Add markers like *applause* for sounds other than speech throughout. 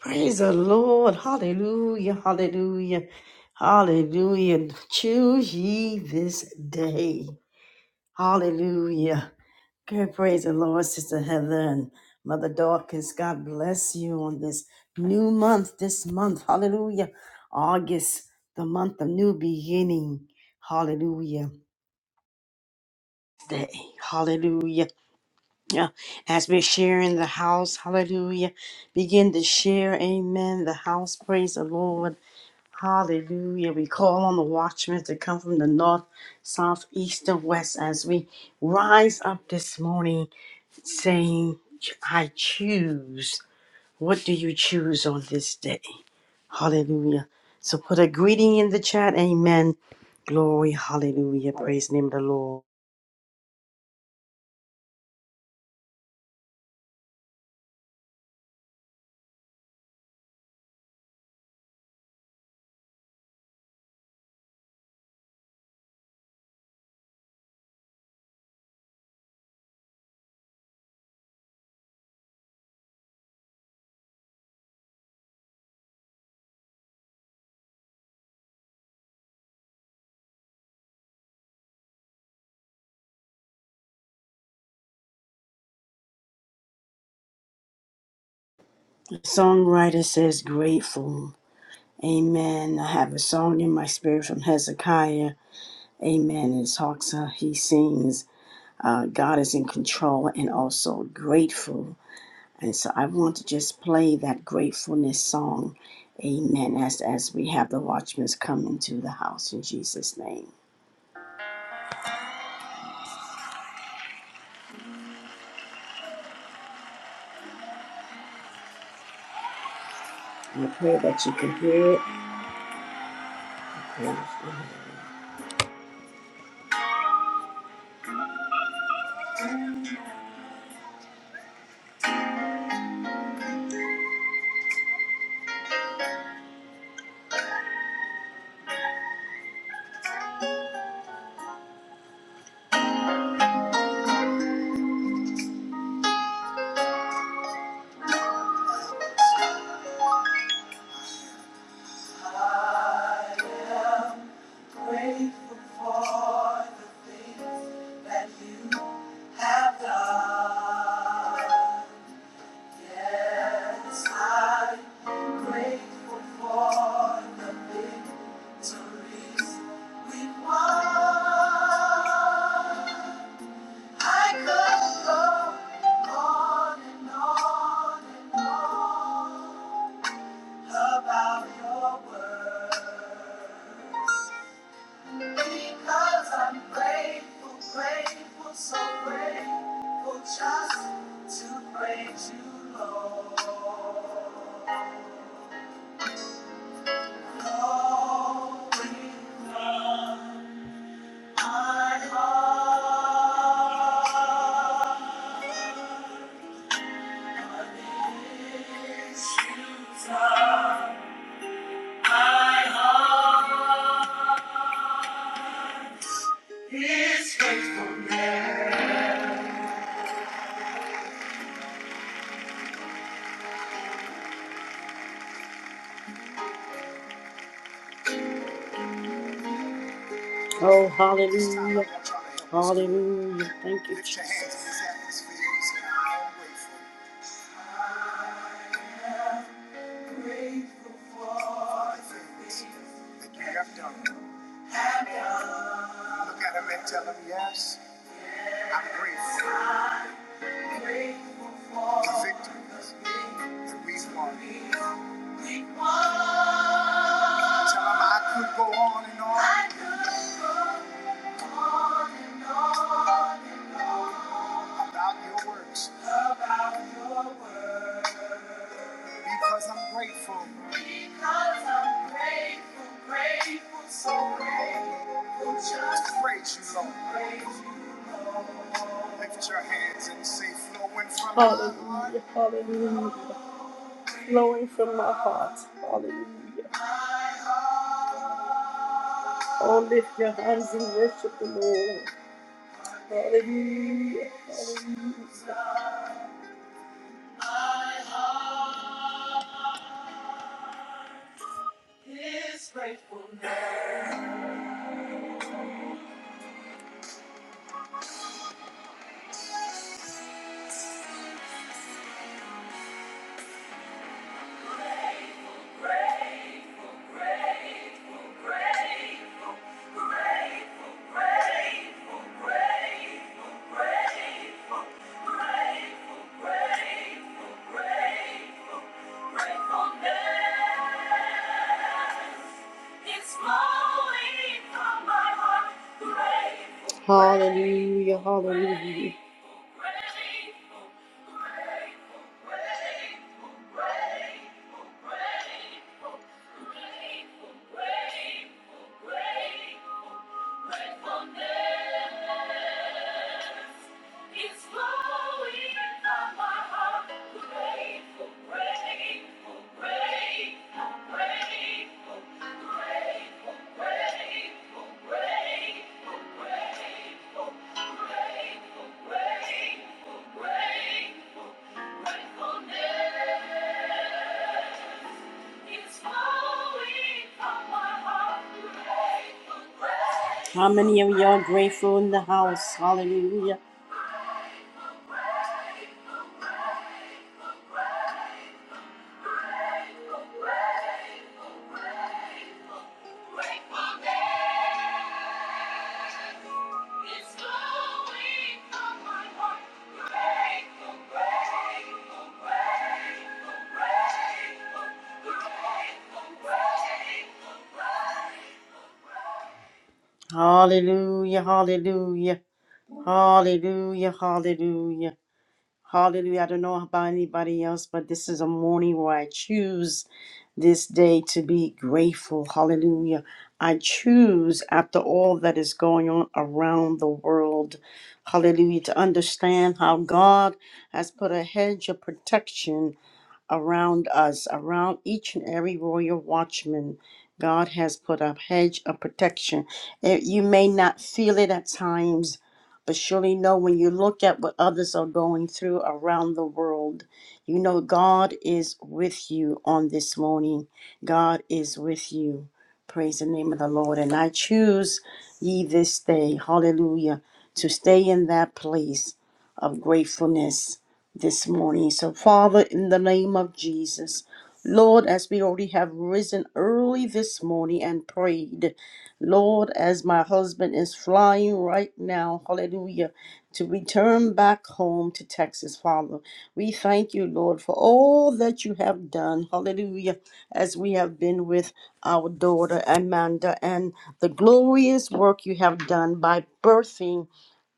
Praise the Lord. Hallelujah. Hallelujah. Hallelujah. Choose ye this day. Hallelujah. Good praise the Lord, Sister Heather and Mother Dawkins. God bless you on this new month, this month. Hallelujah. August, the month of new beginning. Hallelujah. Day. Hallelujah. Yeah, as we're sharing the house, hallelujah. Begin to share, amen. The house, praise the Lord. Hallelujah. We call on the watchmen to come from the north, south, east, and west as we rise up this morning saying, I choose. What do you choose on this day? Hallelujah. So put a greeting in the chat. Amen. Glory. Hallelujah. Praise the name of the Lord. The songwriter says, Grateful. Amen. I have a song in my spirit from Hezekiah. Amen. It talks, uh, he sings, uh, God is in control and also grateful. And so I want to just play that gratefulness song. Amen. As, as we have the watchmen come into the house in Jesus' name. I pray that you can hear it. Grateful for the things that you have done. Yes, I'm grateful for the victories we won. I could go on and on and on about your word. Because I'm grateful, grateful, so grateful just to praise you, Lord. Oh, hallelujah. Hallelujah. Thank you, Jesus. Look at him and tell him, yes, I'm grateful. The victory that we've won. Tell so Hallelujah. My heart is grateful. Grateful, grateful, grateful, grateful, grateful, grateful, grateful, grateful, grateful, grateful, gratefulness. Hallelujah, hallelujah. It's flowing from my heart. Grateful, grateful, grateful, grateful, grateful, grateful, grateful, grateful, grateful, grateful, grateful, gratefulness. It's flowing from my heart. Grateful, grateful. How many of y'all grateful in the house? Hallelujah. Hallelujah, hallelujah, hallelujah, hallelujah. Hallelujah. I don't know about anybody else, but this is a morning where I choose this day to be grateful. Hallelujah. I choose, after all that is going on around the world, hallelujah, to understand how God has put a hedge of protection around us, around each and every royal watchman. God has put a hedge of protection. Eh, You may not feel it at times, but surely know when you look at what others are going through around the world, you know God is with you on this morning. God is with you. Praise the name of the Lord. And I choose ye this day, hallelujah, to stay in that place of gratefulness this morning. So, Father, in the name of Jesus, Lord, as we already have risen early this morning and prayed, Lord, as my husband is flying right now, hallelujah, to return back home to Texas, Father, we thank you, Lord, for all that you have done, hallelujah, as we have been with our daughter Amanda and the glorious work you have done by birthing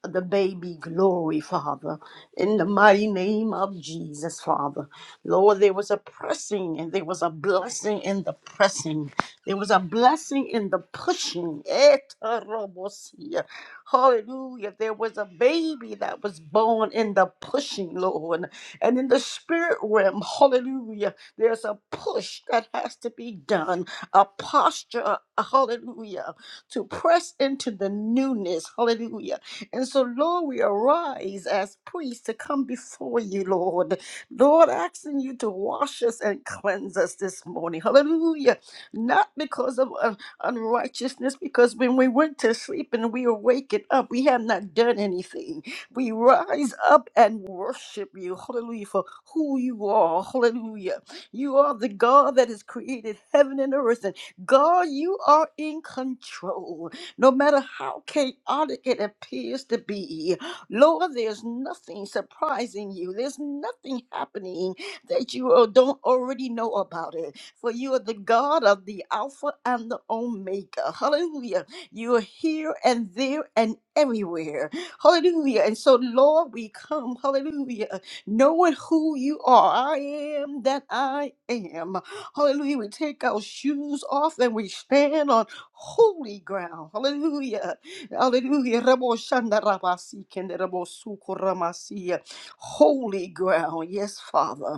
the baby glory, Father, in the mighty name of Jesus, Father. Lord, there was a pressing and there was a blessing in the pressing. There was a blessing in the pushing. Etorobosia. Hallelujah. There was a baby that was born in the pushing, Lord. And in the spirit realm, hallelujah, there's a push that has to be done, a posture, hallelujah, to press into the newness, hallelujah and so, Lord, we arise as priests to come before you, Lord. Lord, asking you to wash us and cleanse us this morning. Hallelujah. Not because of un- unrighteousness, because when we went to sleep and we awakened up, we have not done anything. We rise up and worship you. Hallelujah. For who you are. Hallelujah. You are the God that has created heaven and earth. And God, you are in control no matter how chaotic it appears to be. Lord, there's nothing surprising you. There's nothing happening that you uh, don't already know about it. For you are the God of the Alpha and the Omega. Hallelujah. You are here and there and everywhere. Hallelujah. And so, Lord, we come, hallelujah, knowing who you are. I am that I am. Hallelujah. We take our shoes off and we stand on holy ground. Hallelujah. Hallelujah. Rabo shanda rabasi kende rabo suko ramasi. Holy ground. Yes, Father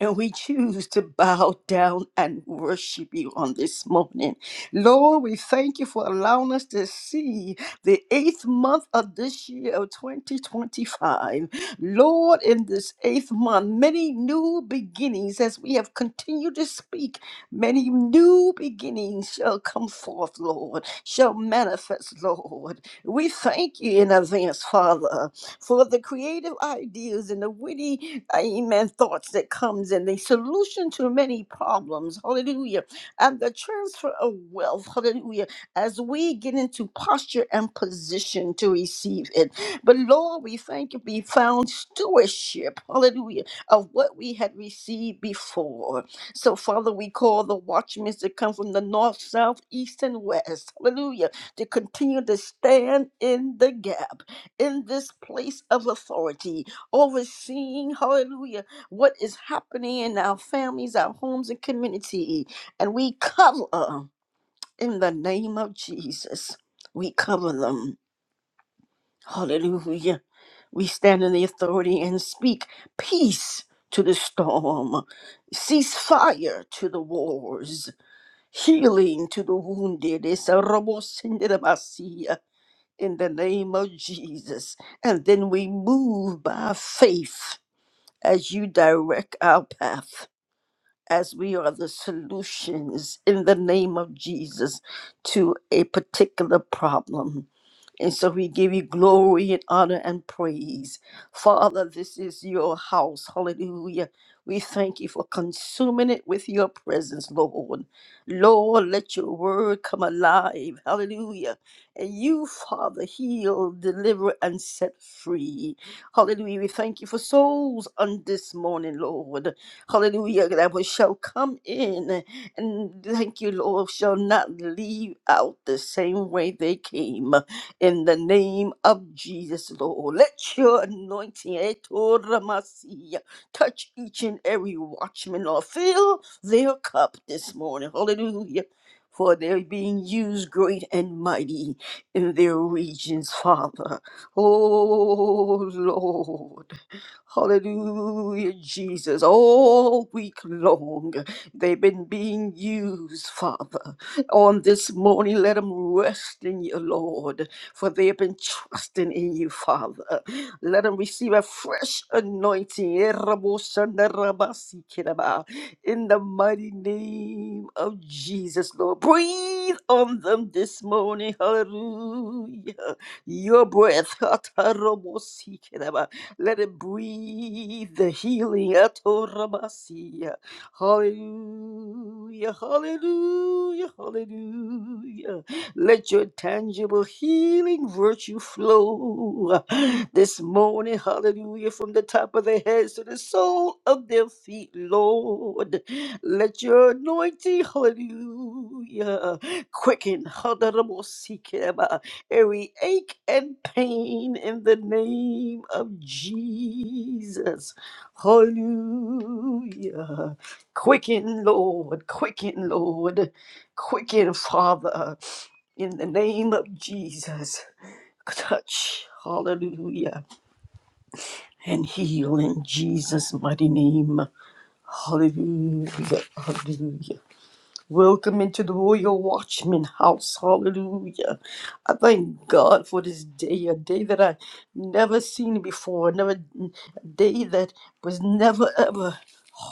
and we choose to bow down and worship you on this morning. Lord, we thank you for allowing us to see the eighth month of this year of 2025. Lord, in this eighth month, many new beginnings as we have continued to speak, many new beginnings shall come forth, Lord, shall manifest, Lord. We thank you in advance, Father for the creative ideas and the witty, amen, thoughts that comes and the solution to many problems, hallelujah, and the transfer of wealth, hallelujah, as we get into posture and position to receive it. But Lord, we thank you, we found stewardship, hallelujah, of what we had received before. So, Father, we call the watchmen to come from the north, south, east, and west, hallelujah, to continue to stand in the gap in this place of authority, overseeing, hallelujah, what is happening in our families, our homes, and community. And we cover in the name of Jesus. We cover them. Hallelujah. We stand in the authority and speak peace to the storm, ceasefire to the wars. Healing to the wounded. It's a in the name of Jesus. And then we move by faith as you direct our path, as we are the solutions in the name of Jesus to a particular problem. And so we give you glory and honor and praise. Father, this is your house. Hallelujah. We thank you for consuming it with your presence, Lord. Lord, let your word come alive. Hallelujah. And you, Father, heal, deliver, and set free. Hallelujah. We thank you for souls on this morning, Lord. Hallelujah. That we shall come in. And thank you, Lord, shall not leave out the same way they came in the name of Jesus, Lord. Let your anointing Etoramasia, touch each and every watchman, Lord. Fill their cup this morning. Hallelujah. For they're being used great and mighty in their regions, Father. Oh, Lord. Hallelujah, Jesus. All week long, they've been being used, Father. On this morning, let them rest in you, Lord for they have been trusting in you, Father. Let them receive a fresh anointing in the mighty name of Jesus, Lord. Breathe on them this morning. Hallelujah. Your breath. Let it breathe the healing. Hallelujah. Hallelujah. Hallelujah. Let your tangible healing virtue flow this morning. Hallelujah. From the top of their heads to the sole of their feet, Lord. Let your anointing, hallelujah, quicken hallelujah, every ache and pain in the name of Jesus. Hallelujah. Quicken, Lord. Quicken, Lord. Quicken, Father. In the name of Jesus. Touch. Hallelujah. And heal in Jesus' mighty name. Hallelujah. Hallelujah. Welcome into the Royal Watchman house. Hallelujah. I thank God for this day, a day that I never seen before, never a day that was never ever,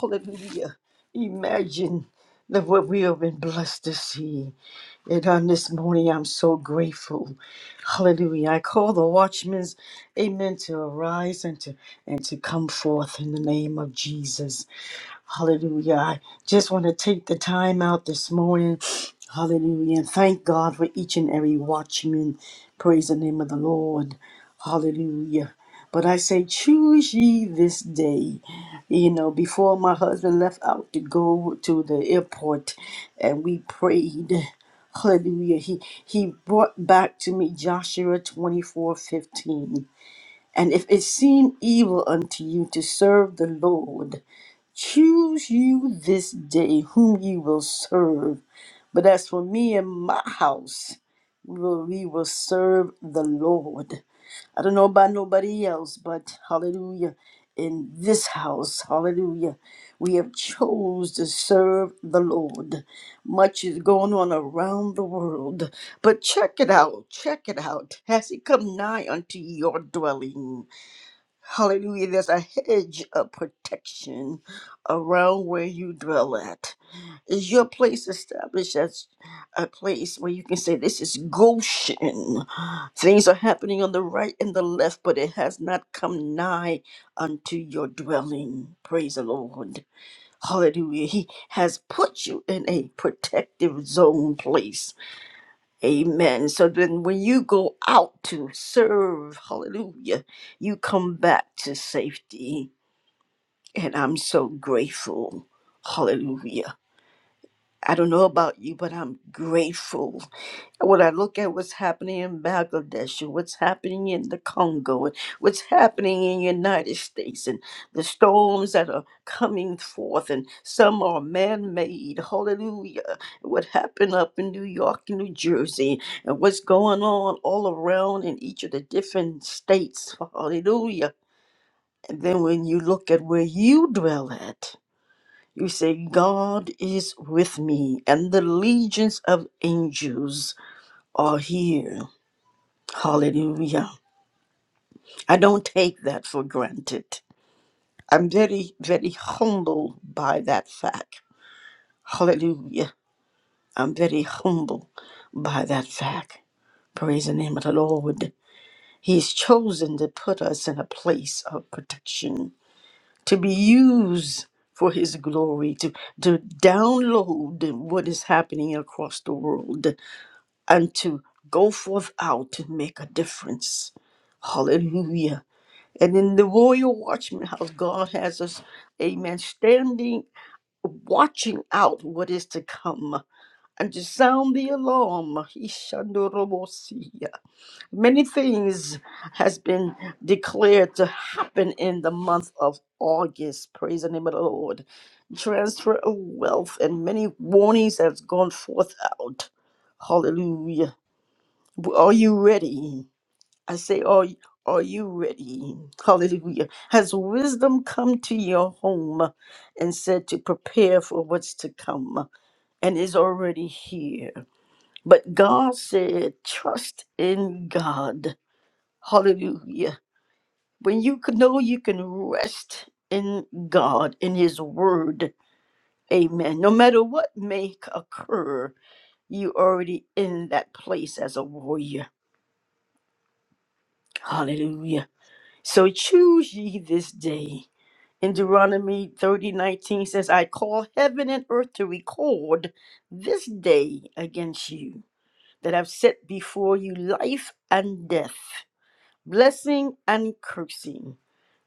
hallelujah, imagine that what we have been blessed to see. And on this morning, I'm so grateful. Hallelujah. I call the watchmen's amen to arise and to and to come forth in the name of Jesus. Hallelujah. I just want to take the time out this morning. Hallelujah. And thank God for each and every watchman. Praise the name of the Lord. Hallelujah. But I say, choose ye this day. You know, before my husband left out to go to the airport and we prayed. Hallelujah. He he brought back to me Joshua twenty four fifteen. And if it seem evil unto you to serve the Lord, Choose you this day whom ye will serve. But as for me and my house, we will, we will serve the Lord. I don't know about nobody else, but hallelujah. In this house, hallelujah, we have chose to serve the Lord. Much is going on around the world, but check it out, check it out. Has he come nigh unto your dwelling? Hallelujah. There's a hedge of protection around where you dwell at. Is your place established as a place where you can say, This is Goshen? Things are happening on the right and the left, but it has not come nigh unto your dwelling. Praise the Lord. Hallelujah. He has put you in a protective zone place Amen. So then when you go out to serve, hallelujah, you come back to safety. And I'm so grateful. Hallelujah. I don't know about you, but I'm grateful. When I look at what's happening in Bangladesh and what's happening in the Congo and what's happening in the United States and the storms that are coming forth and some are man-made, hallelujah. What happened up in New York and New Jersey and what's going on all around in each of the different states, hallelujah. And then when you look at where you dwell at, you say, God is with me, and the legions of angels are here. Hallelujah. I don't take that for granted. I'm very, very humbled by that fact. Hallelujah. I'm very humbled by that fact. Praise the name of the Lord. He's chosen to put us in a place of protection, to be used for his glory, to, to download what is happening across the world. and to go forth out to make a difference. Hallelujah. And in the Royal Watchman House, God has us, amen, standing, watching out what is to come and to sound the alarm. Ishandorobosia. Many things has been declared to happen in the month of August. Praise the name of the Lord. Transfer of wealth and many warnings has gone forth out. Hallelujah are you ready? I say, are, are you ready? Hallelujah. Has wisdom come to your home and said to prepare for what's to come and is already here? But God said, trust in God. Hallelujah. When you can know you can rest in God, in His Word. Amen. No matter what may occur, you already in that place as a warrior. Hallelujah. So choose ye this day. In Deuteronomy thirty nineteen says, I call heaven and earth to record this day against you, that I've set before you life and death, blessing and cursing.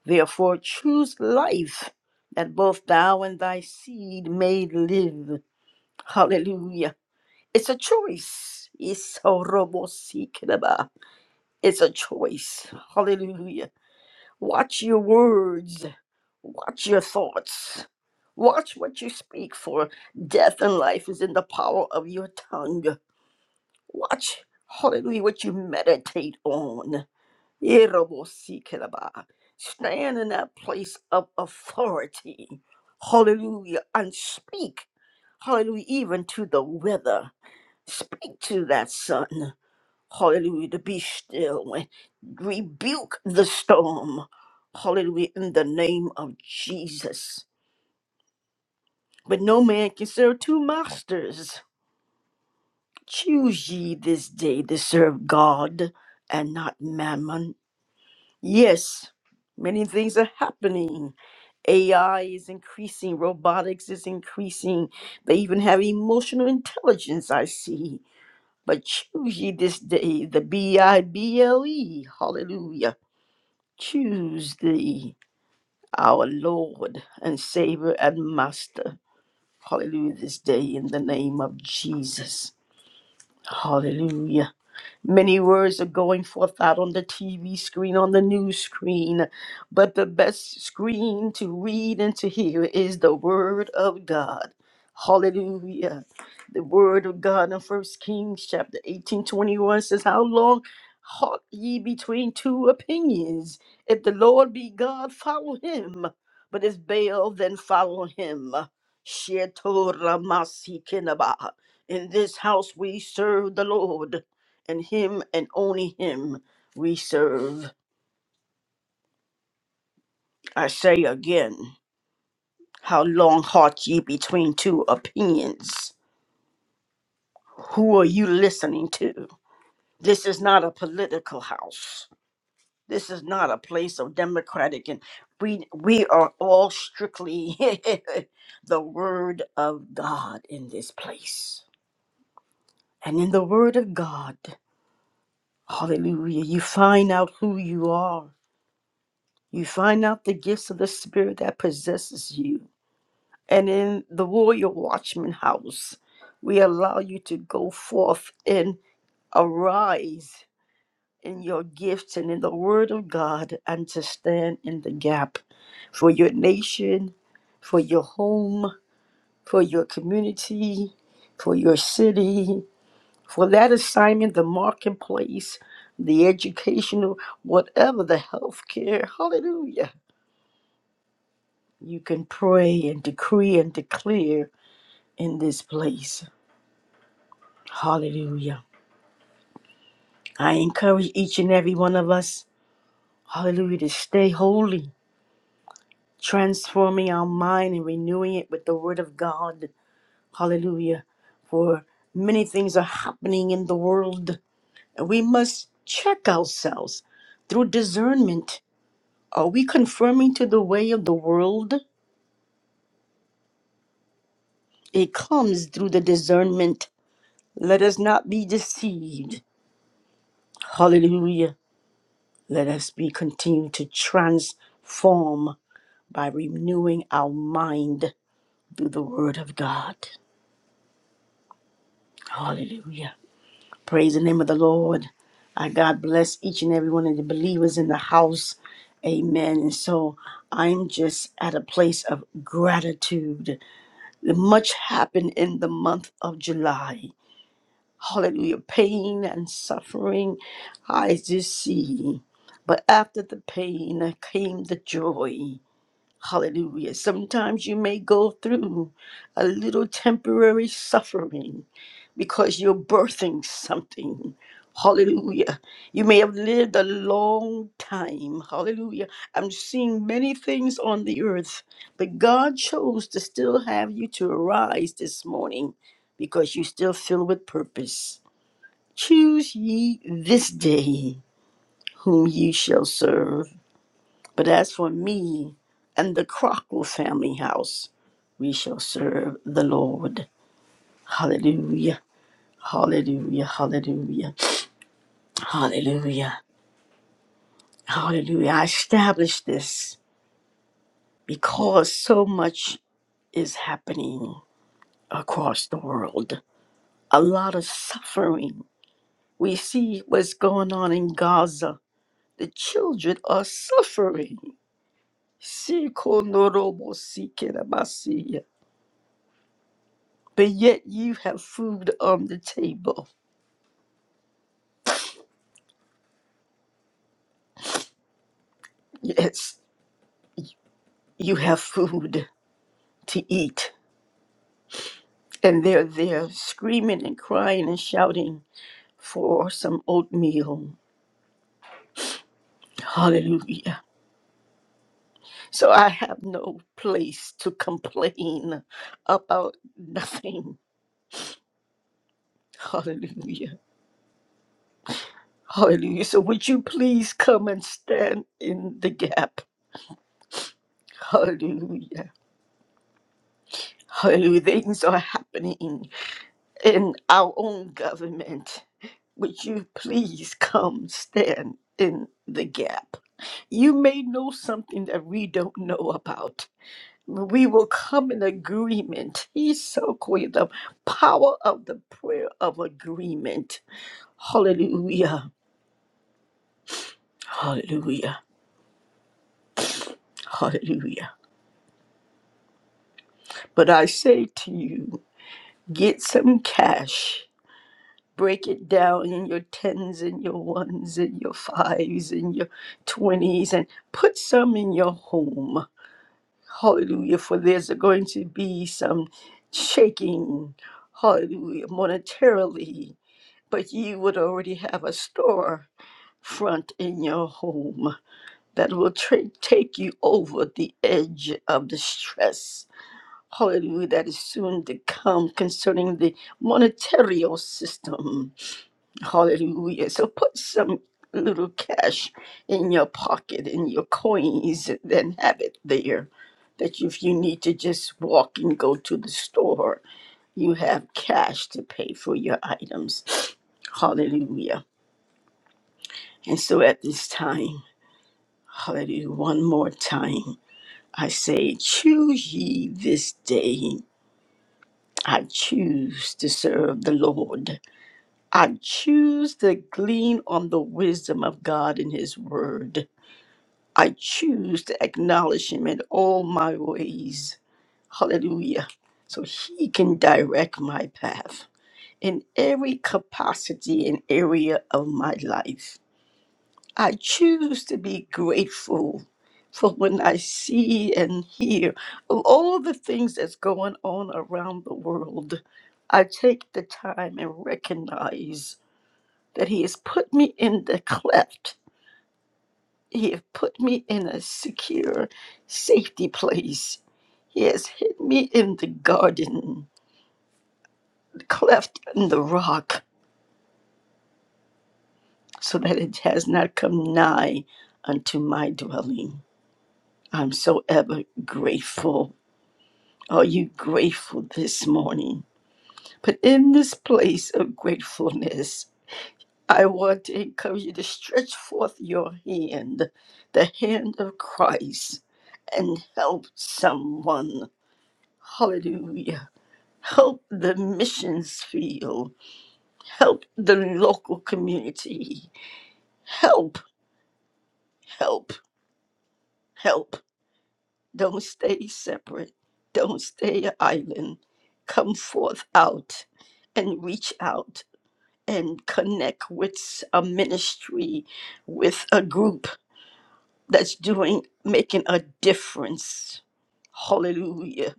Therefore choose life, that both thou and thy seed may live. Hallelujah. It's a choice. It's a robo It's a choice. Hallelujah Watch your words. Watch your thoughts. Watch what you speak, for death and life is in the power of your tongue. Watch, hallelujah, what you meditate on. Irabosikelaba. Stand in that place of authority. Hallelujah. And speak, hallelujah, even to the weather. Speak to that sun. Hallelujah. To be still and rebuke the storm. Hallelujah. In the name of Jesus. But no man can serve two masters. Choose ye this day to serve God and not mammon. Yes, many things are happening. AI is increasing, robotics is increasing. They even have emotional intelligence, I see. But choose ye this day the B I B L E, hallelujah choose thee, our Lord and Savior and Master. Hallelujah, this day in the name of Jesus. Hallelujah. Many words are going forth out on the TV screen, on the news screen, but the best screen to read and to hear is the Word of God. Hallelujah. The Word of God in First Kings chapter 18 21 says, How long halt ye between two opinions? If the Lord be God, follow him. But if Baal, then follow him. Shetoramasikinaba. In this house we serve the Lord and him and only him we serve. I say again, how long halt ye between two opinions? Who are you listening to? This is not a political house. This is not a place of democratic and we we are all strictly *laughs* the word of God in this place. And in the word of God, hallelujah, you find out who you are. You find out the gifts of the spirit that possesses you And in the royal watchman house, we allow you to go forth and arise in your gifts and in the word of God and to stand in the gap for your nation, for your home, for your community, for your city, for that assignment, the marketplace, the educational, whatever the health care. Hallelujah. You can pray and decree and declare in this place. Hallelujah. I encourage each and every one of us, hallelujah, to stay holy, transforming our mind and renewing it with the word of God. Hallelujah. For many things are happening in the world, and we must check ourselves through discernment. Are we conforming to the way of the world? It comes through the discernment. Let us not be deceived. Hallelujah. Let us be continued to transform by renewing our mind through the Word of God. Hallelujah. Praise the name of the Lord. I God bless each and every one of the believers in the house. Amen. And so I'm just at a place of gratitude. Much happened in the month of July. Hallelujah. Pain and suffering I did see. But after the pain came the joy. Hallelujah. Sometimes you may go through a little temporary suffering because you're birthing something. Hallelujah. You may have lived a long time. Hallelujah. I'm seeing many things on the earth, but God chose to still have you to arise this morning because you still fill with purpose. Choose ye this day whom ye shall serve. But as for me and the Crockle family house, we shall serve the Lord. Hallelujah. Hallelujah. Hallelujah. Hallelujah. Hallelujah. I establish this because so much is happening across the world. A lot of suffering. We see what's going on in Gaza. The children are suffering. Sikonorobo sikerabasi. but yet you have food on the table. Yes, you have food to eat. And they're there screaming and crying and shouting for some oatmeal. Hallelujah. So I have no place to complain about nothing. Hallelujah. Hallelujah. So would you please come and stand in the gap? Hallelujah. Hallelujah. Things are happening. in our own government, would you please come stand in the gap? You may know something that we don't know about. We will come in agreement. He's so quick. The power of the prayer of agreement. Hallelujah. Hallelujah. Hallelujah. But I say to you, get some cash break it down in your tens and your ones and your fives and your twenties and put some in your home. Hallelujah. For there's going to be some shaking, hallelujah, monetarily. But you would already have a store front in your home that will tra- take you over the edge of the stress. Hallelujah, that is soon to come concerning the monetary system Hallelujah. So put some little cash in your pocket, in your coins, and then have it there. That if you need to just walk and go to the store, you have cash to pay for your items. Hallelujah. And so at this time, hallelujah, one more time, I say, choose ye this day. I choose to serve the Lord. I choose to glean on the wisdom of God in His Word. I choose to acknowledge him in all my ways. Hallelujah. So he can direct my path in every capacity and area of my life. I choose to be grateful for when I see and hear of all the things that's going on around the world. I take the time and recognize that he has put me in the cleft He has put me in a secure safety place. He has hid me in the garden, the cleft in the rock, so that it has not come nigh unto my dwelling. I'm so ever grateful. Are you grateful this morning? But in this place of gratefulness, I want to encourage you to stretch forth your hand, the hand of Christ, and help someone. Hallelujah. help the missions field, help the local community, help, help, help. Don't stay separate, don't stay an island. Come forth out and reach out and connect with a ministry, with a group that's doing, making a difference. Hallelujah.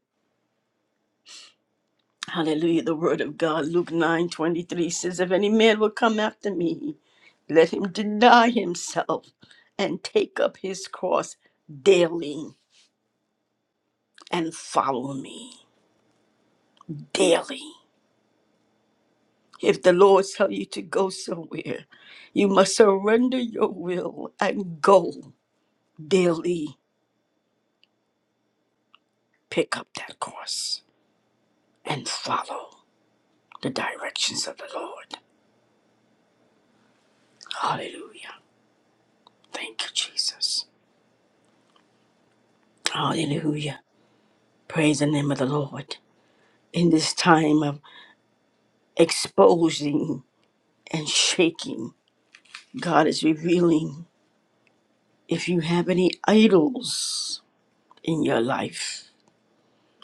Hallelujah. The word of God, Luke 9 23 says, If any man will come after me, let him deny himself and take up his cross daily and follow me daily. If the Lord tell you to go somewhere, you must surrender your will and go daily. Pick up that cross and follow the directions of the Lord. Hallelujah. Thank you, Jesus. Hallelujah. Praise the name of the Lord. in this time of exposing and shaking. God is revealing if you have any idols in your life,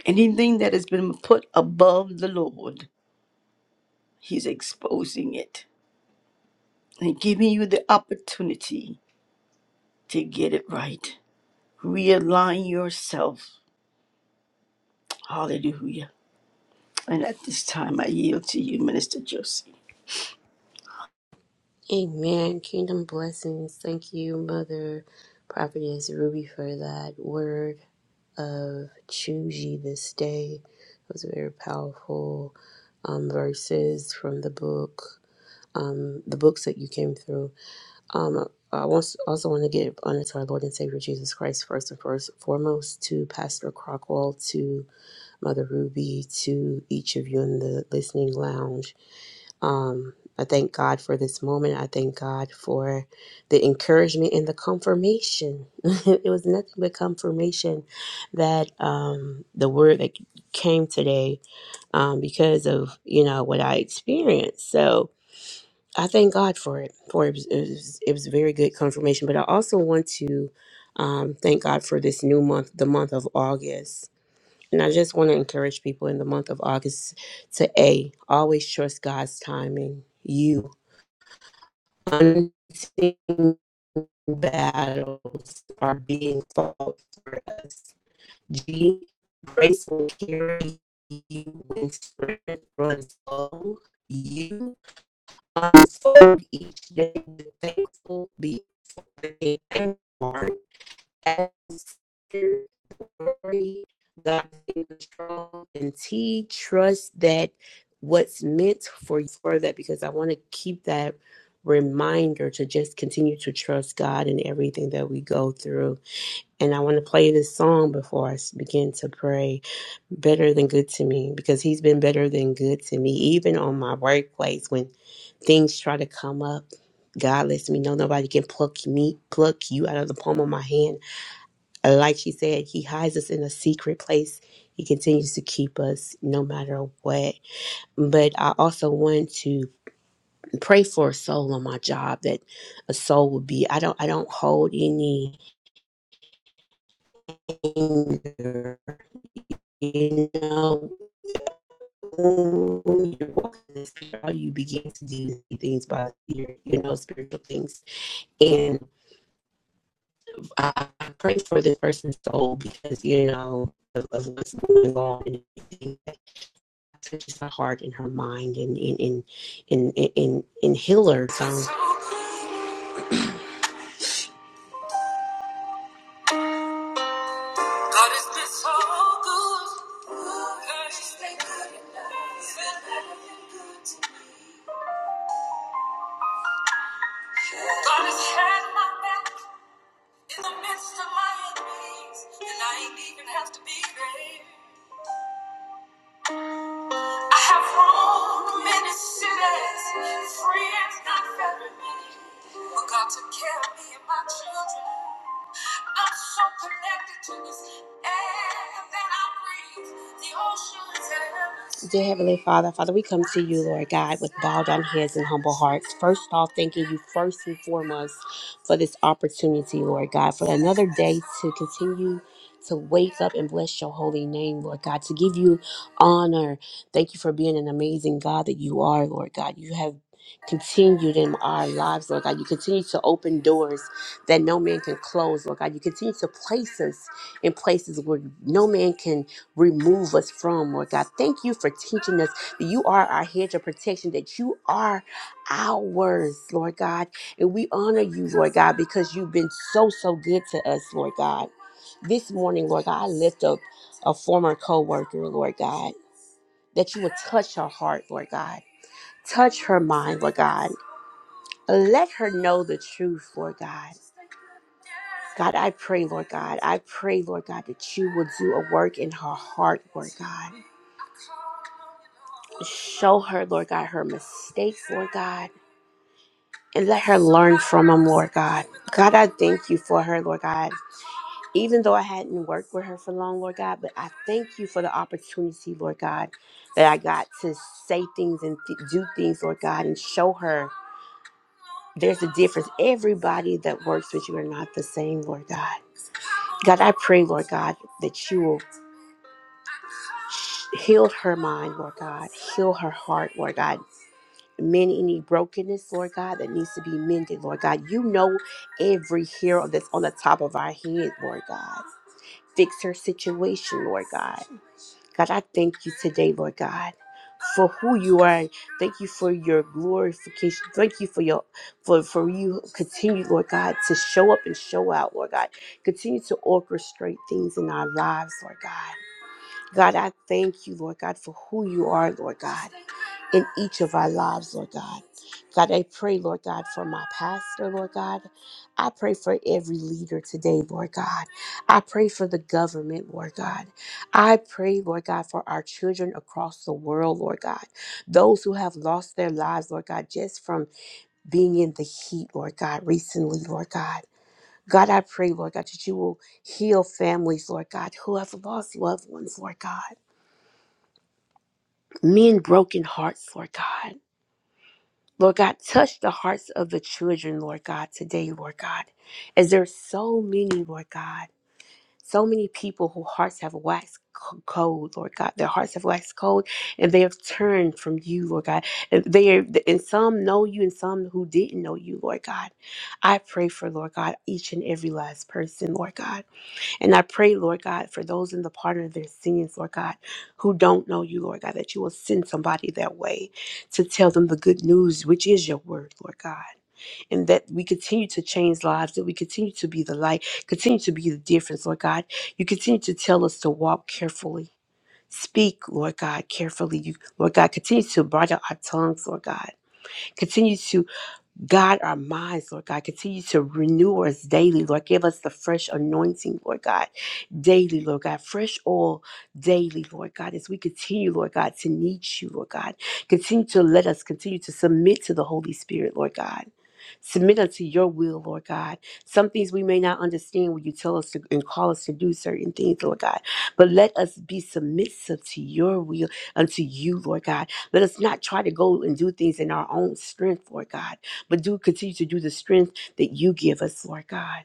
anything that has been put above the Lord, He's exposing it and giving you the opportunity to get it right. Realign yourself. Hallelujah. And at this time, I yield to you, Minister Josie. Amen. Kingdom blessings. Thank you, Mother Prophetess Ruby, for that word of choose ye this day. Those are very powerful um, verses from the book, um, the books that you came through. Um, I wants- also want to give honor to our Lord and Savior Jesus Christ first and first, foremost to Pastor Crockwell, to Mother Ruby, to each of you in the listening lounge. Um, I thank God for this moment. I thank God for the encouragement and the confirmation. *laughs* it was nothing but confirmation that um, the word that came today um, because of you know what I experienced. So I thank God for it. For it was, it was, it was very good confirmation. But I also want to um, thank God for this new month, the month of August. And I just want to encourage people in the month of August to A, always trust God's timing. You unseen battles are being fought for us. G, grace will carry you when strength runs low. You unfold each day with thankful, be thankful heart as the glory, God is strong and T trust that what's meant for you for that because I want to keep that reminder to just continue to trust God in everything that we go through. And I want to play this song before I begin to pray. Better than good to me because he's been better than good to me even on my workplace when things try to come up. God lets me know nobody can pluck me pluck you out of the palm of my hand like she said, he hides us in a secret place. He continues to keep us no matter what. But I also want to pray for a soul on my job that a soul would be. I don't. I don't hold any anger. You know, when you're walking this, all you begin to do is do things by the spirit, you know, spiritual things. and. I, I pray for this person's soul because you know of, of what's going on and everything that touches her heart and her mind and and and and and, and, and heal her. So God has been so good. God has been good. God has had my back in the midst of my enemies, and I ain't even have to be there. I have roamed many cities, friends not very many. But God took care of me and my children. I'm so connected to this air that I breathe. The oceans and Dear Heavenly Father, Father, we come to you, Lord God, with bowed down heads and humble hearts. First of all, thanking you first and foremost for this opportunity, Lord God, for another day to continue to wake up and bless your holy name, Lord God, to give you honor. Thank you for being an amazing God that you are, Lord God. You have continued in our lives, Lord God. You continue to open doors that no man can close, Lord God. You continue to place us in places where no man can remove us from, Lord God. Thank you for teaching us that you are our hedge of protection, that you are ours, Lord God. And we honor you, Lord God, because you've been so, so good to us, Lord God. This morning, Lord God, I lift up a former co worker, Lord God, that you would touch her heart, Lord God. Touch her mind, Lord God let her know the truth, Lord God. God, I pray, Lord God, I pray, Lord God, that you will do a work in her heart, Lord God. Show her, Lord God, her mistakes, Lord God, and let her learn from them, Lord God. God, I thank you for her, Lord God. Even though I hadn't worked with her for long, Lord God, but I thank you for the opportunity, Lord God, that I got to say things and th- do things, Lord God, and show her there's a difference. Everybody that works with you are not the same, Lord God. God, I pray, Lord God, that you will heal her mind, Lord God. Heal her heart, Lord God. Mend any brokenness, Lord God, that needs to be mended, Lord God. You know every hair that's on the top of our head, Lord God. Fix her situation, Lord God. God, I thank you today, Lord God, for who you are. Thank you for your glorification. Thank you for your for for you continue, Lord God, to show up and show out, Lord God. Continue to orchestrate things in our lives, Lord God. God, I thank you, Lord God, for who you are, Lord God, in each of our lives, Lord God. God, I pray, Lord God, for my pastor, Lord God. I pray for every leader today, Lord God. I pray for the government, Lord God. I pray, Lord God, for our children across the world, Lord God. Those who have lost their lives, Lord God, just from being in the heat, Lord God, recently, Lord God. God, I pray, Lord God, that you will heal families, Lord God, who have lost loved ones, Lord God mend broken hearts, Lord God. Lord God, touch the hearts of the children, Lord God, today, Lord God, as there are so many, Lord God, so many people whose hearts have waxed c- cold, Lord God. Their hearts have waxed cold, and they have turned from you, Lord God. And they are, and some know you, and some who didn't know you, Lord God. I pray for, Lord God, each and every last person, Lord God. And I pray, Lord God, for those in the pardon of their sins, Lord God, who don't know you, Lord God, that you will send somebody their way to tell them the good news, which is your word, Lord God. And that we continue to change lives, that we continue to be the light, continue to be the difference, Lord God. You continue to tell us to walk carefully. Speak, Lord God, carefully. You, Lord God, continue to bridle our tongues, Lord God. Continue to God, our minds, Lord God, continue to renew us daily, Lord. Give us the fresh anointing, Lord God, daily, Lord God, fresh oil daily, Lord God, as we continue, Lord God, to need you, Lord God. Continue to let us continue to submit to the Holy Spirit, Lord God submit unto your will, Lord God. Some things we may not understand when you tell us to and call us to do certain things, Lord God. But let us be submissive to your will, unto you, Lord God. Let us not try to go and do things in our own strength, Lord God, but do continue to do the strength that you give us, Lord God.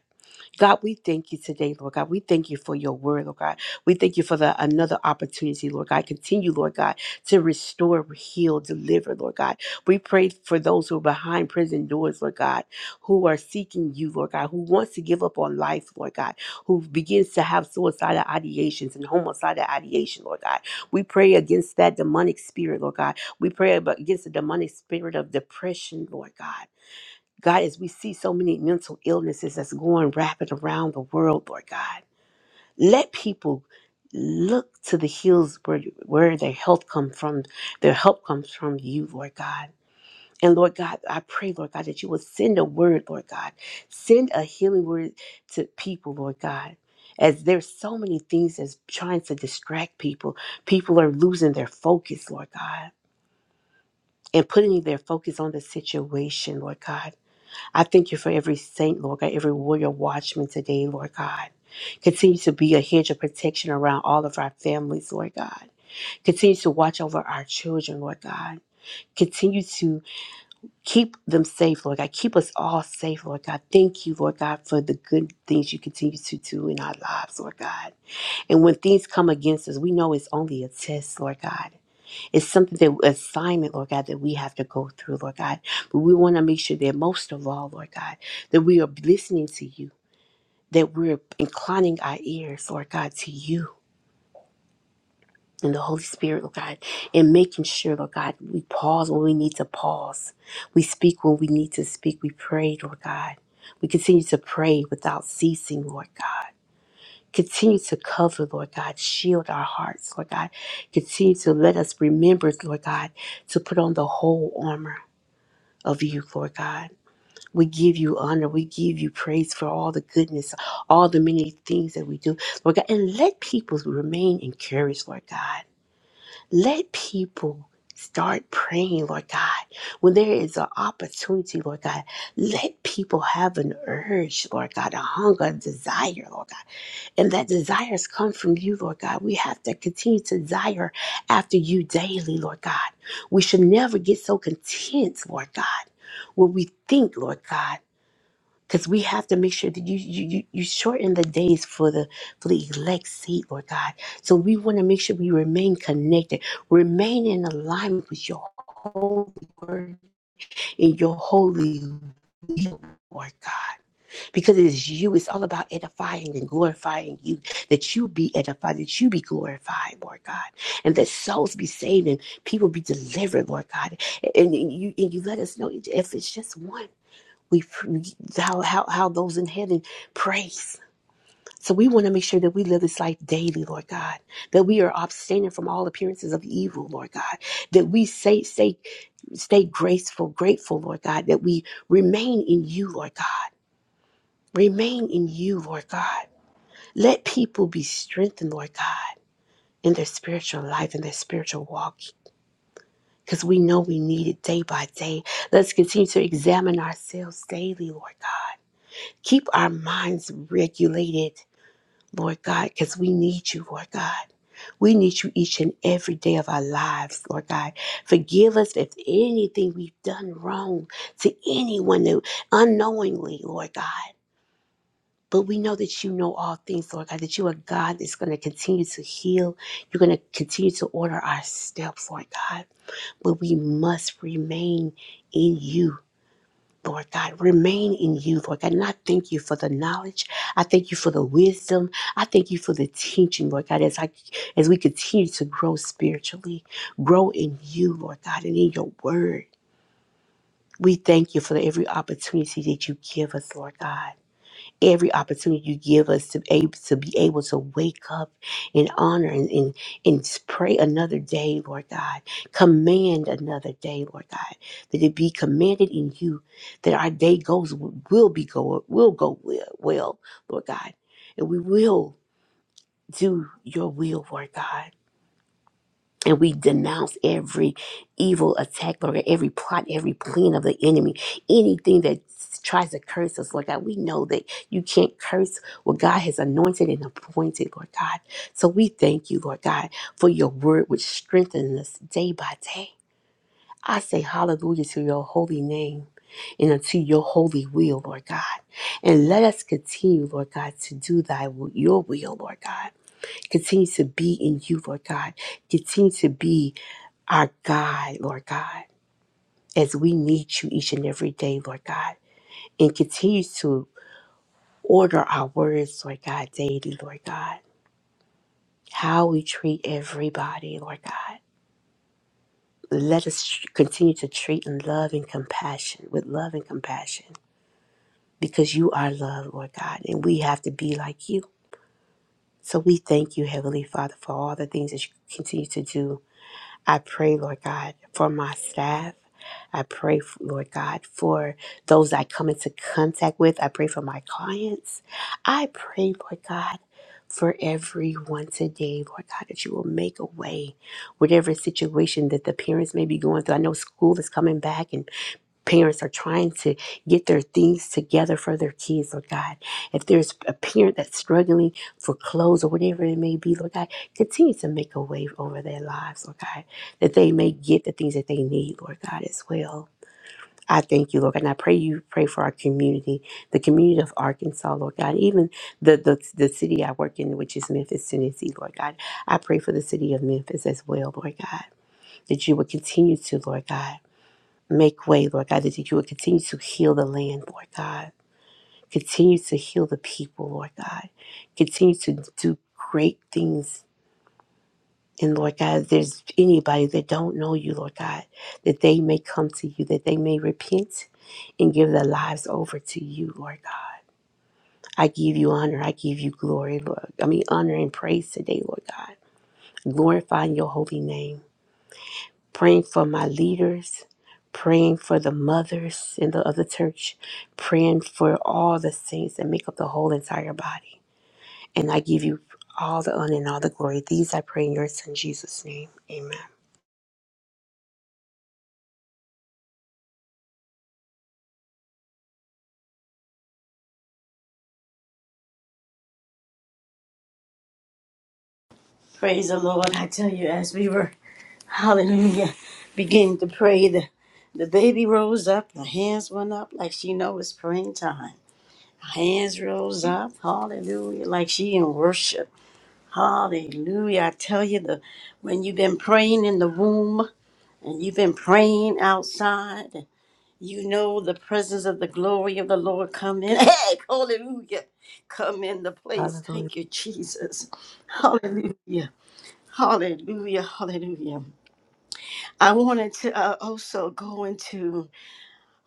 God, we thank you today, Lord God. We thank you for your word, Lord God. We thank you for the another opportunity, Lord God. Continue, Lord God, to restore, heal, deliver, Lord God. We pray for those who are behind prison doors, Lord God, who are seeking you, Lord God, who wants to give up on life, Lord God, who begins to have suicidal ideations and homicidal ideation, Lord God. We pray against that demonic spirit, Lord God. We pray ab- against the demonic spirit of depression, Lord God. God, as we see so many mental illnesses that's going rapid around the world, Lord God, let people look to the hills where, where their health come from, their help comes from you, Lord God. And Lord God, I pray, Lord God, that you will send a word, Lord God. Send a healing word to people, Lord God. As there's so many things that's trying to distract people. People are losing their focus, Lord God, and putting their focus on the situation, Lord God. I thank you for every saint, Lord God, every warrior watchman today, Lord God. Continue to be a hedge of protection around all of our families, Lord God. Continue to watch over our children, Lord God. Continue to keep them safe, Lord God. Keep us all safe, Lord God. Thank you, Lord God, for the good things you continue to do in our lives, Lord God. And when things come against us, we know it's only a test, Lord God. It's something that assignment, Lord God, that we have to go through, Lord God. But we want to make sure that most of all, Lord God, that we are listening to you, that we're inclining our ears, Lord God, to you and the Holy Spirit, Lord God, and making sure, Lord God, we pause when we need to pause. We speak when we need to speak. We pray, Lord God. We continue to pray without ceasing, Lord God. Continue to cover, Lord God. Shield our hearts, Lord God. Continue to let us remember, Lord God, to put on the whole armor of you, Lord God. We give you honor. We give you praise for all the goodness, all the many things that we do, Lord God. And let people remain encouraged, Lord God. Let people start praying, Lord God. When there is an opportunity, Lord God, let people have an urge, Lord God, a hunger, a desire, Lord God and that desires come from you, Lord God. We have to continue to desire after you daily, Lord God. We should never get so content, Lord God, what we think, Lord God. Because we have to make sure that you, you you you shorten the days for the for the elect seat, Lord God. So we want to make sure we remain connected, remain in alignment with your holy word and your holy will, Lord God because it is you. It's all about edifying and glorifying you, that you be edified, that you be glorified, Lord God, and that souls be saved and people be delivered, Lord God. And and you, and you let us know if it's just one, we how how how those in heaven praise. So we want to make sure that we live this life daily, Lord God, that we are abstaining from all appearances of evil, Lord God, that we say, say, stay graceful, grateful, Lord God, that we remain in you, Lord God Remain in you, Lord God. Let people be strengthened, Lord God, in their spiritual life and their spiritual walk. Because we know we need it day by day. Let's continue to examine ourselves daily, Lord God. Keep our minds regulated, Lord God, because we need you, Lord God. We need you each and every day of our lives, Lord God. Forgive us if anything we've done wrong to anyone that unknowingly, Lord God. But we know that you know all things, Lord God, that you are God that's going to continue to heal. You're going to continue to order our steps, Lord God. But we must remain in you. Lord God, remain in you, Lord God. And I thank you for the knowledge. I thank you for the wisdom. I thank you for the teaching, Lord God, as I as we continue to grow spiritually, grow in you, Lord God, and in your word. We thank you for every opportunity that you give us, Lord God every opportunity you give us to, ab- to be able to wake up in honor and, and, and pray another day, Lord God. Command another day, Lord God, that it be commanded in you, that our day goes will be go will go well, well Lord God, and we will do your will, Lord God. And we denounce every evil attack, Lord God, every plot, every plan of the enemy, anything that tries to curse us, Lord God. We know that you can't curse what God has anointed and appointed, Lord God. So we thank you, Lord God, for your word which strengthens us day by day. I say hallelujah to your holy name and unto your holy will, Lord God. And let us continue, Lord God, to do thy will, your will, Lord God. Continue to be in you, Lord God. Continue to be our God, Lord God, as we need you each and every day, Lord God, and continue to order our words, Lord God, daily, Lord God, how we treat everybody, Lord God. Let us tr- continue to treat in love and compassion, with love and compassion, because you are love, Lord God, and we have to be like you. So we thank you, Heavenly Father, for all the things that you continue to do I pray, Lord God, for my staff. I pray, Lord God, for those I come into contact with. I pray for my clients. I pray, Lord God, for everyone today, Lord God, that you will make a way, whatever situation that the parents may be going through. I know school is coming back, and parents are trying to get their things together for their kids, Lord God. If there's a parent that's struggling for clothes or whatever it may be, Lord God, continue to make a wave over their lives, Lord God, that they may get the things that they need, Lord God, as well. I thank you, Lord God, and I pray you pray for our community, the community of Arkansas, Lord God, even the, the the city I work in, which is Memphis, Tennessee, Lord God. I pray for the city of Memphis as well, Lord God, that you would continue to, Lord God. Make way, Lord God, that you would continue to heal the land, Lord God. Continue to heal the people, Lord God. Continue to do great things. And Lord God, if there's anybody that don't know you, Lord God, that they may come to you, that they may repent and give their lives over to you, Lord God. I give you honor. I give you glory, Lord. I mean, honor and praise today, Lord God. Glorifying your holy name. praying for my leaders, praying for the mothers in the other church, praying for all the saints that make up the whole entire body. And I give you all the honor and all the glory. These I pray in your son Jesus' name. Amen. Praise the Lord. I tell you, as we were, hallelujah, beginning to pray, the, the baby rose up, the hands went up like she know it's praying time. Hands rose up, hallelujah, like she in worship. Hallelujah. I tell you, the when you've been praying in the womb and you've been praying outside, you know the presence of the glory of the Lord come in. *laughs* Hey, hallelujah. Come in the place. Hallelujah. Thank you, Jesus. Hallelujah. Hallelujah, hallelujah. I wanted to uh, also go into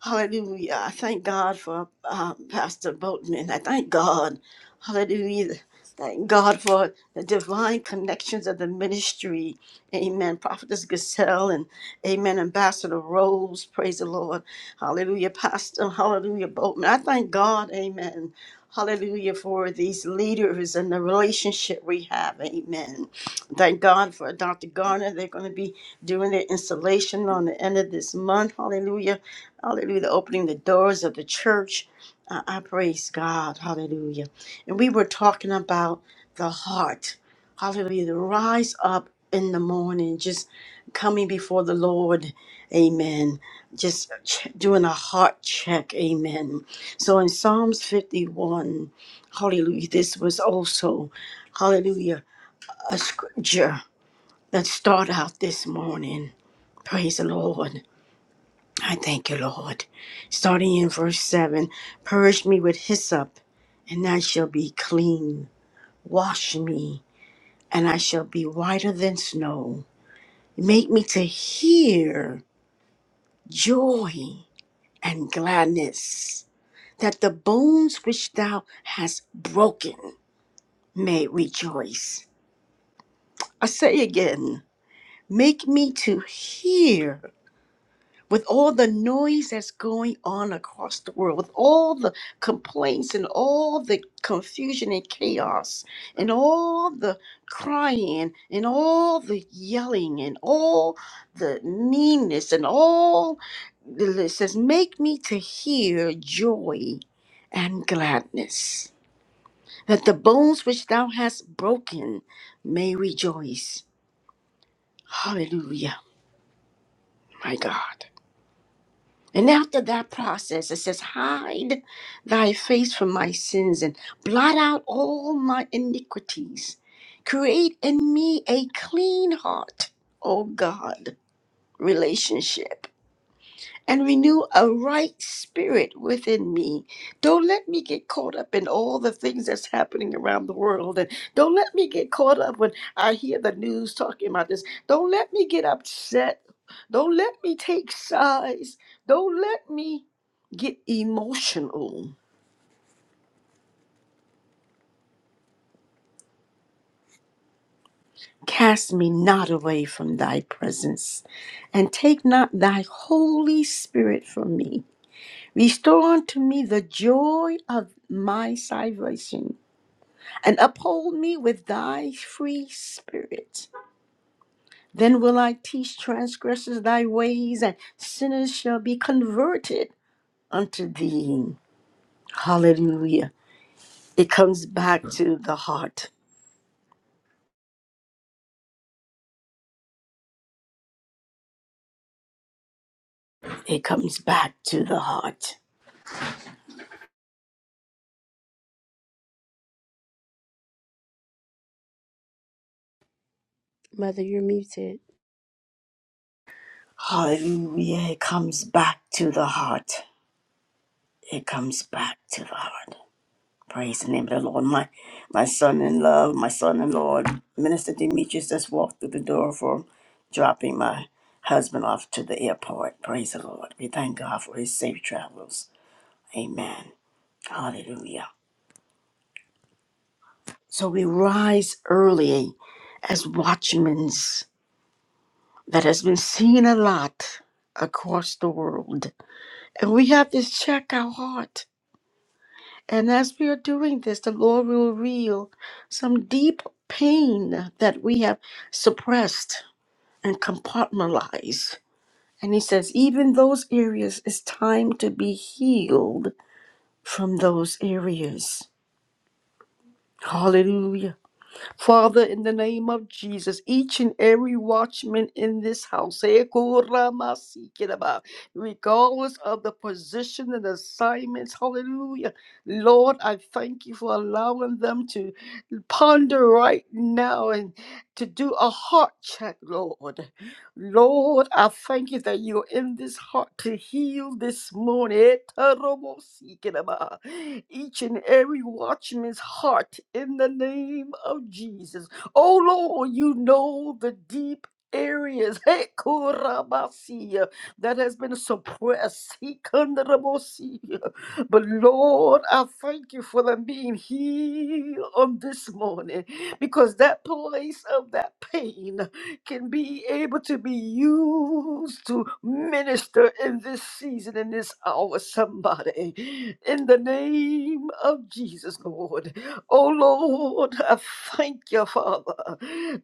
hallelujah. I thank God for uh, Pastor Boatman. I thank God, hallelujah. Thank God for the divine connections of the ministry. Amen. Prophetess Gazelle and Amen. Ambassador Rose. Praise the Lord. Hallelujah. Pastor. Hallelujah. Boatman. I thank God. Amen. Hallelujah for these leaders and the relationship we have. Amen. Thank God for Dr. Garner. They're going to be doing their installation on the end of this month. Hallelujah. Hallelujah. They're Opening the doors of the church. I, I praise God. Hallelujah. And we were talking about the heart. Hallelujah. The rise up in the morning, just coming before the Lord. Amen. Just ch- doing a heart check. Amen. So in Psalms 51, hallelujah, this was also, hallelujah a scripture that start out this morning. Praise the Lord. I thank you, Lord. Starting in verse 7 Purge me with hyssop, and I shall be clean. Wash me, and I shall be whiter than snow. Make me to hear joy and gladness, that the bones which thou hast broken may rejoice. I say again, make me to hear with all the noise that's going on across the world, with all the complaints and all the confusion and chaos, and all the crying and all the yelling and all the meanness and all it says, make me to hear joy and gladness, that the bones which thou hast broken may rejoice. Hallelujah, my God. And after that process, it says, Hide thy face from my sins and blot out all my iniquities. Create in me a clean heart, O God, relationship and renew a right spirit within me. Don't let me get caught up in all the things that's happening around the world. And don't let me get caught up when I hear the news talking about this. Don't let me get upset. Don't let me take sides. Don't let me get emotional. Cast me not away from thy presence, and take not thy Holy Spirit from me. Restore unto me the joy of my salvation and uphold me with thy free spirit. Then will I teach transgressors thy ways, and sinners shall be converted unto thee. Hallelujah. It comes back to the heart. It comes back to the heart. Mother, you're muted. Hallelujah. It comes back to the heart. It comes back to the heart. Praise the name of the Lord. My my son in love, my son in Lord, Minister Demetrius just walked through the door for dropping my husband off to the airport. Praise the Lord. We thank God for his safe travels. Amen. Hallelujah. So we rise early as watchmen that has been seen a lot across the world. And we have to check our heart. And as we are doing this, the Lord will reveal some deep pain that we have suppressed and compartmentalized. And He says, even those areas, it's time to be healed from those areas. Hallelujah. Father, in the name of Jesus, each and every watchman in this house, eh, koramasikiraba, regardless of the position and assignments, hallelujah. Lord, I thank you for allowing them to ponder right now and to do a heart check, Lord. Lord, I thank you that you're in this heart to heal this morning. Eterobosikiraba. Each and every watchman's heart in the name of Jesus. Oh Lord, you know the deep areas *laughs* Hekorabasiya, that has been suppressed. *laughs* Hikandarabosia. But Lord, I thank you for them being healed on this morning because that place of that pain can be able to be used to minister in this season, in this hour, somebody. In the name of Jesus, Lord. Oh, Lord, I thank you, Father.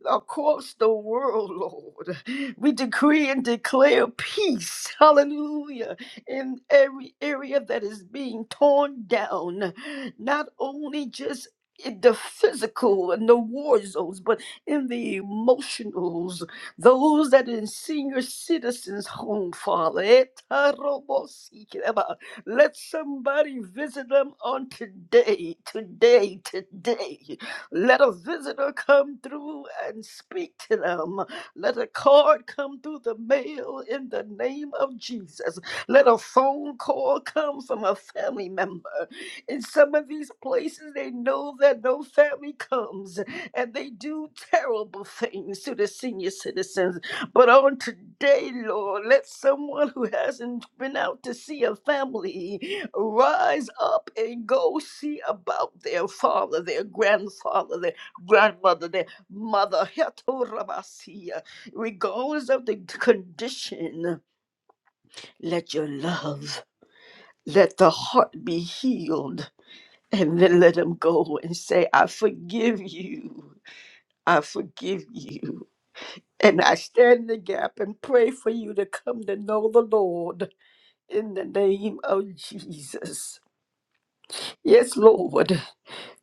Across the world, Lord, we decree and declare peace. Hallelujah. In every area that is being torn down, not only just in the physical and the war zones, but in the emotionals, those that are in senior citizens' home, Father. Etarobosikeba. Let somebody visit them on today, today, today. Let a visitor come through and speak to them. Let a card come through the mail in the name of Jesus. Let a phone call come from a family member. In some of these places, they know that no family comes and they do *laughs* terrible things to the senior citizens. But on today, Lord, let someone who hasn't been out to see a family rise up and go see about their father, their grandfather, their grandmother, their mother. *laughs* Hetorabasia. Regardless of the condition, let your love, let the heart be healed. And then let them go and say, I forgive you. I forgive you. And I stand in the gap and pray for you to come to know the Lord in the name of Jesus. Yes, Lord.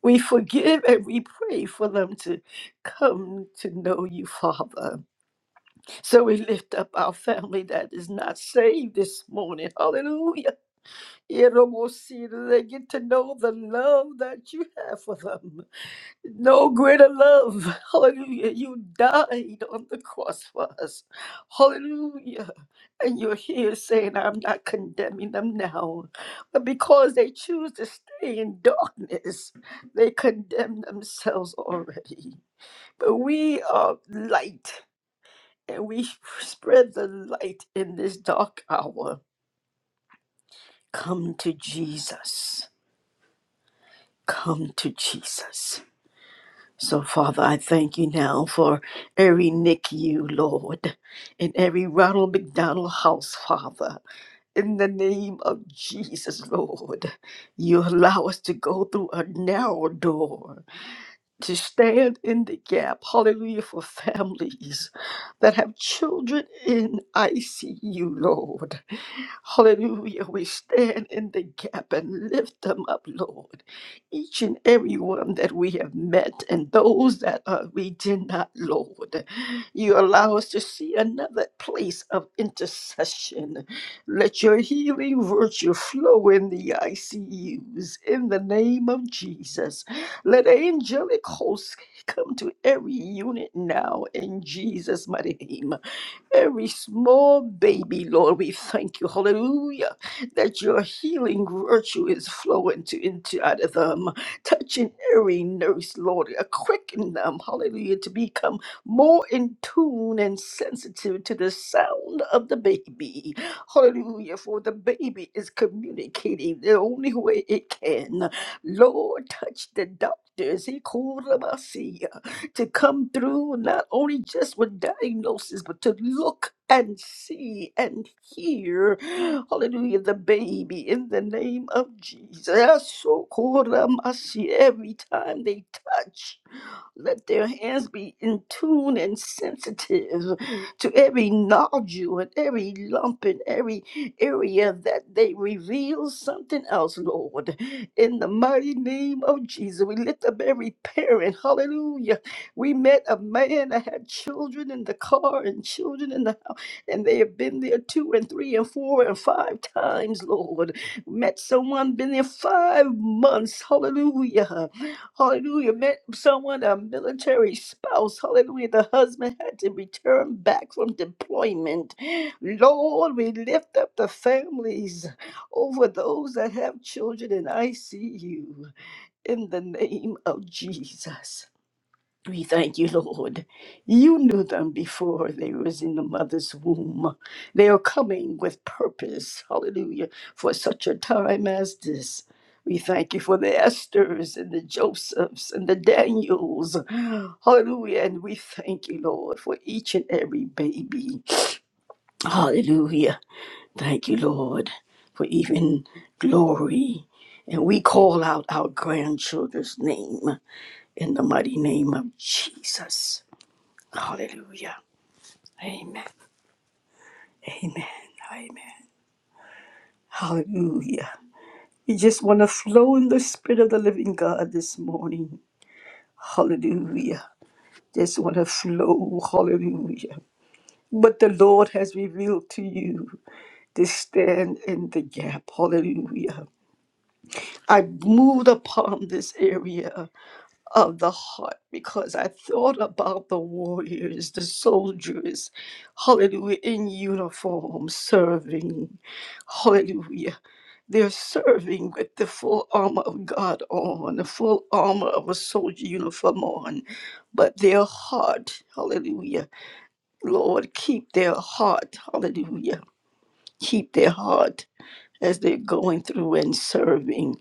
We forgive and we pray for them to come to know you, Father. So we lift up our family that is not saved this morning. Hallelujah. It almost see that they get to know the love that you have for them. No greater love. Hallelujah. You died on the cross for us. Hallelujah. And you're here saying, I'm not condemning them now. But because they choose to stay in darkness, they condemn themselves already. But we are light and we spread the light in this dark hour. Come to Jesus. Come to Jesus. So, Father, I thank you now for every NICU, Lord, in every Ronald McDonald house, Father. In the name of Jesus, Lord, you allow us to go through a narrow door to stand in the gap, hallelujah, for families that have children in ICU, Lord. Hallelujah. We stand in the gap and lift them up, Lord. Each and every one that we have met and those that uh, we did not, Lord. You allow us to see another place of intercession. Let your healing virtue flow in the ICUs in the name of Jesus. Let the angelic hosts come to every unit now in Jesus' mighty name. Every small baby, Lord, we thank you, hallelujah, that your healing virtue is flowing to into out of them, touching every nurse, Lord, uh, quicken them, hallelujah, to become more in tune and sensitive to the sound of the baby. Hallelujah, for the baby is communicating the only way it can. Lord, touch the doctors he called them, I see ya, to come through not only just with diagnosis, but to look and see and hear. Hallelujah, the baby in the name of Jesus. So called them, I see every time they touch. Let their hands be in tune and sensitive to every nodule and every lump and every area that they reveal something else, Lord. In the mighty name of Jesus, we lift up every parent. Hallelujah. We met a man that had children in the car and children in the house, and they have been there two and three and four and five times, Lord. Met someone, been there five months. Hallelujah Hallelujah. Meant someone, a military spouse. Hallelujah. The husband had to return back from deployment. Lord, we lift up the families over those that have children in ICU in the name of Jesus. We thank you, Lord. You knew them before they was in the mother's womb. They are coming with purpose, hallelujah, for such a time as this. We thank you for the Esthers and the Josephs and the Daniels. Hallelujah. And we thank you, Lord, for each and every baby. Hallelujah. Thank you, Lord, for even glory. And we call out our grandchildren's name in the mighty name of Jesus. Hallelujah. Amen. Amen. Amen. Hallelujah. You just want to flow in the Spirit of the living God this morning. Hallelujah. Just want to flow. Hallelujah. What the Lord has revealed to you to stand in the gap. Hallelujah. I moved upon this area of the heart because I thought about the warriors, the soldiers, hallelujah, in uniform serving, hallelujah. They're serving with the full armor of God on, the full armor of a soldier uniform on, but their heart, hallelujah, Lord, keep their heart, hallelujah, keep their heart. As they're going through and serving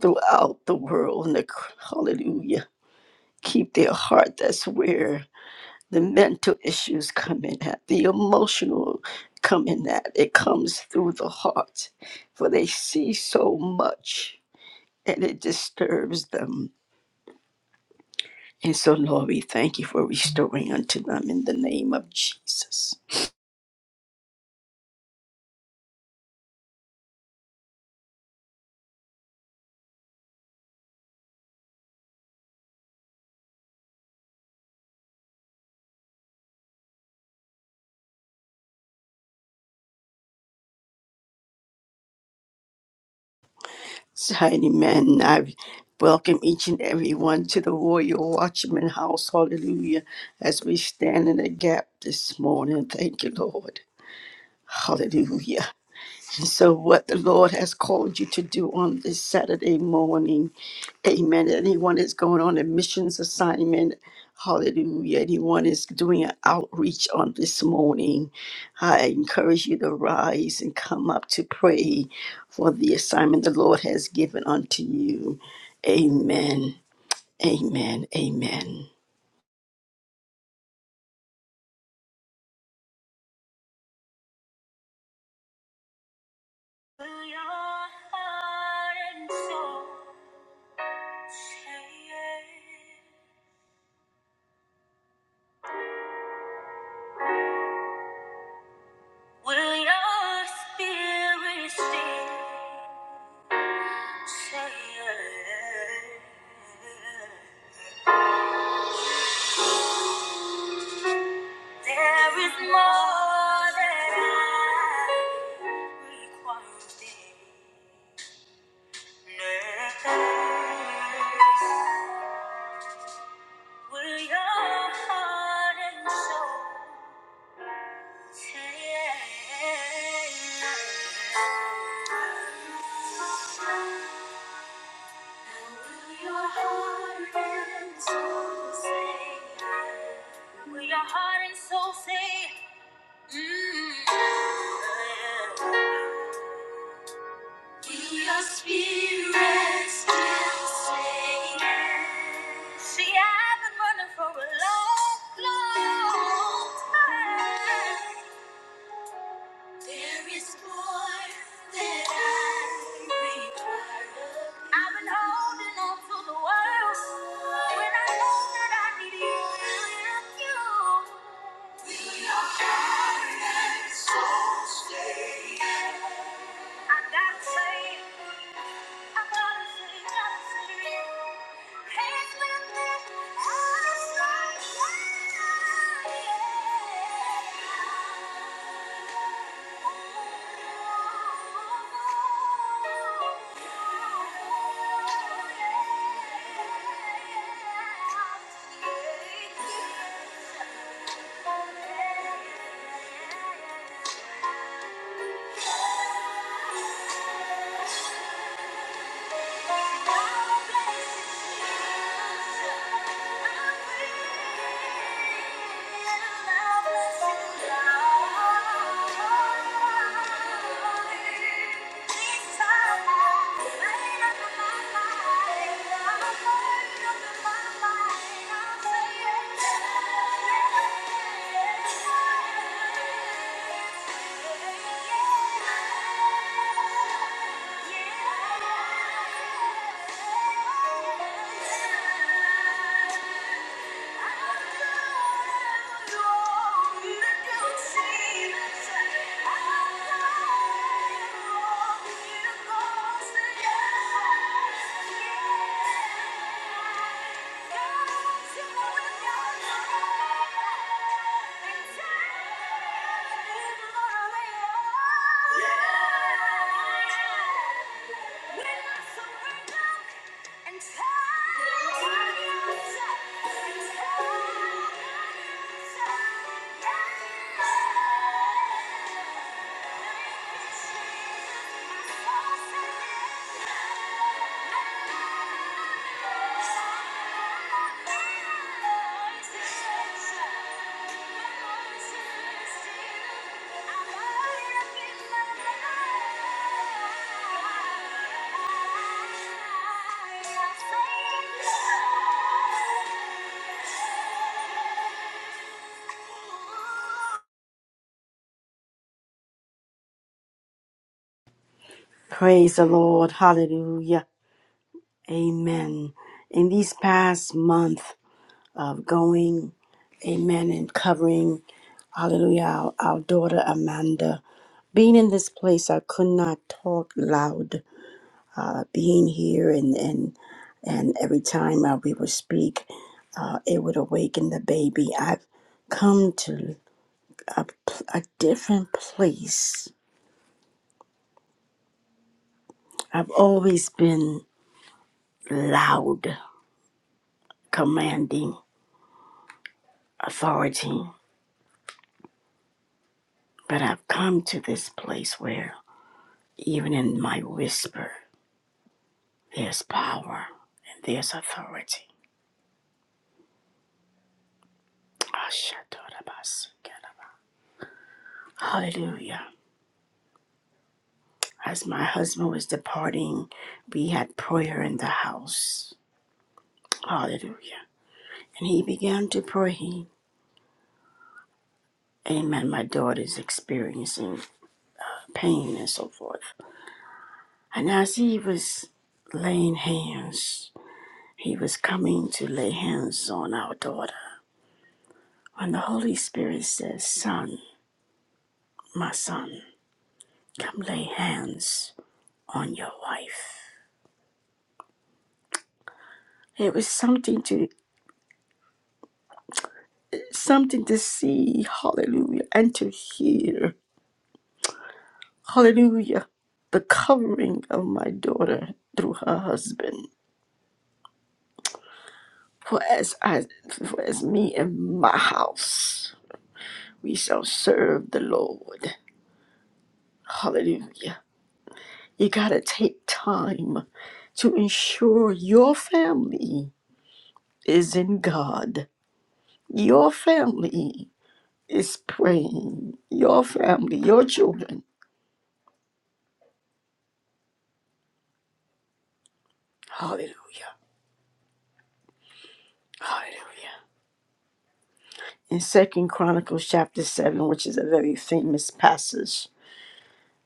throughout the world, and the, hallelujah keep their heart. That's where the mental issues come in at, the emotional come in at. It comes through the heart, for they see so much and it disturbs them. And so, Lord, we thank you for restoring unto them in the name of Jesus. So, Mighty men, I welcome each and every one to the Warrior Watchman House. Hallelujah. As we stand in the gap this morning, thank you, Lord. Hallelujah. And So, what the Lord has called you to do on this Saturday morning, amen. Anyone is going on a missions assignment, hallelujah. Anyone is doing an outreach on this morning, I encourage you to rise and come up to pray for the assignment the Lord has given unto you. Amen, amen, amen. Will your heart and soul say, yes? Will your spirit still say, yes? There is more that I require of thee. Nevertheless, Will your heart and soul say yes? Will your heart and soul say? yes? Will your heart and soul say? Mm. Your spirit still singing. See, I've been running for a long, long time. There is more that I require. I've been holding on to the words when I know that I need you. With your heart and soul stay. I gotta say. it. Thank you. *laughs* Yeah. Yeah. Yeah. Praise the Lord. Hallelujah. Amen. In these past month. of going, amen, and covering, hallelujah, our, our daughter Amanda. Being in this place, I could not talk loud. Uh, being here and, and, and every time uh, we would speak, uh, it would awaken the baby. I've come to a, p- a different place. I've always been loud, commanding authority, but I've come to this place where even in my whisper. His power and this authority. Hallelujah. As my husband was departing, we had prayer in the house. Hallelujah. And he began to pray. Amen. My daughter's experiencing pain and so forth. And as he was laying hands, he was coming to lay hands on our daughter. When the Holy Spirit says, Son, my son, come lay hands on your wife. It was something to something to see, hallelujah, and to hear, hallelujah, the covering of my daughter through her husband. For as I for as me and my house we shall serve the Lord. Hallelujah. You gotta take time to ensure your family is in God. Your family is praying. Your family, your children. Hallelujah Hallelujah. In Second Chronicles chapter seven, which is a very famous passage,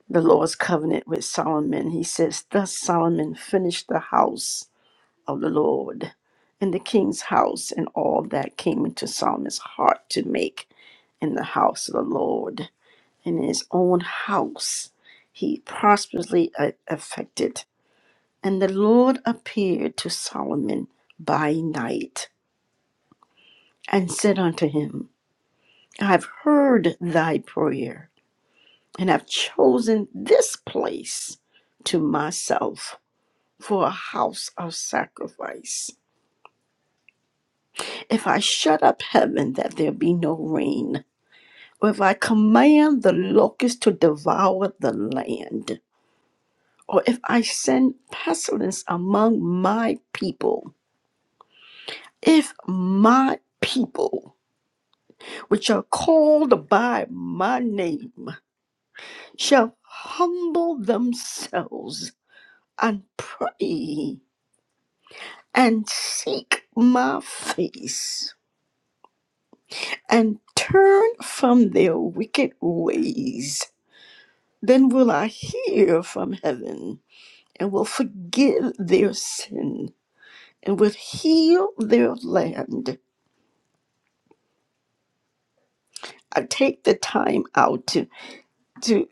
the Lord's covenant with Solomon, he says, Thus Solomon finished the house of the Lord, and the king's house, and all that came into Solomon's heart to make in the house of the Lord. In his own house, he prosperously uh, affected. And the Lord appeared to Solomon by night and said unto him, I've heard thy prayer and have chosen this place to myself for a house of sacrifice. If I shut up heaven that there be no rain, or if I command the locust to devour the land, or if I send pestilence among my people, if my people, which are called by my name, shall humble themselves and pray and seek my face and turn from their wicked ways. Then will I hear from heaven and will forgive their sin and will heal their land. I take the time out to, to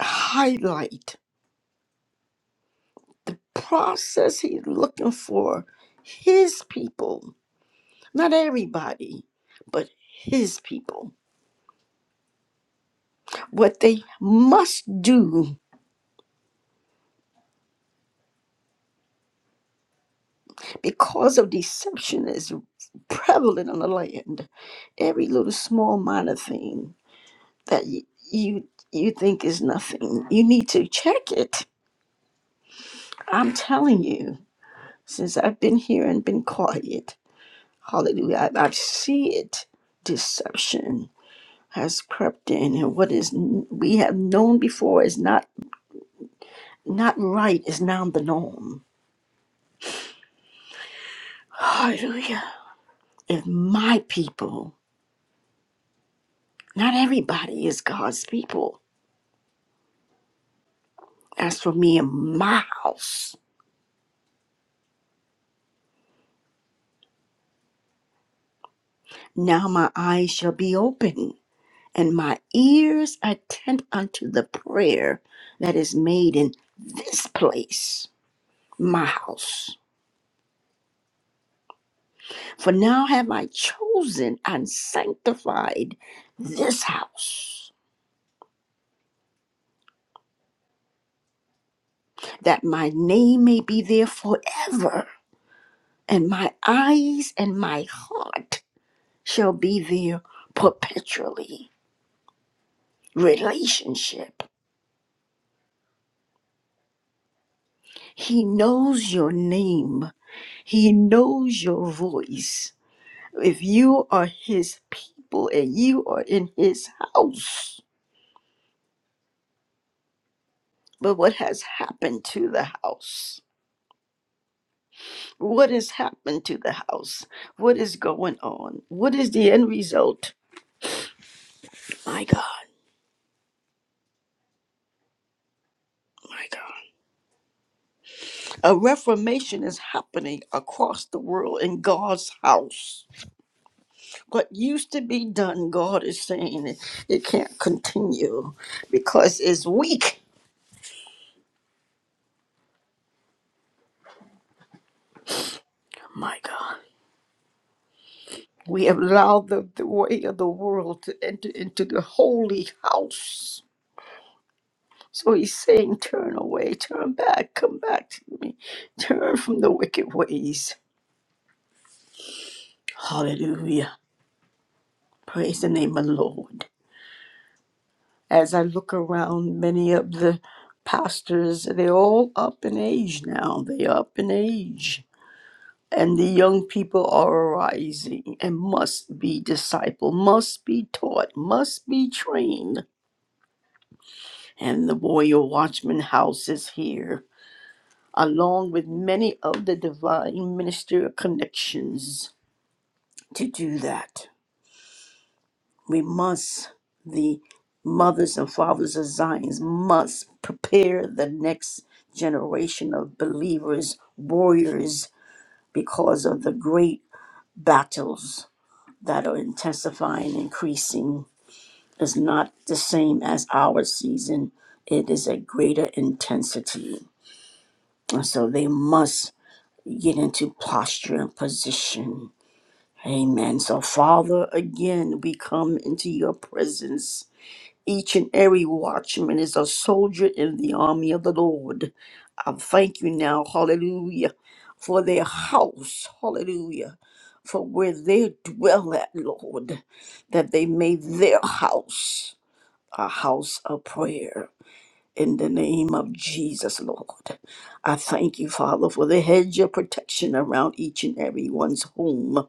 highlight process he's looking for his people, not everybody, but his people What they must do because of deception is prevalent on the land. Every little small minor thing that you, you you think is nothing, you need to check it. I'm telling you, since I've been here and been quiet, hallelujah, I, I see it. Deception has crept in, and what is n- we have known before is not not right is now the norm. Hallelujah. If my people Not everybody is God's people. As for me and my house, now my eyes shall be open and my ears attend unto the prayer that is made in this place, my house. For now have I chosen and sanctified this house, that my name may be there forever, and my eyes and my heart shall be there perpetually. Relationship He knows your name. He knows your voice. If you are his people and you are in his house, but what has happened to the house? What has happened to the house? What is going on? What is the end result? My God, my God. A reformation is happening across the world in God's house. What used to be done, God is saying it, it can't continue because it's weak My God. We have allowed the, the way of the world to enter into the holy house. So he's saying, Turn away, turn back, come back to me, turn from the wicked ways. Hallelujah. Praise the name of the Lord. As I look around, many of the pastors, they're all up in age now. They're up in age. And the young people are arising and must be discipled, must be taught, must be trained and the Warrior Watchman House is here, along with many of the divine ministerial connections. To do that, we must, the mothers and fathers of Zions, must prepare the next generation of believers, warriors, because of the great battles that are intensifying, increasing. Is not the same as our season. It is a greater intensity. And so they must get into posture and position. Amen. So, Father, again, we come into your presence. Each and every watchman is a soldier in the army of the Lord. I thank you now, hallelujah, for their house, hallelujah, for where they dwell at, Lord, that they made their house a house of prayer in the name of Jesus, Lord. I thank you, Father, for the hedge of protection around each and every one's home.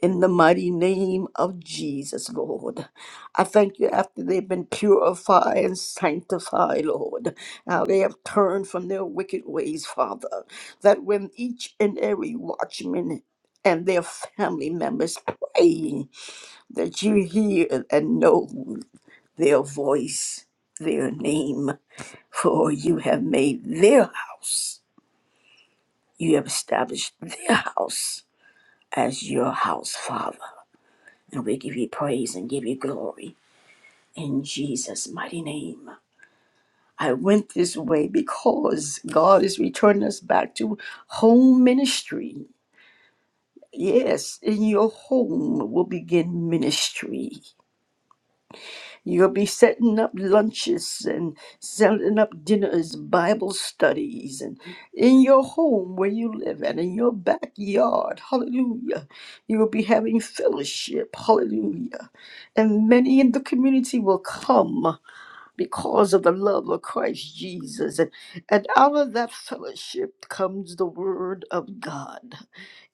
In the mighty name of Jesus, Lord. I thank you after they've been purified and sanctified, Lord. How they have turned from their wicked ways, Father. That when each and every watchman and their family members pray, that you hear and know their voice, their name. *laughs* For you have made their house, you have established their house as your house, Father. And we give you praise and give you glory in Jesus' mighty name. I went this way because God is returning us back to home ministry. Yes, in your home will begin ministry. You'll be setting up lunches and setting up dinners, Bible studies, and in your home where you live and in your backyard. Hallelujah. You will be having fellowship. Hallelujah. And many in the community will come because of the love of Christ Jesus. And, and out of that fellowship comes the word of God,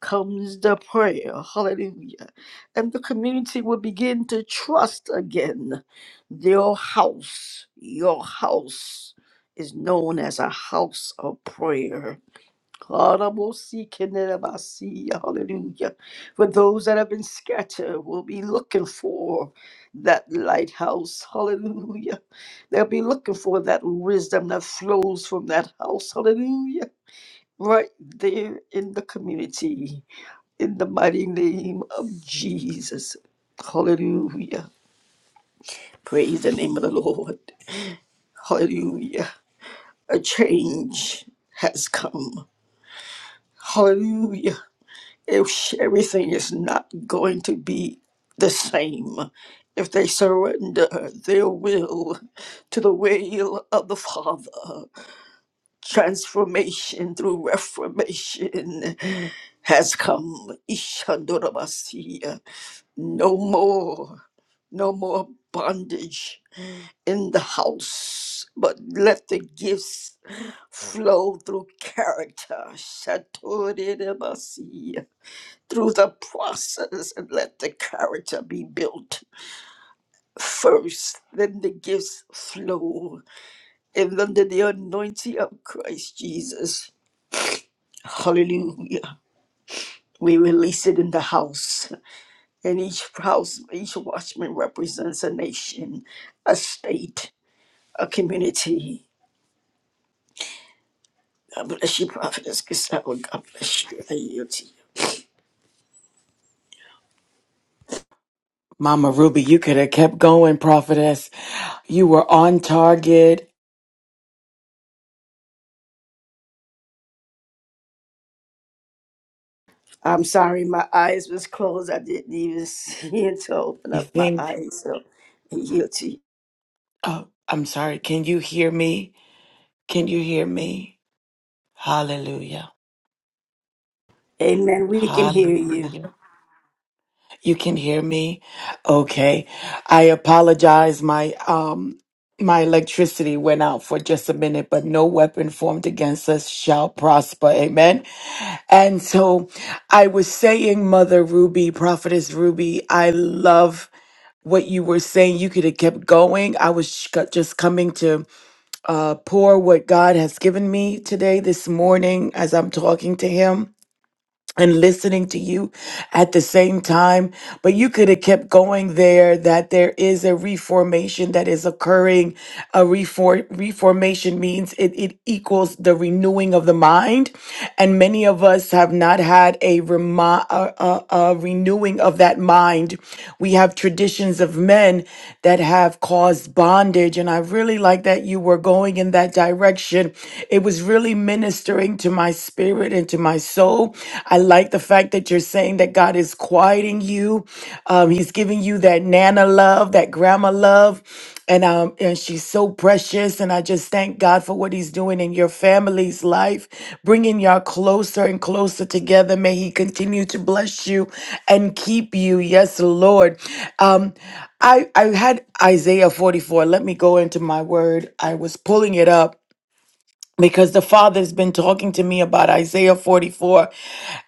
comes the prayer. Hallelujah. And the community will begin to trust again your house, your house. Is known as a house of prayer. Karabosikenderabasia, Hallelujah. For those that have been scattered, will be looking for that lighthouse. Hallelujah. They'll be looking for that wisdom that flows from that house. Hallelujah. Right there in the community. In the mighty name of Jesus. Hallelujah. Praise the name of the Lord. Hallelujah. A change has come. Hallelujah if everything is not going to be the same if they surrender their will to the will of the Father. Transformation through reformation has come. Ishandorabasiya. No more, no more bondage in the house, but let the gifts flow through character. Shatorirabasiya through the process and let the character be built first. Then the gifts flow and under the anointing of Christ Jesus. Hallelujah. We release it in the house. And each house, each watchman represents a nation, a state, a community. God bless you, Prophetess Gustavo. God bless you. I yield to you. Mama Ruby, you could have kept going, prophetess. You were on target. I'm sorry, my eyes was closed. I didn't even *laughs* see it to open You up my think, eyes. So I yield to you. oh, I'm sorry. Can you hear me? Can you hear me? Hallelujah. Amen. We can hear you. Hallelujah. You can hear me? Okay. I apologize. My, um, my electricity went out for just a minute, but no weapon formed against us shall prosper. Amen. And so I was saying, Mother Ruby, Prophetess Ruby, I love what you were saying. You could have kept going. I was sh- co- just coming to uh, pour what God has given me today, this morning, as I'm talking to Him and listening to you at the same time. But you could have kept going there that there is a reformation that is occurring. A refor- reformation means it, it equals the renewing of the mind. And many of us have not had a, remi- a, a, a renewing of that mind. We have traditions of men that have caused bondage. And I really like that you were going in that direction direction. It was really ministering to my spirit and to my soul. I like the fact that you're saying that God is quieting you. Um, he's giving you that Nana love, that grandma love. And um, and she's so precious. And I just thank God for what He's doing in your family's life, bringing y'all closer and closer together. May He continue to bless you and keep you. Yes, Lord. Um, I I had Isaiah 44. Let me go into my word. I was pulling it up because the father's been talking to me about Isaiah 44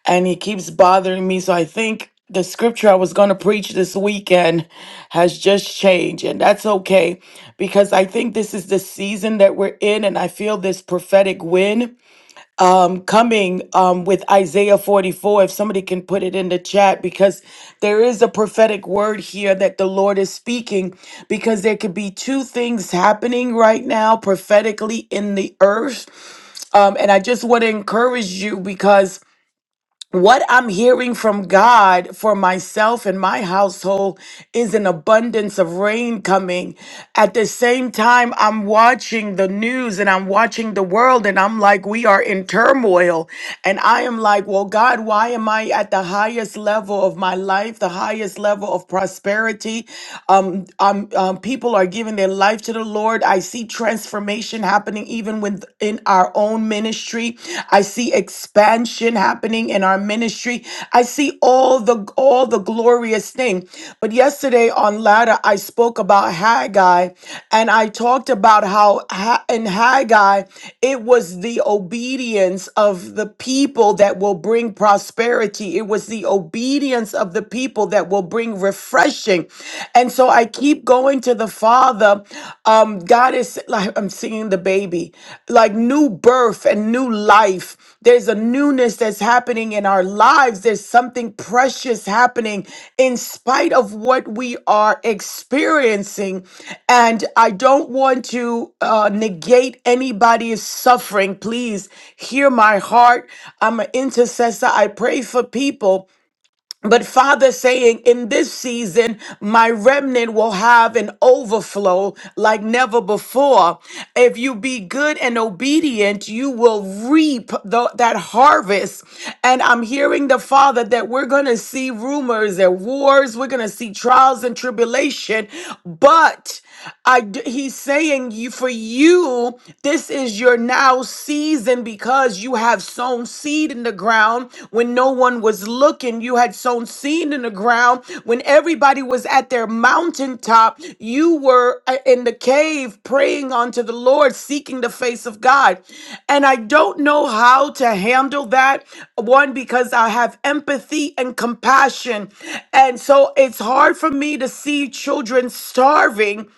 and he keeps bothering me. So I think the scripture I was going to preach this weekend has just changed, and that's okay because I think this is the season that we're in, and I feel this prophetic wind um, coming um, with Isaiah 44. If somebody can put it in the chat, because there is a prophetic word here that the Lord is speaking, because there could be two things happening right now prophetically in the earth um, and I just want to encourage you because what I'm hearing from God for myself and my household is an abundance of rain coming. At the same time, I'm watching the news and I'm watching the world, and I'm like, we are in turmoil. And I am like, well, God, why am I at the highest level of my life, the highest level of prosperity? Um, um, um, people are giving their life to the Lord. I see transformation happening even with happening within our own ministry. I see expansion happening in our ministry. I see all the all the glorious thing. But yesterday on ladder, I spoke about Haggai, and I talked about how Ha- in Haggai it was the obedience of the people that will bring prosperity. It was the obedience of the people that will bring refreshing. And so I keep keep going to the Father. Um, God is like I'm seeing the baby, like new birth and new life. There's a newness that's happening in our lives. There's something precious happening in spite of what we are experiencing. And I don't want to uh, negate anybody's suffering. Please hear my heart. I'm an intercessor. I pray for people. But Father saying in this season, my remnant will have an overflow like never before. If you be good and obedient, you will reap the- that harvest. And I'm hearing the Father that we're going to see rumors and wars, we're going to see trials and tribulation, but I d he's saying you for you this is your now season because you have sown seed in the ground when no one was looking you had sown seed in the ground when everybody was at their mountaintop you were uh, in the cave praying unto the Lord seeking the face of God and I don't know how to handle that one because I have empathy and compassion and so it's hard for me to see children starving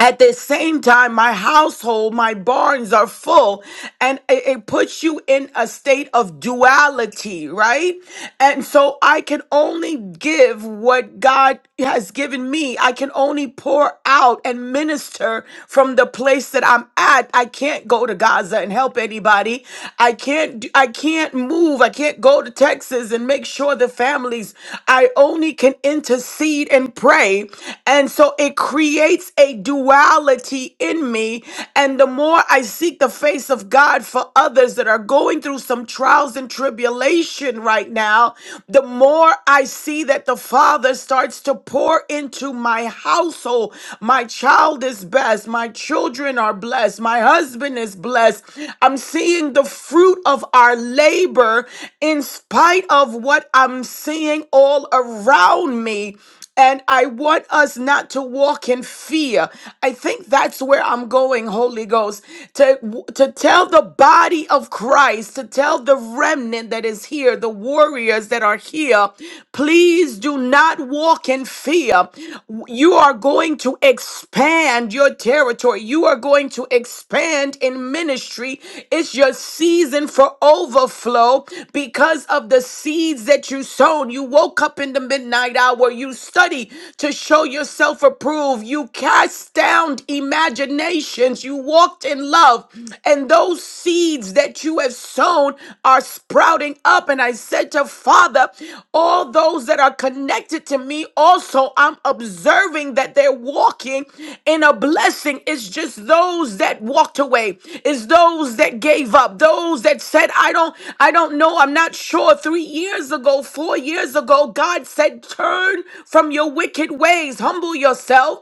at the same time, my household, my barns are full, and it, it puts you in a state of duality, right? And so I can only give what God has given me. I can only pour out and minister from the place that I'm at. I can't go to Gaza and help anybody. I can't. do- I can't move. I can't go to Texas and make sure the families. I only can intercede and pray, and so it creates a duality in me. And the more I seek the face of God for others that are going through some trials and tribulation right now, the more I see that the Father starts to pour into my household. My child is blessed. My children are blessed. My husband is blessed. I'm seeing the fruit of our labor in spite of what I'm seeing all around me. And I want us not to walk in fear. I think that's where I'm going, Holy Ghost, to, to tell the body of Christ, to tell the remnant that is here, the warriors that are here, please do not walk in fear. You are going to expand your territory. You are going to expand expand in ministry. It's your season for overflow because of the seeds that you sown. You woke up in the midnight hour. You study to show yourself approved. You cast down imaginations. You walked in love. And those seeds that you have sown are sprouting up. And I said to to Father, all those that are connected to me, also, I'm observing that they're walking in a blessing. It's just those that walked away, it's those that gave up, those that said, I don't, I don't know, I'm not sure. Three years ago, four years ago, God said, Turn from your wicked ways, humble yourself.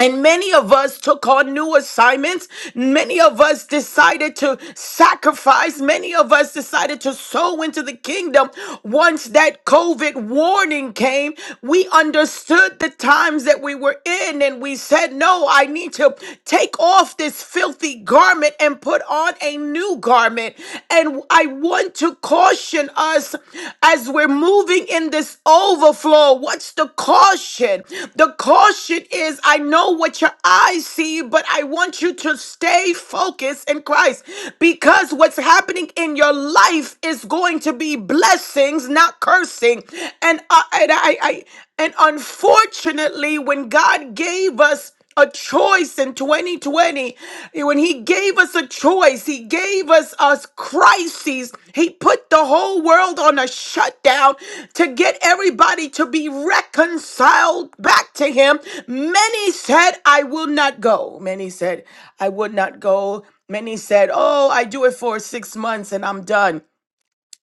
And many of us took on new assignments. Many of us decided to sacrifice. Many of us decided to sow into the kingdom. Once that COVID warning came, we understood the times that we were in and we said, No, I need to take off this filthy garment and put on a new garment. And I want to to caution us as we're moving in this overflow. What's the caution? The caution is I know what your eyes see, but I want you to stay focused in Christ because what's happening in your life is going to be blessings, not cursing. And I, and I, I and unfortunately, when God gave us a choice in 2020 when he gave us a choice he gave us us crises he put the whole world on a shutdown to get everybody to be reconciled back to him many said i will not go many said i would not go many said oh i do it for 6 months and i'm done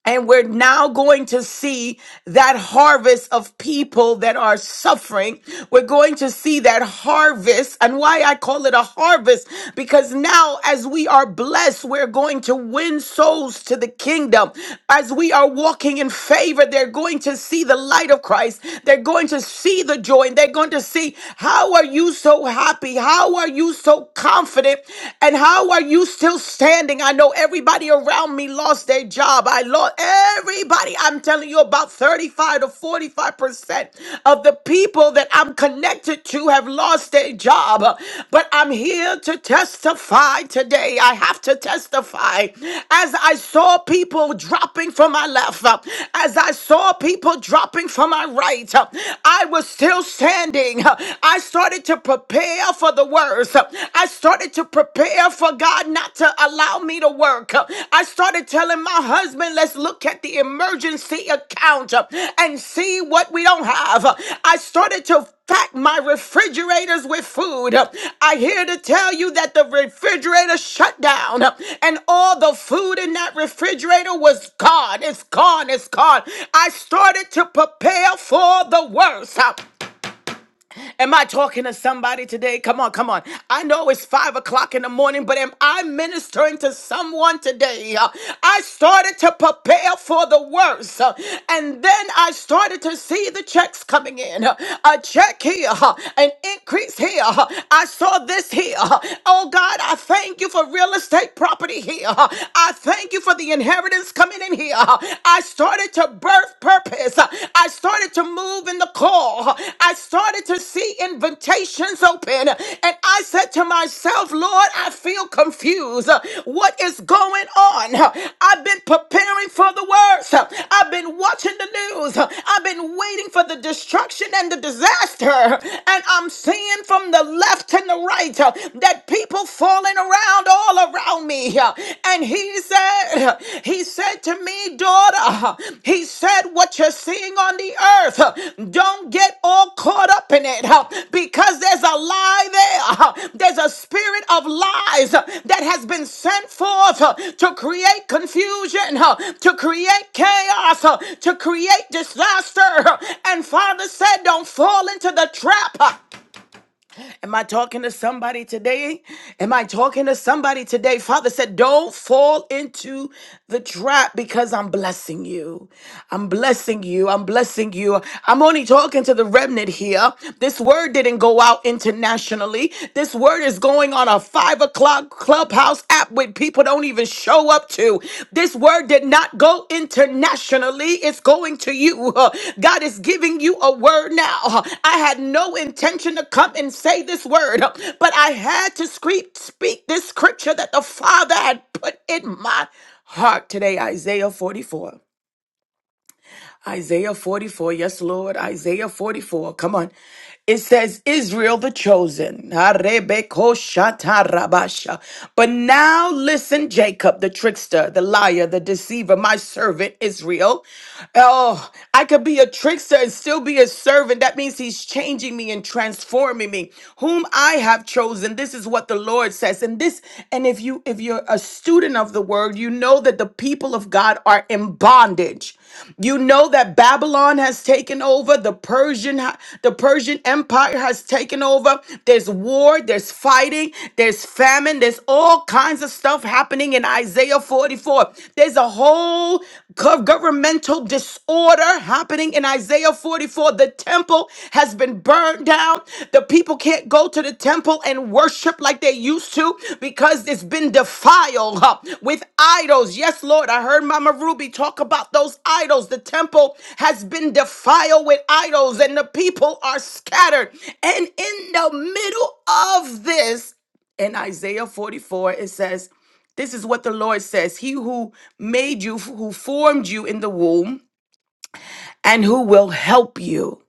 and we're now going to see that harvest of people that are suffering. We're going to see that harvest and why I call it a harvest because now as we are blessed, we're going to win souls to the kingdom. As we are walking in favor, they're going to see the light of Christ. They're going to see the joy and they're going to see how are you so happy? How are you so confident? And how are you still standing. I know everybody around me lost their job. I lost everybody. I'm telling you, about 35 to 45% of the people that I'm connected to have lost their job. But I'm here to testify today. I have to testify. As I saw people dropping from my left, as I saw people dropping from my right, I was still standing. I started to prepare for the word words. I started to prepare for God not to allow me to work. I started telling my husband, let's look at the emergency account and see what we don't have. I started to pack my refrigerators with food. I here to tell you that the refrigerator shut down and all the food in that refrigerator was gone. It's gone. It's gone. I started to prepare for the worst. Am I talking to somebody today? Come on, come on. I know it's five o'clock in the morning, but am I ministering to someone today? Uh, I started to prepare for the worst, uh, and then I started to see the checks coming in. Uh, A check here, uh, an increase here. uh, I saw this here. uh, Oh God, I thank you for real estate property here. uh, I thank you for the inheritance coming in here. uh, I started to started to birth purpose. I started to move in the call. I started to see invitations open. And I said to myself, Lord, I feel confused. What is going on? I've been preparing for the worst. I've been watching the news. I've been waiting for the destruction and the disaster. And I'm seeing from the left and the right that people falling around all around around me. And he said, He said to me, daughter, He said, What you're seeing on the earth, don't get all caught up in it because there's a lie there. There's a spirit of lies that has been sent forth to create confusion, to create chaos, to create disaster. And Father said, Don't fall into the trap. Am I talking to somebody today? Am I talking to somebody today? Father said, Don't fall into the trap because I'm blessing you. I'm blessing you. I'm blessing you. I'm only talking to the remnant here. This word didn't go out internationally. This word is going on a five o'clock clubhouse app up with, people don't even show up to. This word did not go internationally, it's going to you. *laughs* Uh, God is giving you a word now. Uh, I had no intention to come and say this word, uh, but I had to scream, speak this scripture that the Father had put in my heart today, Isaiah 44. Isaiah 44. Yes, Lord. Isaiah 44. Come on. It says, Israel the chosen. Arebekoshatarabasha. But now listen, Jacob, the trickster, the liar, the deceiver, my servant Israel. Oh, I could be a trickster and still be a servant. That means he's changing me and transforming me. Whom I have chosen. This is what the Lord says. And this, and if you if you're a student of the word, you know that the people of God are in bondage. You know that Babylon has taken over, the Persian the Persian Empire has taken over. There's war, there's fighting, there's famine, there's all kinds of stuff happening in Isaiah 44. There's a whole gov- governmental disorder happening in Isaiah 44. The temple has been burned down. The people can't go to the temple and worship like they used to because it's been defiled huh, with idols. Yes, Lord, I heard Mama Ruby talk about those idols. The temple has been defiled with idols, and the people are scattered. And in the middle of this, in Isaiah 44, it says, This is what the Lord says He who made you, who formed you in the womb, and who will help you.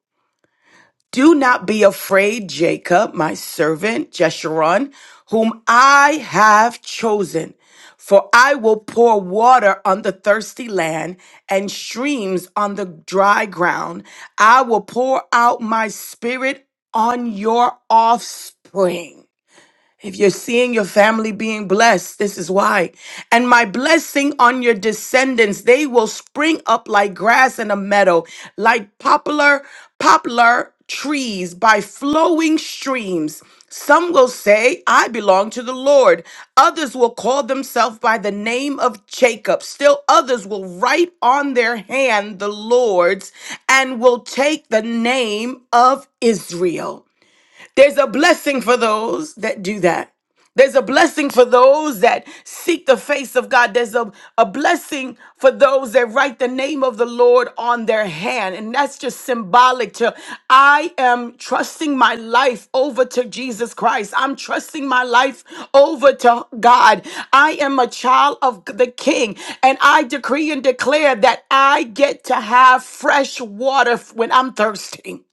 Do not be afraid, Jacob, my servant, Jeshurun, whom I have chosen. For I will pour water on the thirsty land and streams on the dry ground. I will pour out my spirit on your offspring. If you're seeing your family being blessed, this is why. And my blessing on your descendants, they will spring up like grass in a meadow, like poplar, poplar trees by flowing streams. Some will say, I belong to the Lord. Others will call themselves by the name of Jacob. Still others will write on their hand the Lord's and will take the name of Israel. There's a blessing for those that do that. There's a blessing for those that seek the face of God. There's a, a blessing for those that write the name of the Lord on their hand. And that's just symbolic to I am trusting my life over to Jesus Christ. I'm trusting my life over to God. I am a child of the King. And I decree and declare that I get to have fresh water when I'm thirsty.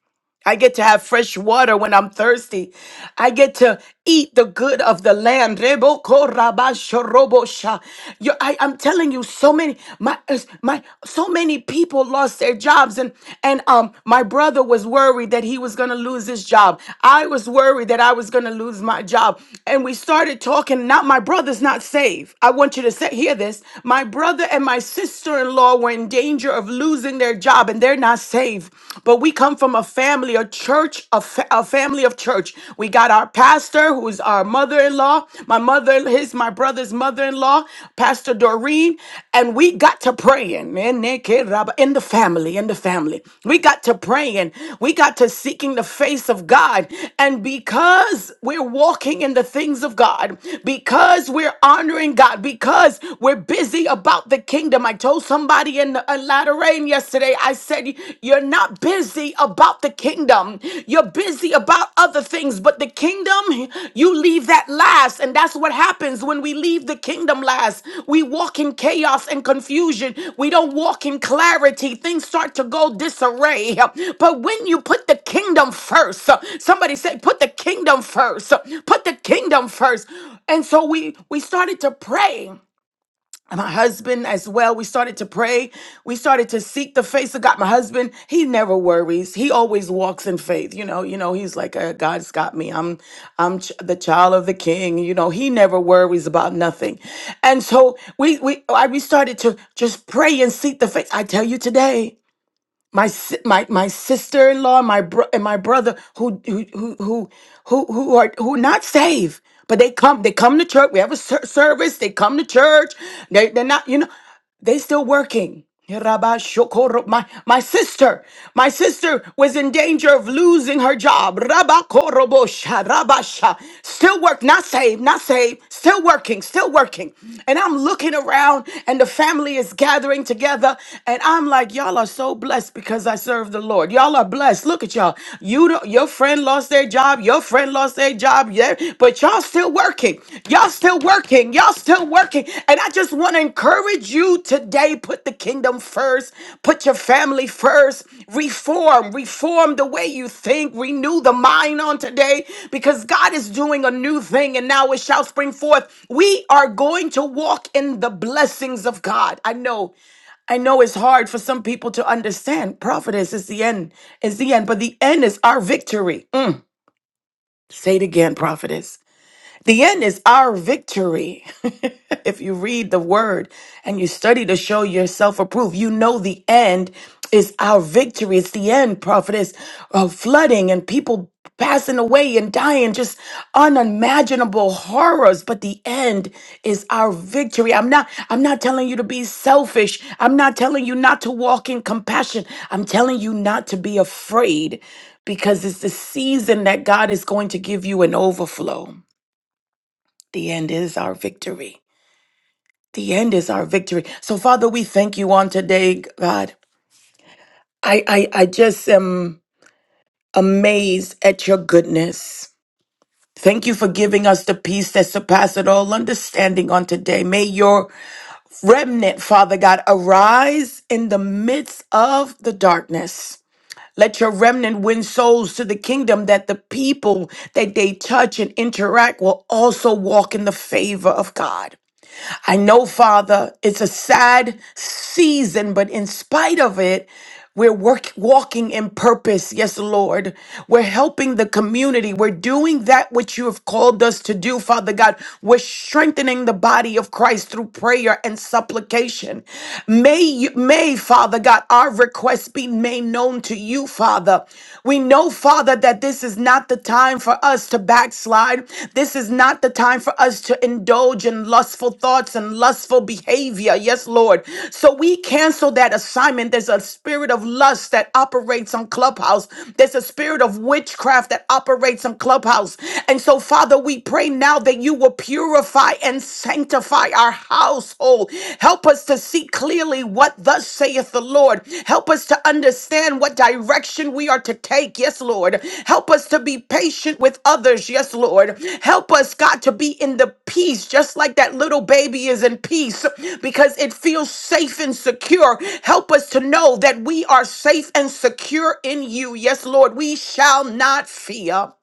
I get to have fresh water when I'm thirsty. I get to eat the good of the land. Rebo ko raba shorobo sha. You- I, am telling you, so many my it's- my so many people lost their jobs, and and um my brother was worried that he was gonna lose his job. I was worried that I was gonna lose my job, and we started talking. Not my brother's not saved. I want you to say, hear this. My brother and my sister-in-law were in danger of losing their job, and they're and they're not saved. But we come from a family, a church, a, fa- a family of church. We got our pastor, who is our mother in law, my mother, his, my brother's mother in law, Pastor Doreen. And we got to praying in the family, in the family. We got to praying. We got to seeking the face of God. And because we're walking in the things of God, because we're honoring God, because we're busy about the kingdom, I told told somebody in, in Lateran yesterday, I said, You're not busy about the kingdom. You're busy about other things, but the kingdom, you leave that last. And that's what happens when we leave the kingdom last. We walk in chaos and confusion. We don't walk in clarity. Things start to go disarray. But when you put the kingdom first, somebody said, Put the kingdom first. Put the kingdom first. And so we we started to pray and my husband as well we started to pray we started to seek the face of god my husband he never worries he always walks in faith you know you know he's like uh, god's got me i'm i'm ch- the child of the king you know he never worries about nothing and so we we I, we started to just pray and seek the face i tell you today my si- my my sister in law, my bro, and my brother who who who who who who are who not saved, but they come they come to church. We have a ser- service. They come to church. They they're not you know they still working. Rabashokoro- My, my sister, my sister was in danger of losing her job. Rabakorobosha, Rabasha. Still work, not saved, not saved, still working, still working. And I'm looking around and the family is gathering together I'm like, y'all are so blessed because I serve the Lord. Y'all are blessed. Look at y'all. You don't, your friend lost their job. Your friend lost their job. Yeah, but y'all still working. Y'all still working. Y'all still working. And I just want to encourage you today. Put the kingdom first. Put your family first. Reform. Reform the way you think. Renew the mind on today because God is doing a new thing and now it shall spring forth. We are going to walk in the blessings of God. I know. I know it's hard for some people to understand. Prophetess is the end, is the end, but the end is our victory. Mm. Say it again, prophetess. The end is our victory. *laughs* if you read the word and you study to show yourself approved, you know the end is our victory. It's the end, prophetess, of flooding and people passing away and dying, just unimaginable horrors. But the end is our victory. I'm not, I'm not telling you to be selfish. I'm not telling you not to walk in compassion. I'm telling you not to be afraid because it's the season that God is going to give you an overflow. The end is our victory. The end is our victory. So, Father, we thank you on today, God. I, I, I just am amazed at your goodness. Thank you for giving us the peace that surpasses all understanding on today. May your remnant, Father God, arise in the midst of the darkness. Let your remnant win souls to the kingdom that the people that they touch and interact will also walk in the favor of God. I know, Father, it's a sad season, but in spite of it, we're work, walking in purpose. Yes, Lord. We're helping the community. We're doing that which you have called us to do, Father God. We're strengthening the body of Christ through prayer and supplication. May, you, may Father God, our requests be made known to you, Father. We know, Father, that this is not the time for us to backslide. This is not the time for us to indulge in lustful thoughts and lustful behavior. Yes, Lord. So we cancel that assignment. There's a spirit of lust that operates on Clubhouse, there's a spirit of witchcraft that operates on Clubhouse. And so, Father, we pray now that you will purify and sanctify our household. Help us to see clearly what thus saith the Lord. Help us to understand what direction we are to take. Yes, Lord. Help us to be patient with others. Yes, Lord. Help us, God, to be in the peace, just like that little baby is in peace, because it feels safe and secure. Help us to know that we are safe and secure in you. Yes, Lord. We shall not fear.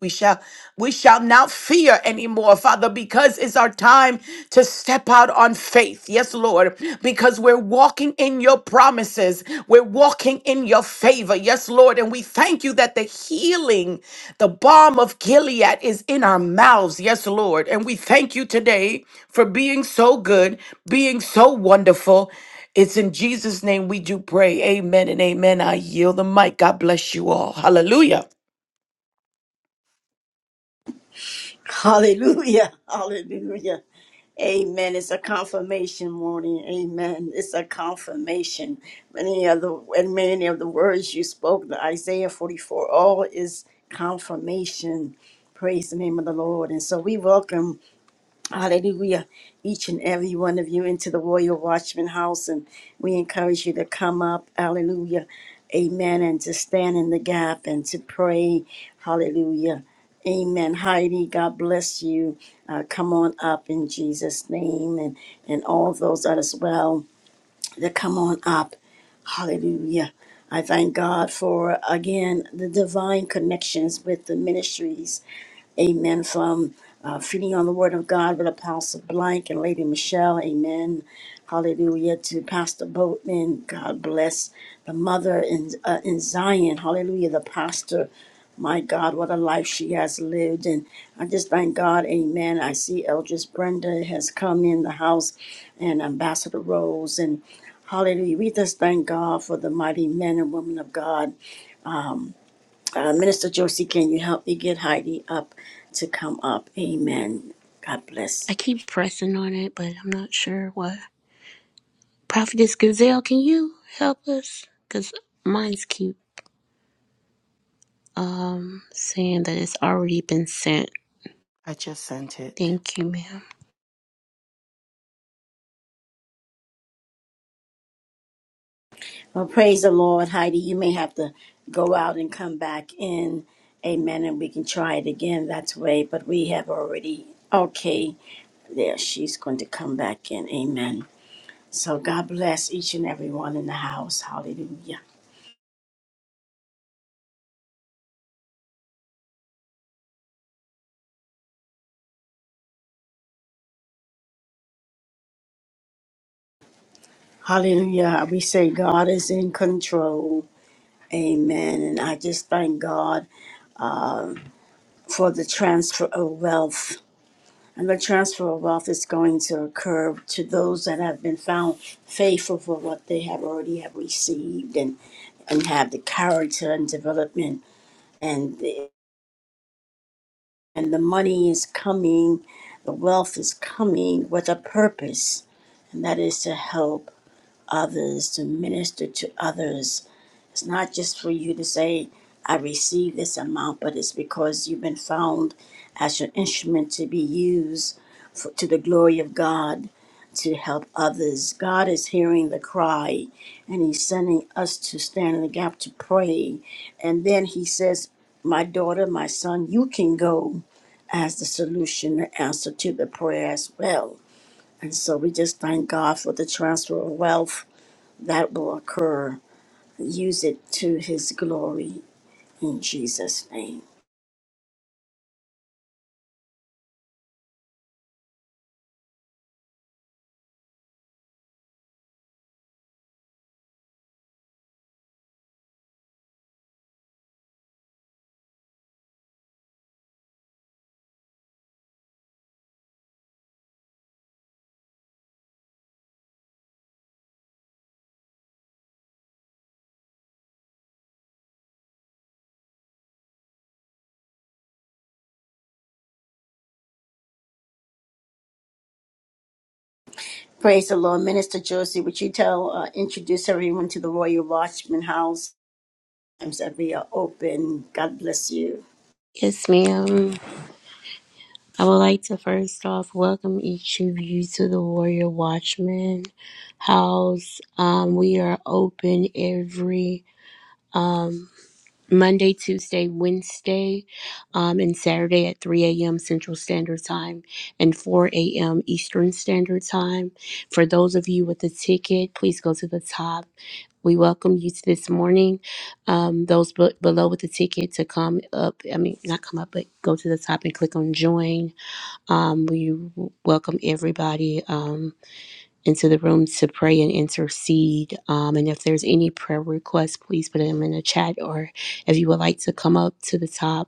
We shall we shall not fear anymore, Father, because it's our time to step out on faith. Yes, Lord, because we're walking in your promises. We're walking in your favor. Yes, Lord, and we thank you that the healing, the balm of Gilead is in our mouths. Yes, Lord, and we thank you today for being so good, being so wonderful. It's in Jesus' name we do pray. Amen and amen. I yield the mic. God bless you all. Hallelujah. Hallelujah. *laughs* Hallelujah. Amen. It's a confirmation morning. Amen. It's a confirmation. Many of the and many of the words you spoke, the Isaiah 44, all is confirmation. Praise the name of the Lord. And so we welcome. Hallelujah. Each and every one of you into the Royal Watchman House. And we encourage you to come up. Hallelujah. Amen. And to stand in the gap and to pray. Hallelujah. Amen. Heidi, God bless you. Uh, come on up in Jesus' name and, and all those others well to come on up. Hallelujah. I thank God for, again, the divine connections with the ministries Amen. From uh, Feeding on the Word of God with Apostle Blank and Lady Michelle. Amen. Hallelujah to Pastor Boatman. God bless the mother in, uh, in Zion. Hallelujah. The pastor. My God, what a life she has lived. And I just thank God. Amen. I see Eldris Brenda has come in the house and Ambassador Rose. And hallelujah. We just thank God for the mighty men and women of God Um, uh, Minister Josie, can you help me get Heidi up to come up? Amen. God I bless. keep pressing on it, but I'm not sure what. Prophetess Gazelle, can you help us? Because mine's cute. um, saying that it's already been sent. I just sent it. Thank you, ma'am. Well, praise the Lord, Heidi. You may have to go out and come back in. Amen. And we can try it again that way. But we have already, okay, there. She's going to come back in. Amen. So God bless each and every one in the house. Hallelujah. Hallelujah. We say God is in control. Amen. And I just thank God for the transfer of wealth And the transfer of wealth is going to occur to those that have been found faithful for what they have already have received and and have the character and development and the, and the money is coming, the wealth is coming with a purpose, and that is to help others, to minister to others. It's not just for you to say, I receive this amount, but it's because you've been found as an instrument to be used for, to the glory of God to help others. God is hearing the cry and He's sending us to stand in the gap to pray. And then He says, My daughter, my son, you can go as the solution, the answer to the prayer as well. And so we just thank God for the transfer of wealth that will occur. Use it to his glory in Jesus' name. Praise the Lord. Minister Josie, would you tell, uh, introduce everyone to the Royal Watchman House? Times that we are open. God bless you. Yes, ma'am. I would like to first off welcome each of you to the Warrior Watchman house. Um, we are open every um, Monday, Tuesday, Wednesday, um, and Saturday at 3 a.m. Central Standard Time and 4 a.m. Eastern Standard Time. For those of you with a ticket, please go to the top We welcome you to this morning. Um, those be- below with the ticket to come up, I mean, not come up, but go to the top and click on join. Um, we w- welcome everybody um, into the room to pray and intercede. Um, and if there's any prayer requests, please put them in the chat. Or if you would like to come up to the top,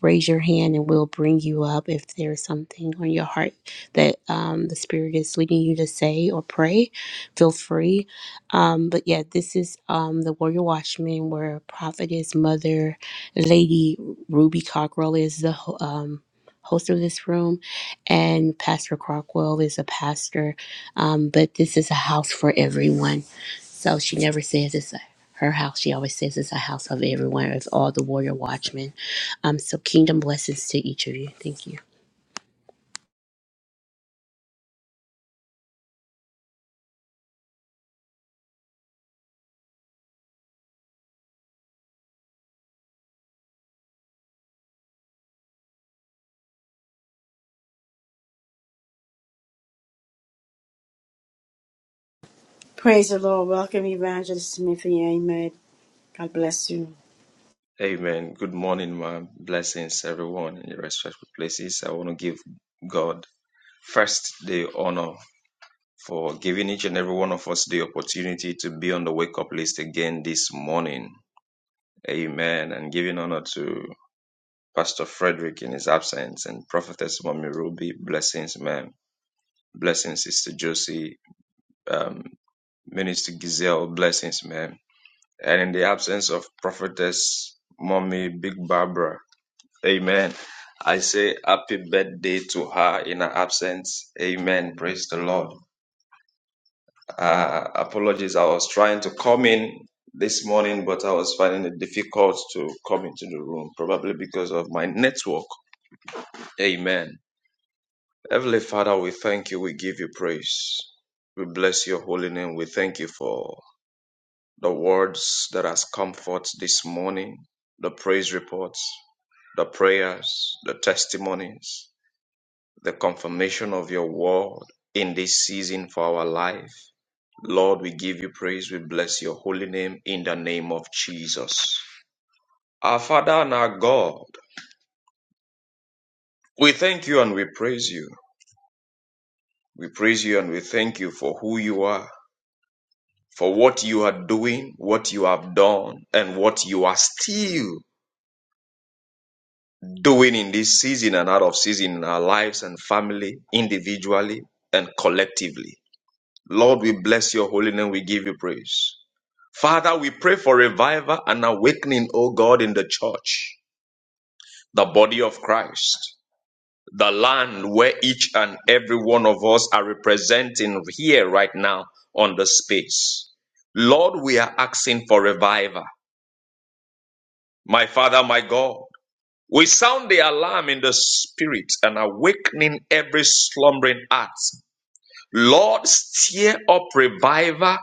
raise your hand and we'll bring you up if there's something on your heart that um, the spirit is leading you to say or pray feel free um, but yeah this is um, the warrior watchman where prophetess mother lady ruby cockrell is the ho- um, host of this room and pastor crockwell is a pastor um, but this is a house for everyone so she never says it's a, her house. She always says it's a house of everyone, of all the warrior watchmen. Um, so kingdom blessings to each of you. Thank you. Praise the Lord. Welcome, Evangelist Timothy. Amen. God bless you. Amen. Good morning, my blessings, everyone in your respectful places. I want to give God first the honor for giving each and every one of us the opportunity to be on the wake up list again this morning. Amen. And giving honor to Pastor Frederick in his absence and Prophetess Mommy Ruby. Blessings, ma'am. Blessings, Sister Josie. Um, Minister Giselle. Blessings, ma'am. And in the absence of Prophetess Mommy Big Barbara. Amen. I say happy birthday to her in her absence. Amen. Praise the Lord. Uh, apologies. I was trying to come in this morning, but I was finding it difficult to come into the room, probably because of my network. Amen. Heavenly Father, we thank you. We give you praise. We bless your holy name. We thank you for the words that has comfort this morning, the praise reports, the prayers, the testimonies. the confirmation of your word in this season for our life. Lord, we give you praise. We bless your holy name in the name of Jesus. Our Father and our God, we thank you and we praise you. We praise you and we thank you for who you are, for what you are doing, what you have done, and what you are still doing in this season and out of season in our lives and family, individually and collectively. Lord, we bless your holy name. We give you praise. Father, we pray for revival and awakening, O God, in the church, the body of Christ, the land where each and every one of us are representing here right now on the space. Lord, we are asking for revival. My Father, my God, we sound the alarm in the spirit and awakening every slumbering heart. Lord, stir up revival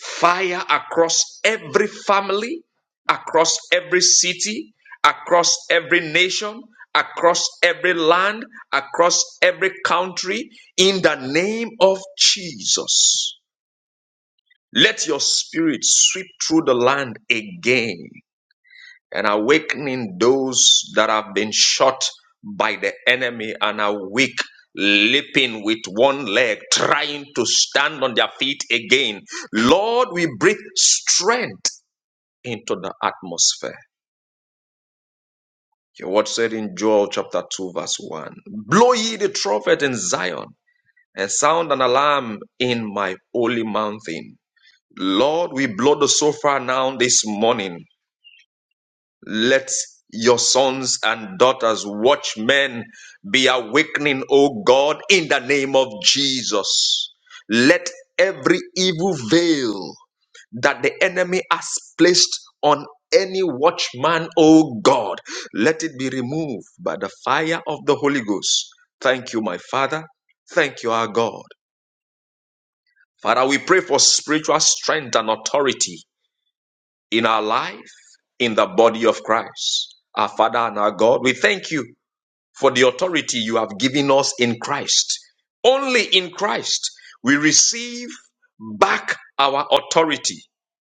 fire across every family, across every city, across every nation, across every land, across every country, in the name of Jesus. Let your spirit sweep through the land again and awakening those that have been shot by the enemy and are weak, leaping with one leg, trying to stand on their feet again. Lord, we breathe strength into the atmosphere. Your word said in Joel chapter 2, verse 1 Blow ye the trumpet in Zion and sound an alarm in my holy mountain. Lord, we blow the shofar now this morning Let your sons and daughters, watchmen, be awakening, O God, in the name of Jesus. Let every evil veil that the enemy has placed on any watchman, O God, let it be removed by the fire of the Holy Ghost. Thank you, my Father. Thank you, our God. Father, we pray for spiritual strength and authority in our life, in the body of Christ. Our Father and our God, we thank you for the authority you have given us in Christ. Only in Christ we receive back our authority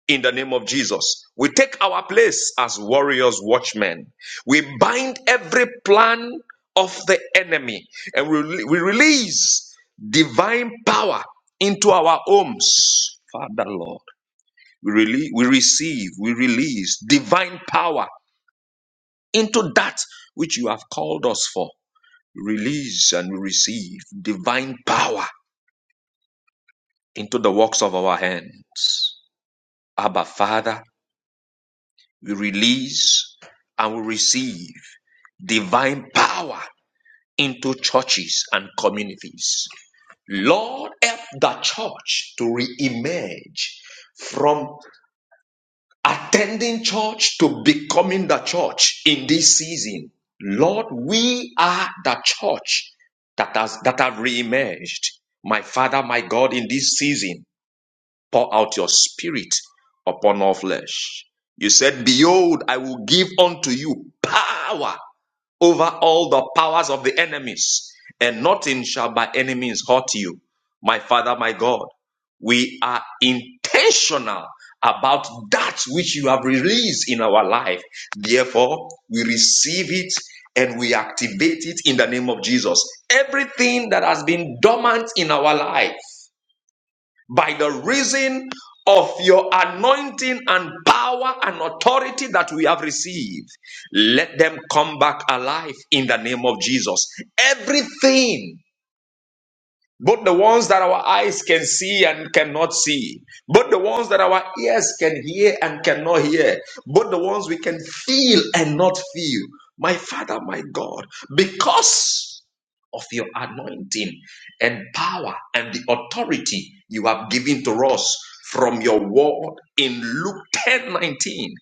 in the name of Jesus. We take our place as warriors, watchmen. We bind every plan of the enemy and we, we release divine power into our homes. Father Lord. We, release, we receive, we release divine power into that which you have called us for. Release and we receive divine power into the works of our hands. Abba, Father, we release and we receive divine power into churches and communities. Lord, help the church to re emerge from. attending church to becoming the church in this season. Lord, we are the church that has that have reemerged. My Father, my God, in this season, pour out your spirit upon all flesh. You said, Behold, I will give unto you power over all the powers of the enemies, and nothing shall by any means hurt you. My Father, my God, we are intentional about that which you have released in our life. Therefore, we receive it and we activate it in the name of Jesus. Everything that has been dormant in our life, by the reason of your anointing and power and authority that we have received. Let them come back alive in the name of Jesus. Everything both the ones that our eyes can see and cannot see, both the ones that our ears can hear and cannot hear, both the ones we can feel and not feel. My Father, my God, because of your anointing and power and the authority you have given to us from your word in Luke 10 19,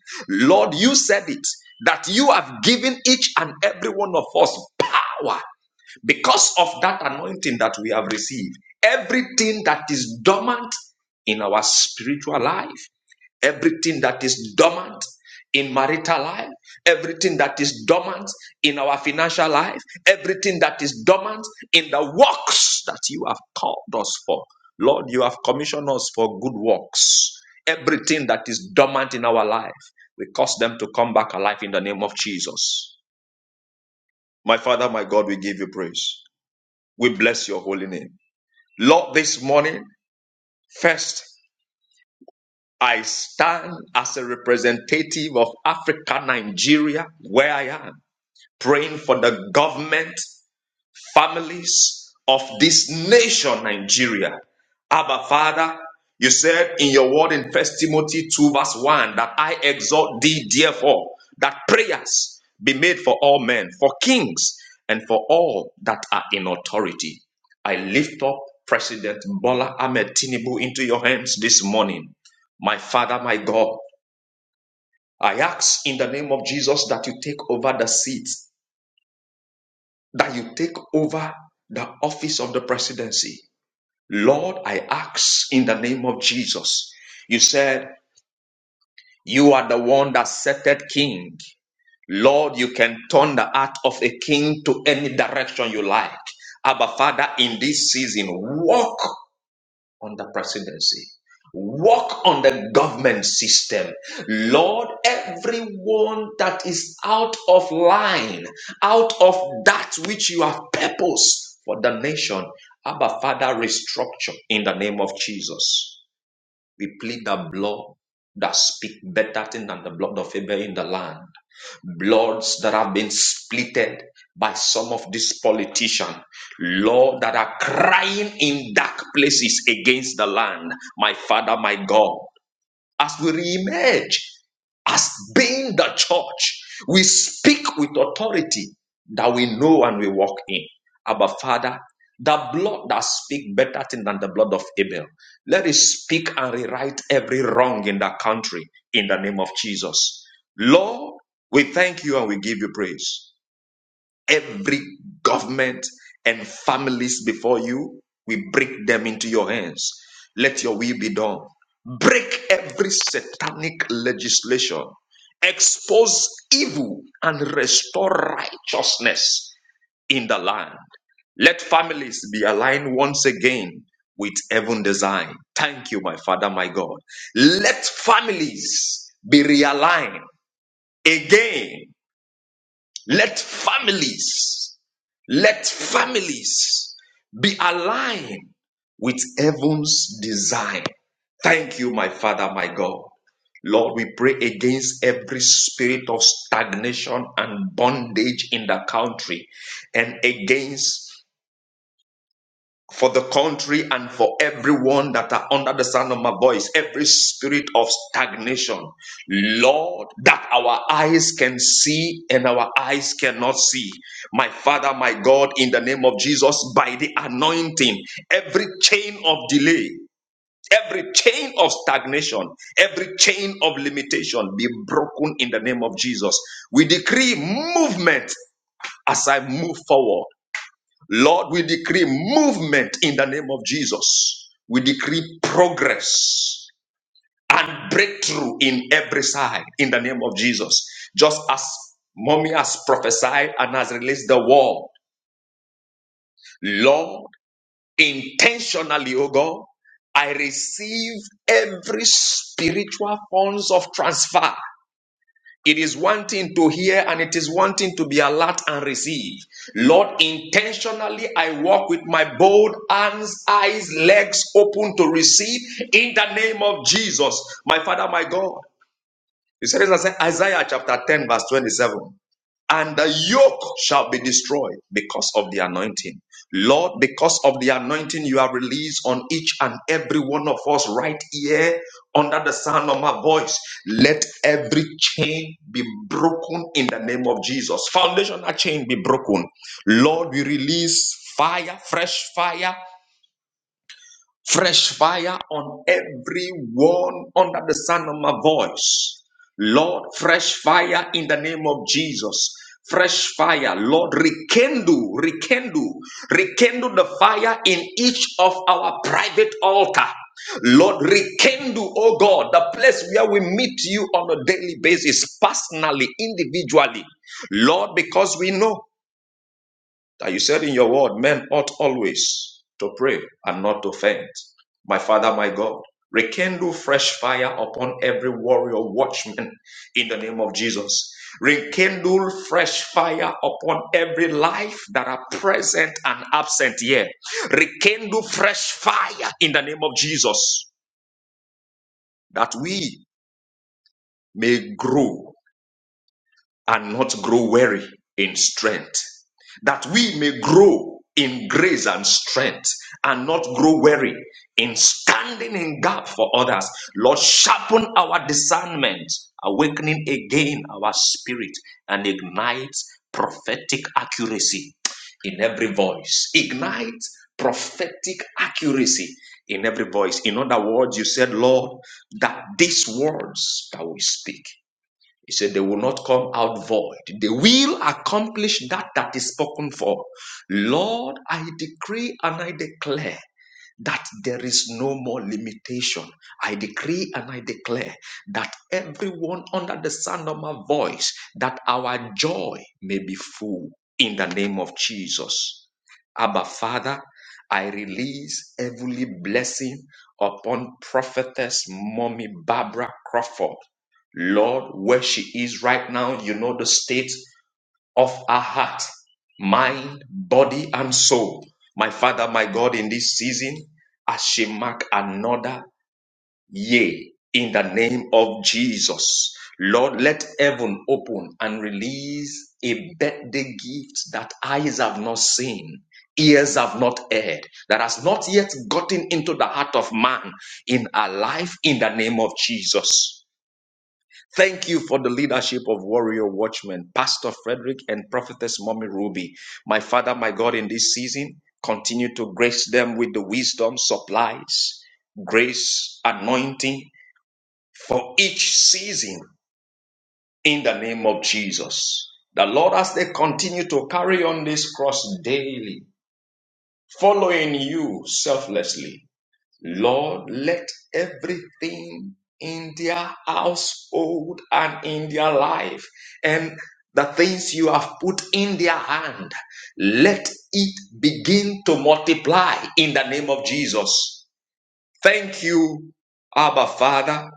Lord, you said it that you have given each and every one of us power because of that anointing that we have received, everything that is dormant in our spiritual life, everything that is dormant in marital life, everything that is dormant in our financial life, everything that is dormant in the works that you have called us for. Lord, you have commissioned us for good works. Everything that is dormant in our life, we cause them to come back alive in the name of Jesus. My Father, my God, we give you praise. We bless your holy name. Lord, this morning, first, I stand as a representative of Africa, Nigeria, where I am, praying for the government families of this nation, Nigeria. Abba, Father, you said in your word in First Timothy 2, verse 1, that I exhort thee, therefore, that prayers be made for all men, for kings, and for all that are in authority. I lift up President Bola Ahmed Tinubu into your hands this morning. My Father, my God, I ask in the name of Jesus that you take over the seat, that you take over the office of the presidency. Lord, I ask in the name of Jesus. You said, You are the one that setteth king. Lord, you can turn the heart of a king to any direction you like. Abba, Father, in this season, walk on the presidency. Work on the government system. Lord, everyone that is out of line, out of that which you have purpose for the nation, Abba Father, restructure in the name of Jesus. We plead the blood that speak better thing than the blood of Abel in the land. Bloods that have been splitted by some of these politicians, Lord, that are crying in dark places against the land. My Father, my God as we reemerge as being the church, we speak with authority that we know and we walk in. Abba Father, the blood that speaks better thing than the blood of Abel. Let it speak and rewrite every wrong in that country in the name of Jesus. Lord, we thank you and we give you praise. Every government and families before you, we break them into your hands. Let your will be done. Break every satanic legislation. Expose evil and restore righteousness in the land. Let families be aligned once again with heaven design. Thank you, my Father, my God. Let families be realigned again. Let families let families be aligned with heaven's design. Thank you, my Father, my God. Lord, we pray against every spirit of stagnation and bondage in the country and against for the country and for everyone that are under the sound of my voice, every spirit of stagnation, Lord, that our eyes can see and our eyes cannot see. My Father, my God, in the name of Jesus, by the anointing, every chain of delay, every chain of stagnation, every chain of limitation be broken in the name of Jesus. We decree movement as I move forward. Lord, we decree movement in the name of Jesus. We decree progress and breakthrough in every side in the name of Jesus. Just as mommy has prophesied and has released the word, Lord, intentionally, oh God, I receive every spiritual forms of transfer It is one thing to hear and it is one thing to be alert and receive. Lord, intentionally I walk with my bold hands, eyes, legs open to receive in the name of Jesus, my Father, my God. He said this Isaiah chapter 10, verse 27 and the yoke shall be destroyed because of the anointing. Lord, because of the anointing you have released on each and every one of us right here under the sound of my voice, let every chain be broken in the name of Jesus. Foundational chain be broken. Lord, we release fire, fresh fire fresh fire on everyone under the sound of my voice. Lord, fresh fire in the name of Jesus. Fresh fire, Lord, rekindle, rekindle, rekindle the fire in each of our private altar. Lord, rekindle, oh God, the place where we meet you on a daily basis, personally, individually. Lord, because we know that you said in your word, men ought always to pray and not to faint. My Father, my God, rekindle fresh fire upon every warrior watchman in the name of Jesus. Rekindle fresh fire upon every life that are present and absent here. Rekindle fresh fire in the name of Jesus that we may grow and not grow weary in strength, that we may grow in grace and strength and not grow weary in standing in gap for others. Lord, sharpen our discernment, awakening again our spirit and ignite prophetic accuracy in every voice. Ignite prophetic accuracy in every voice. In other words, you said, Lord, that these words that we speak he said, They will not come out void. They will accomplish that that is spoken for. Lord, I decree and I declare that there is no more limitation. I decree and I declare that everyone under the sound of my voice, that our joy may be full in the name of Jesus. Abba, Father, I release heavenly blessing upon prophetess mommy Barbara Crawford. Lord, where she is right now, you know the state of our heart, mind, body, and soul. My Father, my God, in this season, as she mark another year in the name of Jesus. Lord, let heaven open and release a birthday gift that eyes have not seen, ears have not heard, that has not yet gotten into the heart of man in our life in the name of Jesus. Thank you for the leadership of Warrior Watchman, Pastor Frederick, and Prophetess Mommy Ruby. My Father, my God, in this season, continue to grace them with the wisdom, supplies, grace, anointing for each season in the name of Jesus. The Lord, as they continue to carry on this cross daily, following you selflessly, Lord, let everything in their household and in their life and the things you have put in their hand, let it begin to multiply in the name of Jesus. Thank you, Abba Father.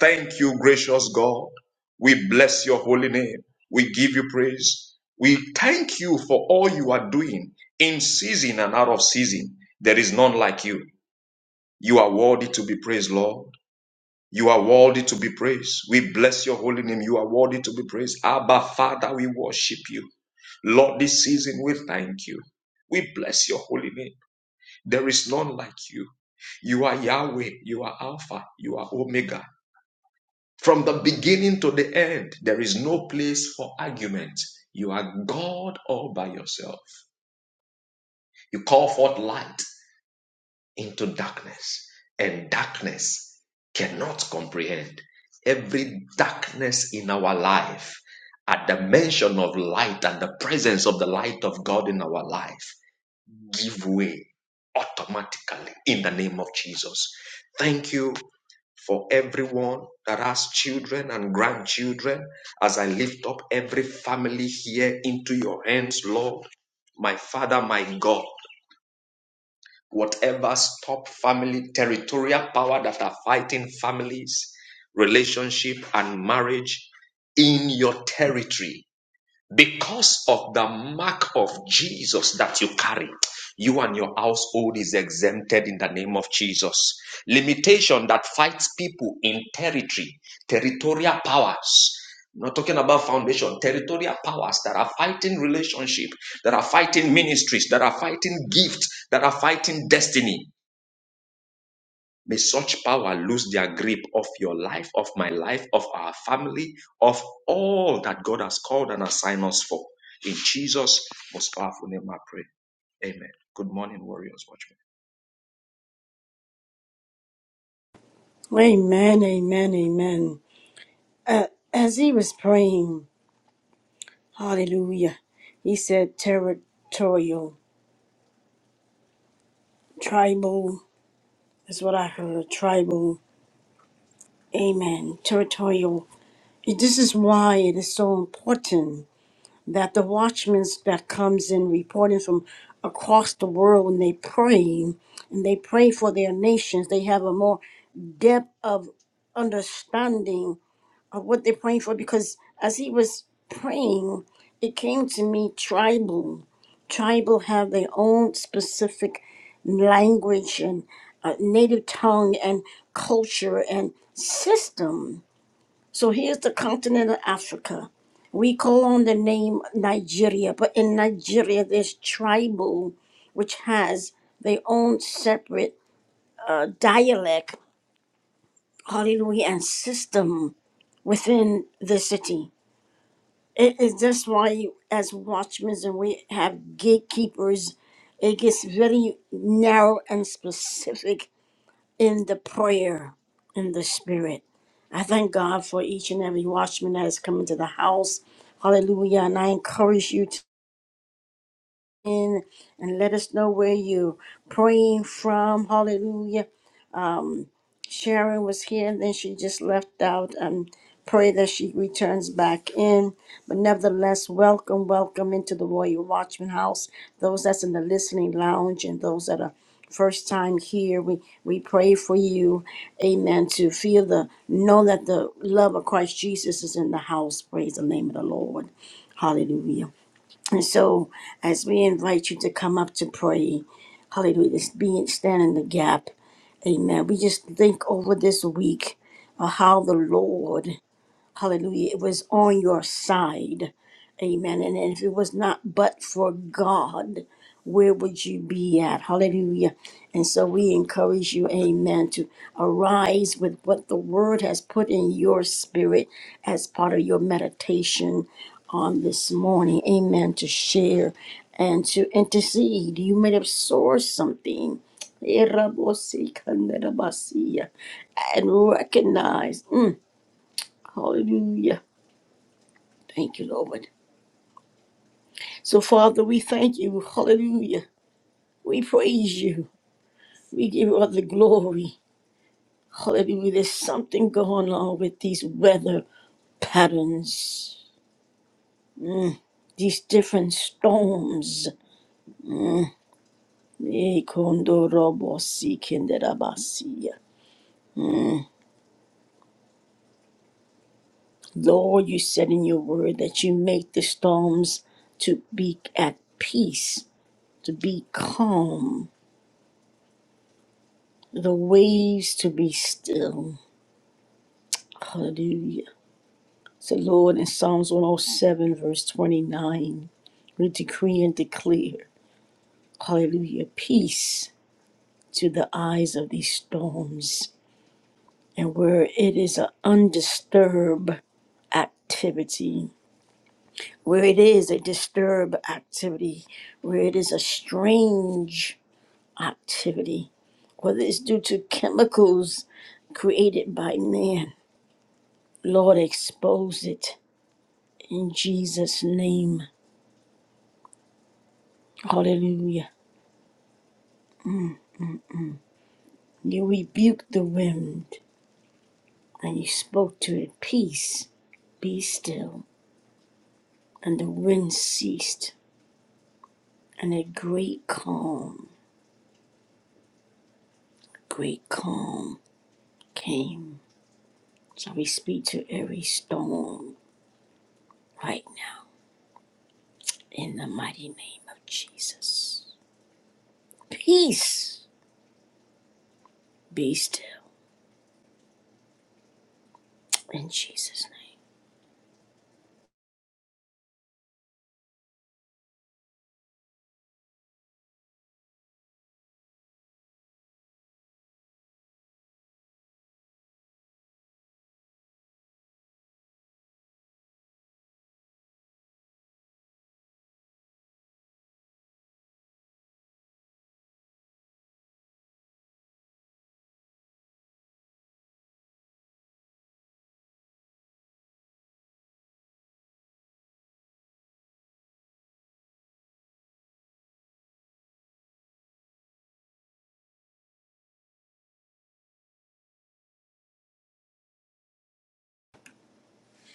Thank you, gracious God. We bless your holy name. We give you praise. We thank you for all you are doing in season and out of season. There is none like you. You are worthy to be praised, Lord. You are worthy to be praised. We bless your holy name. You are worthy to be praised. Abba, Father, we worship you. Lord, this season we thank you. We bless your holy name. There is none like you. You are Yahweh. You are Alpha. You are Omega. From the beginning to the end, there is no place for argument. You are God all by yourself. You call forth light. into darkness, and darkness cannot comprehend. Every darkness in our life, at the mention of light and the presence of the light of God in our life, give way automatically in the name of Jesus. Thank you for everyone that has children and grandchildren as I lift up every family here into your hands, Lord. My Father, my God. Whatever stop family, territorial power that are fighting families, relationship, and marriage in your territory because of the mark of Jesus that you carry, you and your household is exempted in the name of Jesus. Limitation that fights people in territory, territorial powers. I'm Not talking about foundation, territorial powers that are fighting relationship, that are fighting ministries, that are fighting gifts, that are fighting destiny. May such power lose their grip of your life, of my life, of our family, of all that God has called and assigned us for. In Jesus' most powerful name, I pray. Amen. Good morning, Warriors Watchmen. Amen. Amen. Amen. Uh, as he was praying, hallelujah, he said territorial, tribal. is what I heard. Tribal. Amen. Territorial This is why it is so important that the watchmen that comes in reporting from across the world and they pray and they pray for their nations. They have a more depth of understanding of what they're praying for because as he was praying, it came to me tribal. Tribal have their own specific language and uh, native tongue and culture and system so here's the continent of Africa. We call on the name Nigeria, but in Nigeria, there's tribal, which has their own separate uh, dialect, hallelujah, and system within the city. It is that's why, as watchmen, and we have gatekeepers, it gets very narrow and specific in the prayer in the spirit. I thank God for each and every watchman that has come into the house. Hallelujah. And I encourage you to in and let us know where you praying from. Hallelujah. Sharon was here, and then she just left out. And pray that she returns back in. But nevertheless, welcome, welcome into the Royal Watchman House. Those that's in the listening lounge and those that are first time here, we we pray for you, Amen. To feel the know that the love of Christ Jesus is in the house. Praise the name of the Lord. Hallelujah. And so, as we invite you to come up to pray, Hallelujah, just be stand in the gap. Amen. We just think over this week of how the Lord Hallelujah. It was on your side. Amen. And if it was not but for God, where would you be at? Hallelujah. And so we encourage you, amen, to arise with what the word has put in your spirit as part of your meditation on this morning. Amen. To share and to intercede. You may have sourced something and recognize, mm, hallelujah Thank you, Lord. So, Father, we thank you. Hallelujah. We praise you. We give you all the glory. Hallelujah. There's something going on with these weather patterns, these different storms. Eh, kondorobosi kinderabasiya. Lord, you said in your word that you make the storms to be at peace, to be calm, the waves to be still. Hallelujah. So, Lord, in Psalms 107, verse 29, we decree and declare, hallelujah, peace to the eyes of these storms, and where it is an undisturbed activity, where it is a disturbed activity, where it is a strange activity, whether it's due to chemicals created by man, Lord, expose it in Jesus' name. Hallelujah. You rebuked the wind, and you spoke to it, Peace, be still. And the wind ceased, and a great calm, great calm came. So we speak to every storm right now in the mighty name of Jesus. Peace, be still in Jesus' name.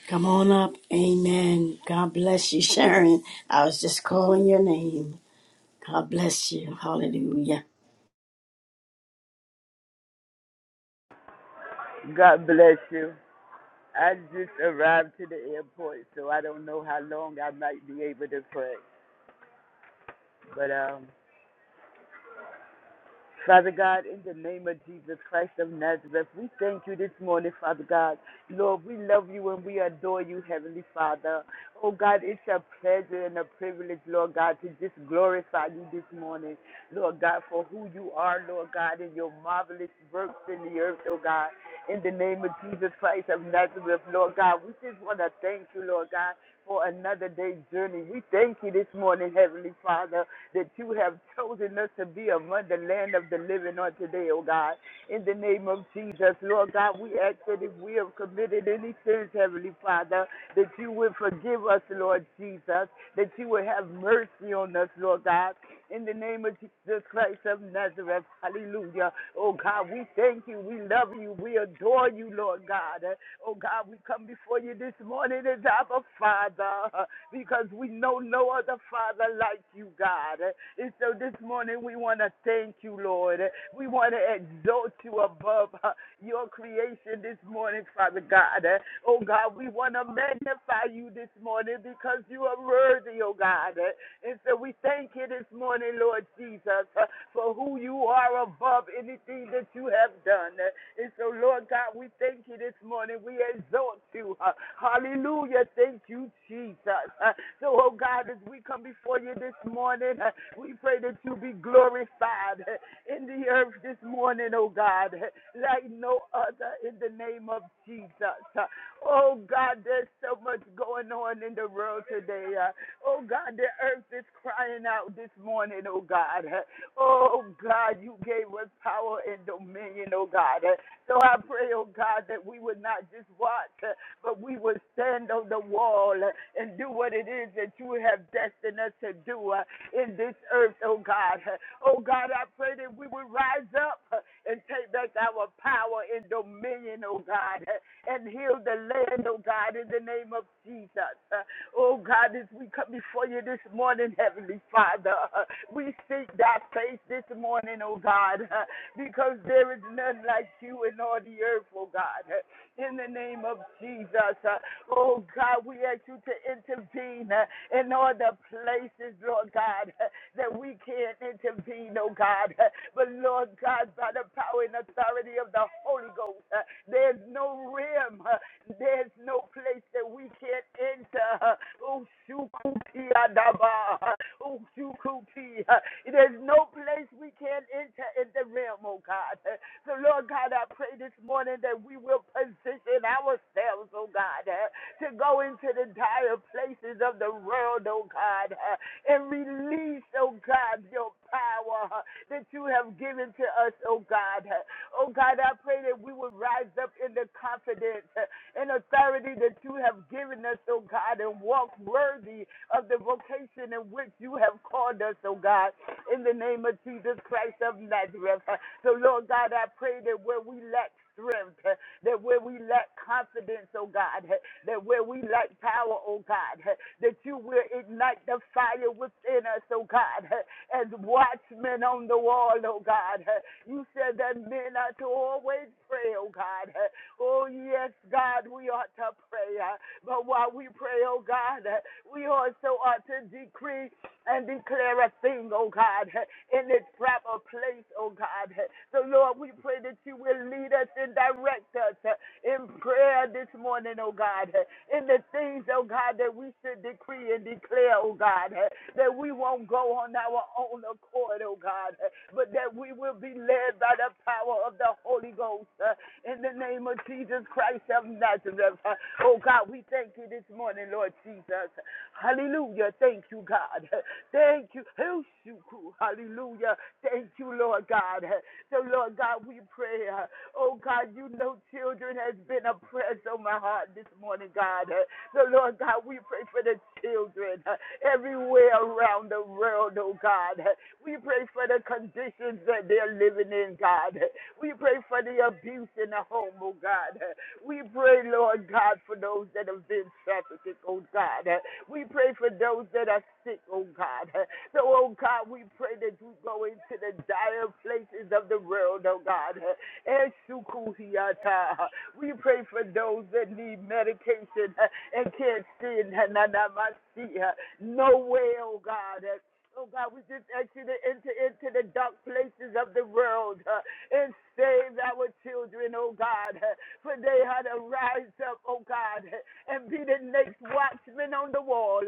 Come on up. Amen. God bless you, Sharon. I was just calling your name. God bless you. Hallelujah. God bless you. I just arrived to the airport, so I don't know how long I might be able to pray. But um, Father God, in the name of Jesus Christ of Nazareth, we thank you this morning, Father God. Lord, we love you and we adore you, Heavenly Father. Oh God, it's a pleasure and a privilege, Lord God, to just glorify you this morning, Lord God, for who you are, Lord God, and your marvelous works in the earth, oh God. In the name of Jesus Christ of Nazareth, Lord God, we just want to thank you, Lord God, for another day's journey. We thank you this morning, Heavenly Father that you have *laughs* chosen us to be among the land of the living on today, oh God. In the name of Jesus, Lord God, we ask that if we have committed any sins, Heavenly Father, that you would forgive us, Lord Jesus, that you would have mercy on us, Lord God in the name of Jesus Christ of Nazareth. Hallelujah. Oh God, we thank you. We love you. We adore you, Lord God. Oh God, we come before you this morning as our Father because we know no other Father like you, God. And so this morning we want to thank you, Lord. We want to exalt you above your creation this morning, Father God. Oh God, we want to magnify you this morning because you are worthy, oh God. And so we thank you this morning, Lord Jesus, uh, for who you are above anything that you have done. Uh, And so, Lord God, we thank you this morning. We exalt you. uh, Hallelujah. Thank you, Jesus. Uh, So, oh God, as we come before you this morning, uh, we pray that you be glorified uh, in the earth this morning, oh God, uh, like no other in the name of Jesus. Uh, Oh God, there's so much going on in the world today. Uh, Oh God, the earth is crying out this morning, oh God. Oh God, you gave us power and dominion, oh God. So I pray, oh God, that we would not just watch, but we would stand on the wall and do what it is that you have destined us to do in this earth, oh God. Oh God, I pray that we would rise up and take back our power and dominion, oh God, and heal the land, oh God, in the name of Jesus. Oh God, as we come before you this morning, Heavenly Father, we seek thy face this morning, oh God, because there is none like you in all the earth, oh God. In the name of Jesus, oh God, we ask you to intervene in all the places, Lord God, that we can't intervene, oh God. But Lord God, by the power and authority of the Holy Ghost, there's no rim there's no place that we can't enter. Ushukupiadaba. Ushukupi. There's no place we can't enter in the realm, oh God. So, Lord God, I pray this morning that we will position ourselves, oh God, to go into the dire places of the world, oh God, and release, oh God, your power that you have given to us, oh God. Oh God, I pray that we will rise up in the confidence and authority that you have given us, oh God, and walk worthy of the vocation in which you have called us, oh God, in the name of Jesus Christ of Nazareth. So, Lord God, I pray that where we lack strength, that where we lack confidence, oh God, that where we lack power, oh God, that you will ignite the fire within us, oh God, as watchmen on the wall, oh God. You said that men are to always pray, oh God. Oh, yes, God, we ought to pray. uh, But while we pray, oh God, uh, we also ought to decree and declare a thing, oh God, uh, in its proper place, oh God. uh. So, Lord, we pray that you will lead us and direct us uh, in prayer this morning, oh God, uh, in the things, oh God, that we should decree and declare, oh God, uh, that we won't go on our own accord, oh God, uh, but that we will be led by the power of the Holy Ghost. uh, in the name of Jesus Christ of Nazareth. Oh God, we thank you this morning, Lord Jesus. Hallelujah. Thank you, God. Thank you. Hallelujah. Thank you, Lord God. So, Lord God, we pray. uh, Oh God, you know children has been a press on my heart this morning, God. So, Lord God, we pray for the children uh, everywhere around the world, oh God. We pray for the conditions that they're living in, God. We pray for the abuse in the home, oh God. We pray, Lord God, for those that have been trafficked, oh God. We pray for those that are sick, oh God. So, oh God, we pray that you go into the dire places of the world, oh God. We pray for those that need medication uh, and can't stand. uh, uh, No way, oh God. Uh, Oh God, we just ask you to enter into the dark places of the world uh, and save our children, oh God. uh, For they had to rise up, oh God, uh, and be the next watchman on the wall.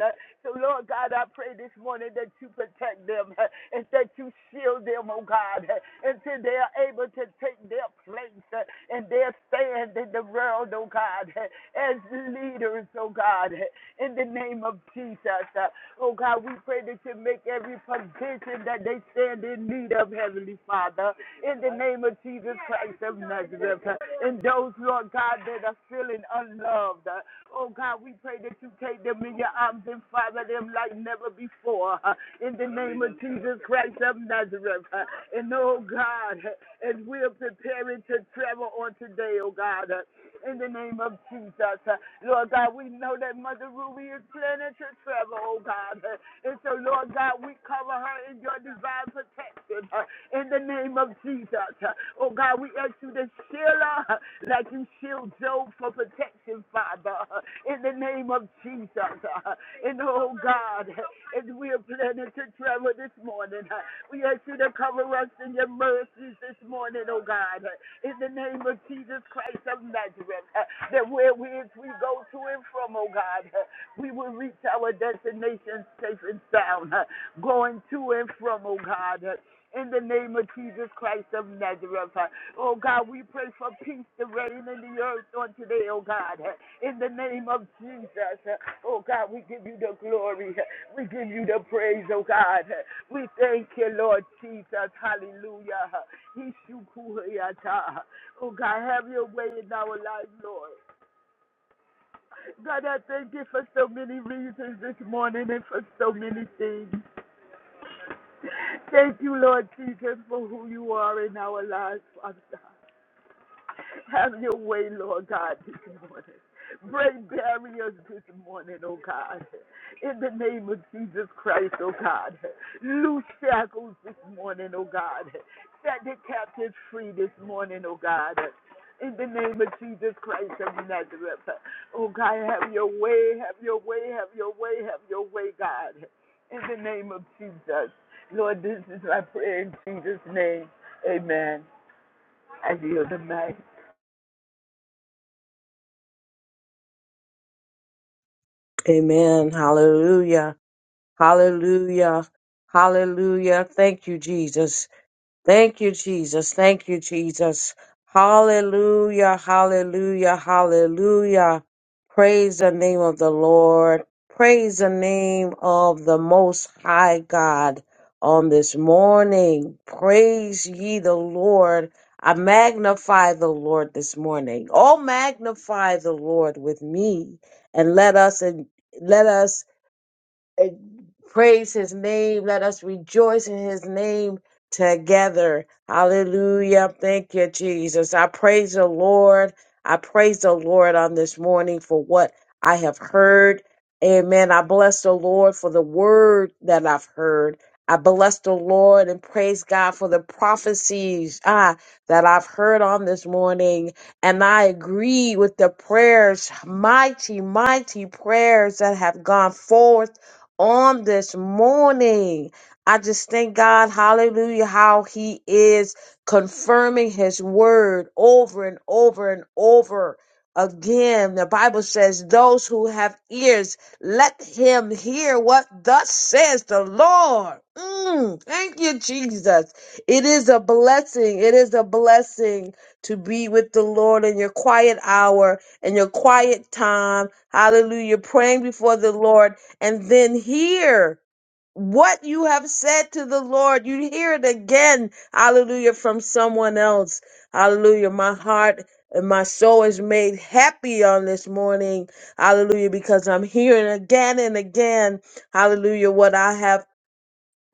So, Lord God, I pray this morning that you protect them *laughs* uh, and that you shield them, oh God, *laughs* uh, until they are able to take their place uh, and their stand in the world, oh God, *laughs* uh, as leaders, oh God, *laughs* uh, in the name of Jesus. Uh, Oh God, we pray that you make every position that they stand in need of, Heavenly Father, in the name of Jesus Christ of Nazareth. And those, Lord God, that are feeling unloved, Oh God, we pray that you take them in your arms and father them like never before. uh, In the name of Jesus Christ of Nazareth. uh, And oh God, uh, as we are preparing to travel on today, oh God, uh, in the name of Jesus. uh, Lord God, we know that Mother Ruby is planning to travel, oh God. uh, And so, Lord God, we cover her in your divine protection in the name of Jesus. Oh God, we ask you to shield her like you shield Job for protection, Father, in the name of Jesus. And oh God, as we are planning to travel this morning, we ask you to cover us in your mercies this morning, oh God, in the name of Jesus Christ of Nazareth, that where we, as we go to and from, oh God, we will reach our destination safe and sound, going to and from, oh God, in the name of Jesus Christ of Nazareth. Oh God, we pray for peace to reign in the earth on today, oh God. In the name of Jesus. Oh God, we give you the glory. We give you the praise, oh God. We thank you, Lord Jesus. Hallelujah. Ishukuhuyata. Oh God, have your way in our lives, Lord. God, I thank you for so many reasons this morning and for so many things. Thank you, Lord Jesus, for who you are in our lives, Father. Have your way, Lord God, this morning. Break barriers this morning, oh God. In the name of Jesus Christ, oh God. Loose shackles this morning, oh God. Set the captives free this morning, oh God. In the name of Jesus Christ of Nazareth. Oh God, have your way, have your way, have your way, have your way, God. In the name of Jesus. Lord, this is my prayer in Jesus' name. Amen. I yield the mic. Amen. Hallelujah. Hallelujah. Hallelujah. Thank you, Jesus. Thank you, Jesus. Thank you, Jesus. Hallelujah, hallelujah, hallelujah. Praise the name of the Lord. Praise the name of the Most High God on this morning. Praise ye the Lord. I magnify the Lord this morning. Oh, magnify the Lord with me and let us, and let us and praise his name. Let us rejoice in his name together. Hallelujah. Thank you, Jesus. I praise the Lord. I praise the Lord on this morning for what I have heard. Amen. I bless the Lord for the word that I've heard. I bless the Lord and praise God for the prophecies ah, that I've heard on this morning. And I agree with the prayers, mighty, mighty prayers that have gone forth on this morning. I just thank God, hallelujah, how He is confirming His word over and over and over again. The Bible says, Those who have ears, let him hear what thus says the Lord. Mm, thank you, Jesus. It is a blessing. It is a blessing to be with the Lord in your quiet hour and your quiet time. Hallelujah. Praying before the Lord and then hear what you have said to the Lord. You hear it again, hallelujah, from someone else. Hallelujah. My heart and my soul is made happy on this morning. Hallelujah, because I'm hearing again and again, hallelujah, what I have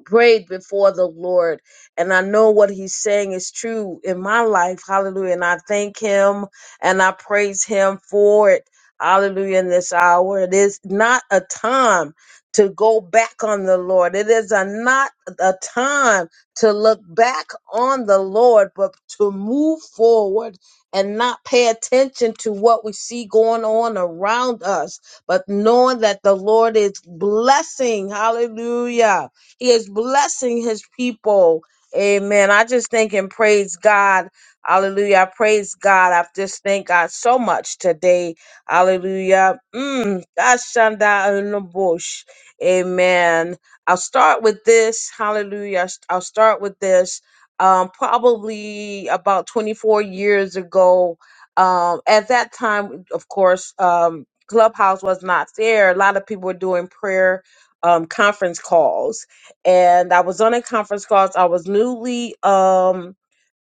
prayed before the Lord. And I know what he's saying is true in my life. Hallelujah. And I thank him and I praise him for it. Hallelujah. In this hour, it is not a time to go back on the Lord. It is a, not a time to look back on the Lord, but to move forward and not pay attention to what we see going on around us, but knowing that the Lord is blessing. Hallelujah he is blessing his people. Amen. I just thank and praise God. Hallelujah. I praise God. I just thank God so much today. Hallelujah. Mm. Ashanda unabush. Amen. I'll start with this. Hallelujah. I'll start with this. Um, probably about 24 years ago. Um, at that time, of course, um, Clubhouse was not there. A lot of people were doing prayer um, conference calls and I was on a conference call. so I was newly um,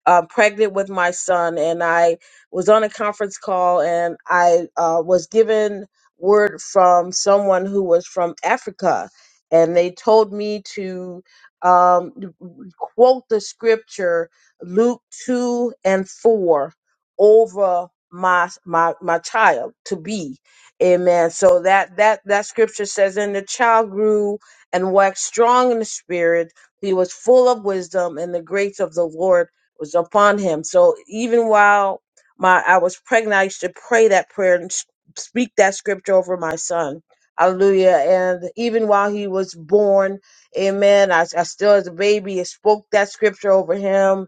uh, pregnant with my son, and I was on a conference call, and I uh, was given word from someone who was from Africa, and they told me to um, quote the scripture Luke two and four over my my my child to be amen so that that that scripture says and the child grew and waxed strong in the spirit. He was full of wisdom, and the grace of the Lord was upon him. So even while my I was pregnant, I used to pray that prayer and s- speak that scripture over my son. Hallelujah. And even while he was born, amen, I, I still as a baby I spoke that scripture over him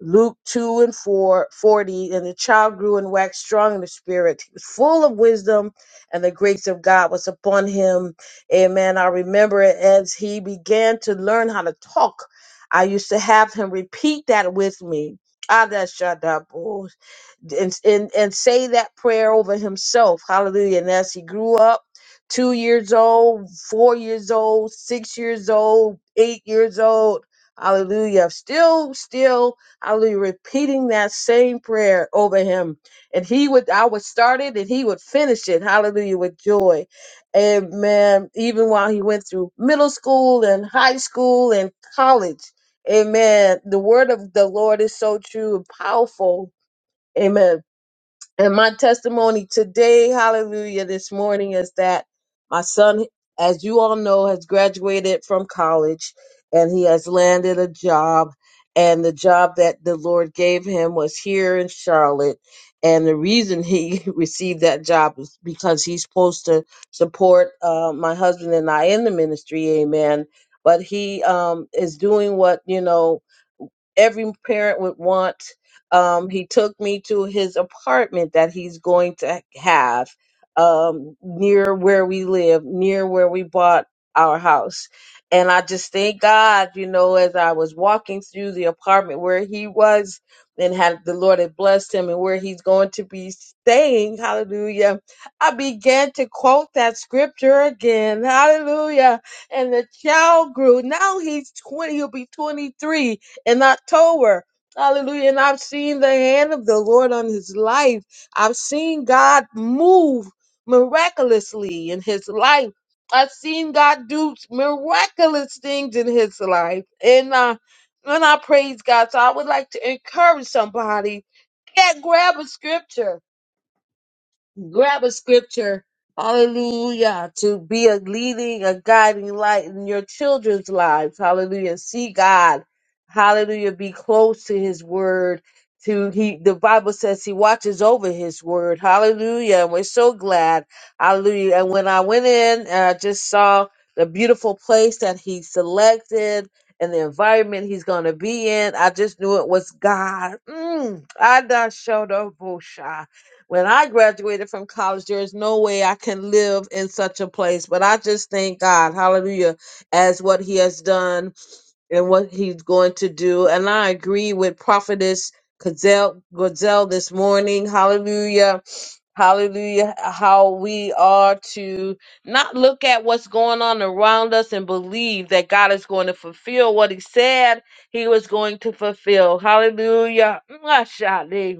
Luke 2 and 4 40, and the child grew and waxed strong in the spirit. He was full of wisdom, and the grace of God was upon him. Amen. I remember it as he began to learn how to talk. I used to have him repeat that with me. Ah, that shut up. oh, And, and, and say that prayer over himself. Hallelujah. And as he grew up, two years old, four years old, six years old, eight years old, hallelujah. Still, still I'll be repeating that same prayer over him. And he would, I would start it and he would finish it. Hallelujah, with joy. Amen. Even while he went through middle school and high school and college. Amen. The word of the Lord is so true and powerful. Amen. And my testimony today, hallelujah, this morning is that my son, as you all know, has graduated from college and he has landed a job. And the job that the Lord gave him was here in Charlotte. And the reason he *laughs* received that job is because he's supposed to support uh, my husband and I in the ministry, amen. But he um, is doing what, you know, every parent would want. Um, he took me to his apartment that he's going to have um, near where we live, near where we bought our house. And I just thank God, you know, as I was walking through the apartment where he was and had the Lord had blessed him and where he's going to be staying, hallelujah. I began to quote that scripture again, hallelujah. And the child grew. Now he's 20, he'll be 23 in October. Hallelujah. And I've seen the hand of the Lord on his life. I've seen God move miraculously in his life. I've seen God do miraculous things in his life. And uh, and I praise God. So I would like to encourage somebody. Get grab a scripture grab a scripture, hallelujah, to be a leading, a guiding light in your children's lives, hallelujah. See God, hallelujah, be close to His Word. To he, the Bible says He watches over His Word, hallelujah. And we're so glad, hallelujah. And when I went in, and I just saw the beautiful place that He selected. And the environment he's going to be in, I just knew it was God. Mm. Adashodobosha. When I graduated from college, there is no way I can live in such a place. But I just thank God, hallelujah, as what he has done and what he's going to do. And I agree with Prophetess Gazelle, Gazelle this morning, hallelujah, hallelujah, how we are to not look at what's going on around us and believe that God is going to fulfill what he said he was going to fulfill. Hallelujah. Mwah, sha,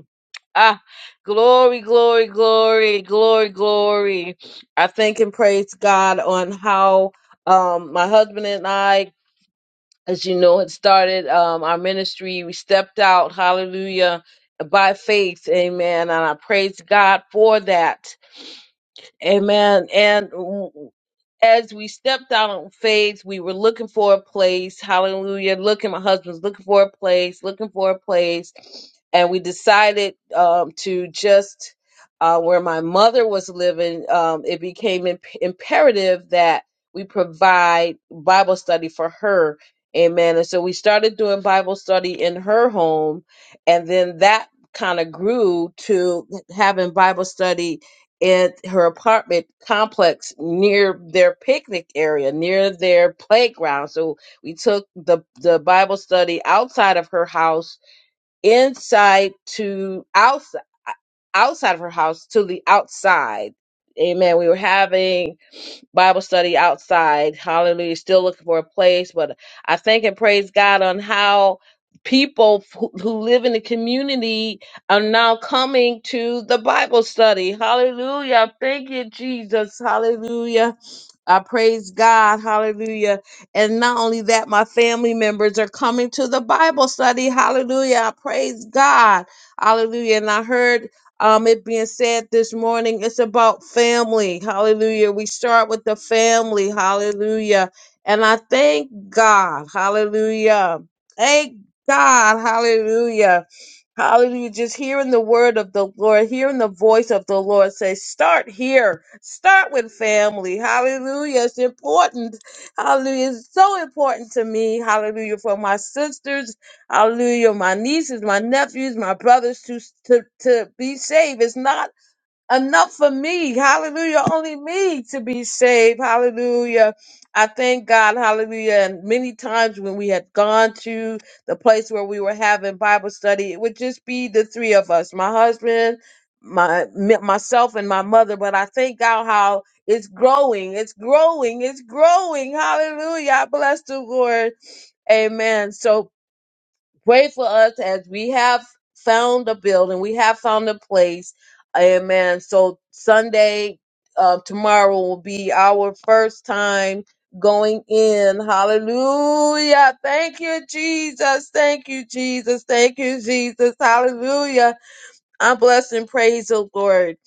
Ah, glory, glory, glory, glory, glory. I thank and praise God on how um my husband and I, as you know, had started um our ministry. We stepped out, hallelujah, by faith, amen. And I praise God for that. Amen. And w- as we stepped out on faith, we were looking for a place. Hallelujah. Looking, my husband's looking for a place, looking for a place. And we decided um, to just, uh, where my mother was living, um, it became imp- imperative that we provide Bible study for her. Amen. And so we started doing Bible study in her home. And then that kind of grew to having Bible study at her apartment complex near their picnic area, near their playground. So we took the the Bible study outside of her house, inside to outside outside of her house to the outside. Amen. We were having Bible study outside. Hallelujah. Still looking for a place, but I thank and praise God on how people who who live in the community are now coming to the Bible study. Hallelujah. Thank you, Jesus. Hallelujah. I praise God. Hallelujah. And not only that, my family members are coming to the Bible study. Hallelujah. I praise God. Hallelujah. And I heard um, it being said this morning, it's about family. Hallelujah. We start with the family. Hallelujah. And I thank God. Hallelujah. Thank God. Hallelujah Hallelujah. Just hearing the word of the Lord, hearing the voice of the Lord say, start here. Start with family. Hallelujah. It's important. Hallelujah. It's so important to me. Hallelujah. For my sisters. Hallelujah. My nieces, my nephews, my brothers to, to, to be saved. It's not enough for me. Hallelujah. Only me to be saved. Hallelujah. I thank God. Hallelujah. And many times when we had gone to the place where we were having Bible study, it would just be the three of us, my husband, my me- myself and my mother. But I thank God how it's growing. It's growing. It's growing. Hallelujah. I bless the Lord. Amen. So pray for us as we have found a building, we have found a place. Amen. So Sunday, uh, tomorrow will be our first time going in. Hallelujah. Thank you, Jesus. Thank you, Jesus. Thank you, Jesus. Hallelujah. I am blessed and praise the Lord.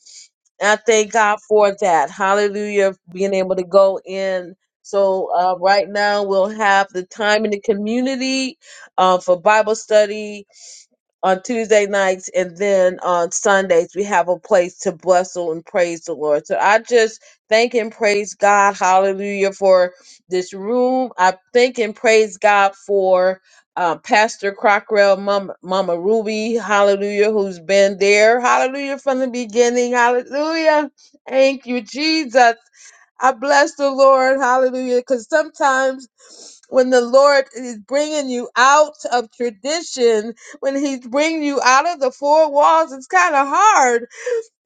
And I thank God for that. Hallelujah. Being able to go in. So, uh, right now, we'll have the time in the community uh, for Bible study on Tuesday nights and then on Sundays we have a place to bustle and praise the Lord. So I just thank and praise God, hallelujah, for this room. I thank and praise God for uh, Pastor Crockrell, Mama, Mama Ruby, hallelujah, who's been there, hallelujah, from the beginning, hallelujah. Thank you, Jesus. I bless the Lord, hallelujah, because sometimes when the Lord is bringing you out of tradition, when He's bringing you out of the four walls, it's kind of hard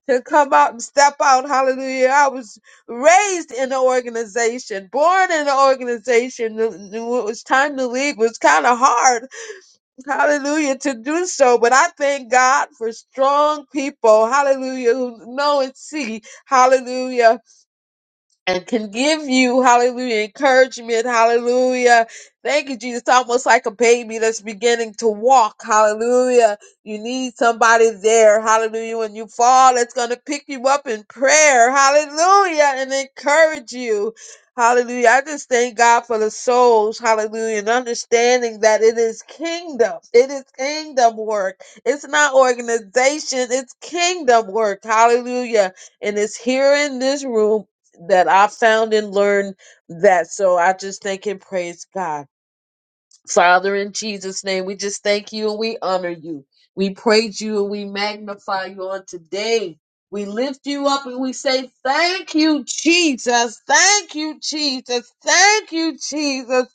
to come out and step out, hallelujah. I was raised in an organization, born in an organization. When it was time to leave, it was kind of hard, hallelujah, to do so. But I thank God for strong people, hallelujah, who know and see, hallelujah and can give you hallelujah encouragement hallelujah thank you jesus almost like a baby that's beginning to walk hallelujah you need somebody there hallelujah when you fall it's going to pick you up in prayer hallelujah and encourage you hallelujah i just thank god for the souls hallelujah and understanding that it is kingdom it is kingdom work it's not organization it's kingdom work hallelujah and it's here in this room that I found and learned that. So I just thank and praise God. Father, in Jesus' name, we just thank you and we honor you. We praise you and we magnify you on today. We lift you up and we say, Thank you, Jesus. Thank you, Jesus. Thank you, Jesus.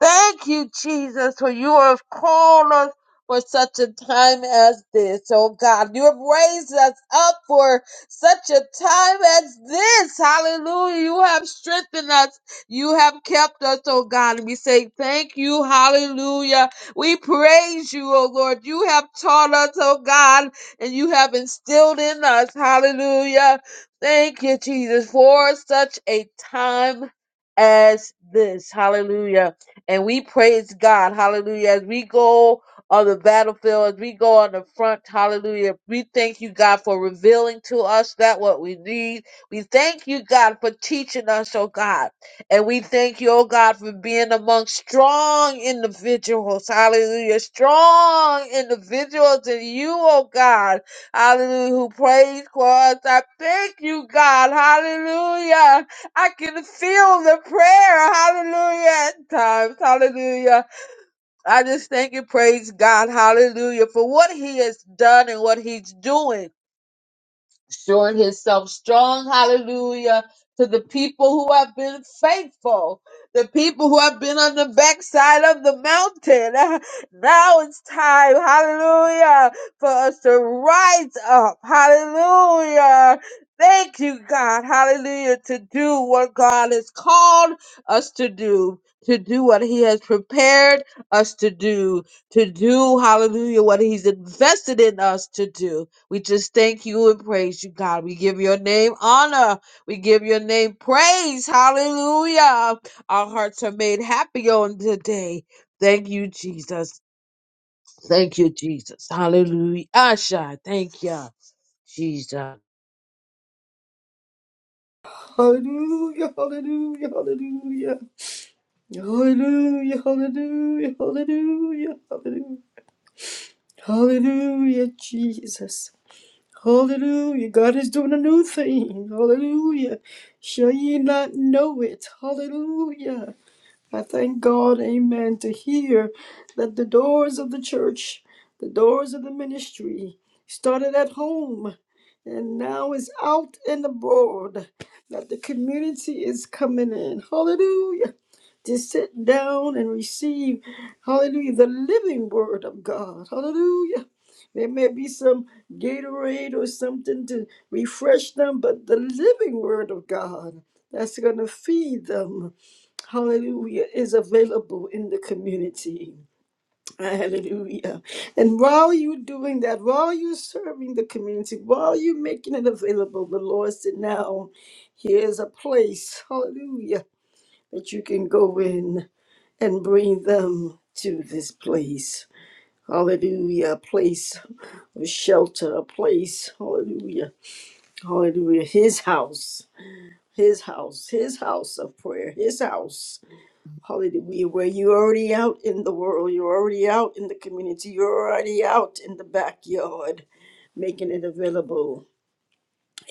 Thank you, Jesus, for you have called us for such a time as this. Oh God, you have raised us up for such a time as this. Hallelujah. You have strengthened us. You have kept us, oh God. And we say thank you. Hallelujah. We praise you, oh Lord. You have taught us, oh God, and you have instilled in us. Hallelujah. Thank you, Jesus, for such a time as this. Hallelujah. And we praise God. Hallelujah. As we go on the battlefield, as we go on the front, hallelujah. We thank you, God, for revealing to us that what we need. We thank you, God, for teaching us, oh God. And we thank you, oh God, for being among strong individuals. Hallelujah. Strong individuals in you, oh God. Hallelujah. Who praise for us. I thank you, God. Hallelujah. I can feel the prayer. Hallelujah. At times. Hallelujah. I just thank you, praise God. Hallelujah. For what he has done and what he's doing showing himself strong, hallelujah, to the people who have been faithful, the people who have been on the backside of the mountain. *laughs* Now it's time, hallelujah, for us to rise up, hallelujah. Thank you, God, hallelujah, to do what God has called us to do. To do what he has prepared us to do, to do, hallelujah, what he's invested in us to do. We just thank you and praise you, God. We give your name honor. We give your name praise. Hallelujah. Our hearts are made happy on today. Thank you, Jesus. Thank you, Jesus. Hallelujah. Asha, thank you, Jesus. Hallelujah, hallelujah, hallelujah. Hallelujah, hallelujah, hallelujah, hallelujah. Hallelujah, Jesus. Hallelujah. God is doing a new thing. Hallelujah. Shall ye not know it? Hallelujah. I thank God, amen, to hear that the doors of the church, the doors of the ministry started at home and now is out and abroad, that the community is coming in. Hallelujah. To sit down and receive, hallelujah, the living word of God. Hallelujah. There may be some Gatorade or something to refresh them, but the living word of God that's going to feed them hallelujah, is available in the community. Hallelujah. And while you're doing that, while you're serving the community, while you're making it available, the Lord said, now here's a place, hallelujah, that you can go in and bring them to this place. Hallelujah. A place of shelter, a place, hallelujah, hallelujah, his house. His house, his house of prayer, his house Hallelujah. Where you're already out in the world, you're already out in the community, you're already out in the backyard, making it available.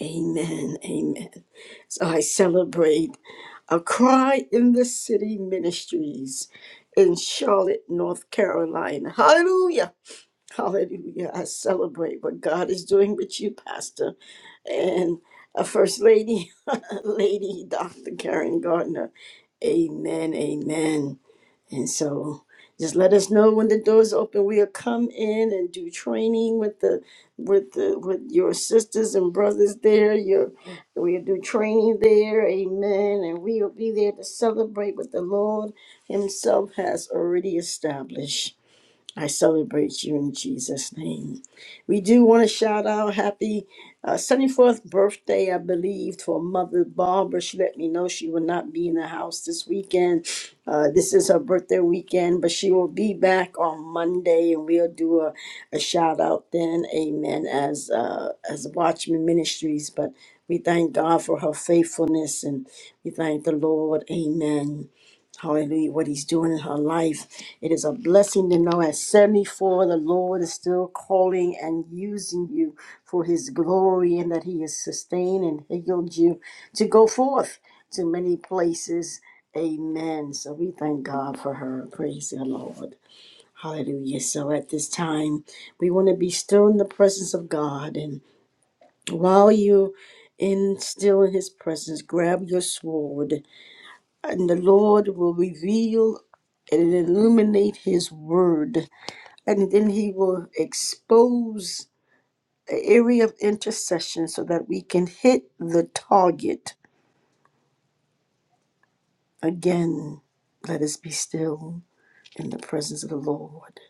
Amen. Amen. So I celebrate a cry in the city ministries in Charlotte, North Carolina. Hallelujah. Hallelujah. I celebrate what God is doing with you, Pastor. And a First Lady, *laughs* Lady Dr. Karen Gardner. Amen. Amen. And so just let us know when the doors open. We'll come in and do training with the with the with your sisters and brothers there. Your we'll do training there. Amen. And we'll be there to celebrate what the Lord Himself has already established. I celebrate you in Jesus' name. We do want to shout out happy uh, 74th birthday, I believe, to our mother Barbara. She let me know she will not be in the house this weekend. Uh, this is her birthday weekend, but she will be back on Monday, and we'll do a, a shout out then. Amen. As uh, as Watchman Ministries, but we thank God for her faithfulness, and we thank the Lord. Amen Hallelujah, what he's doing in her life. It is a blessing to know at 74, the Lord is still calling and using you for his glory and that he has sustained and healed you to go forth to many places. Amen. So we thank God for her. Praise the Lord. Hallelujah. So at this time, we want to be still in the presence of God. And while you in still in his presence, grab your sword and the Lord will reveal and illuminate His word, and then He will expose the area of intercession so that we can hit the target again. Let us be still in the presence of the Lord.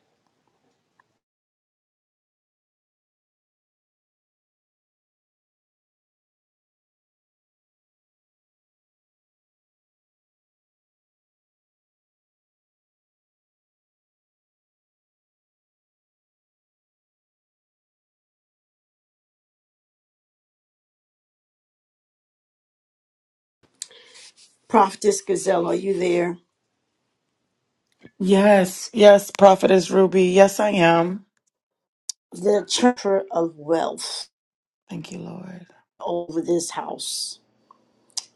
Prophetess Gazelle, are you there? Yes, yes, Prophetess Ruby. Yes, I am. The transfer of wealth Thank you, Lord. over this house.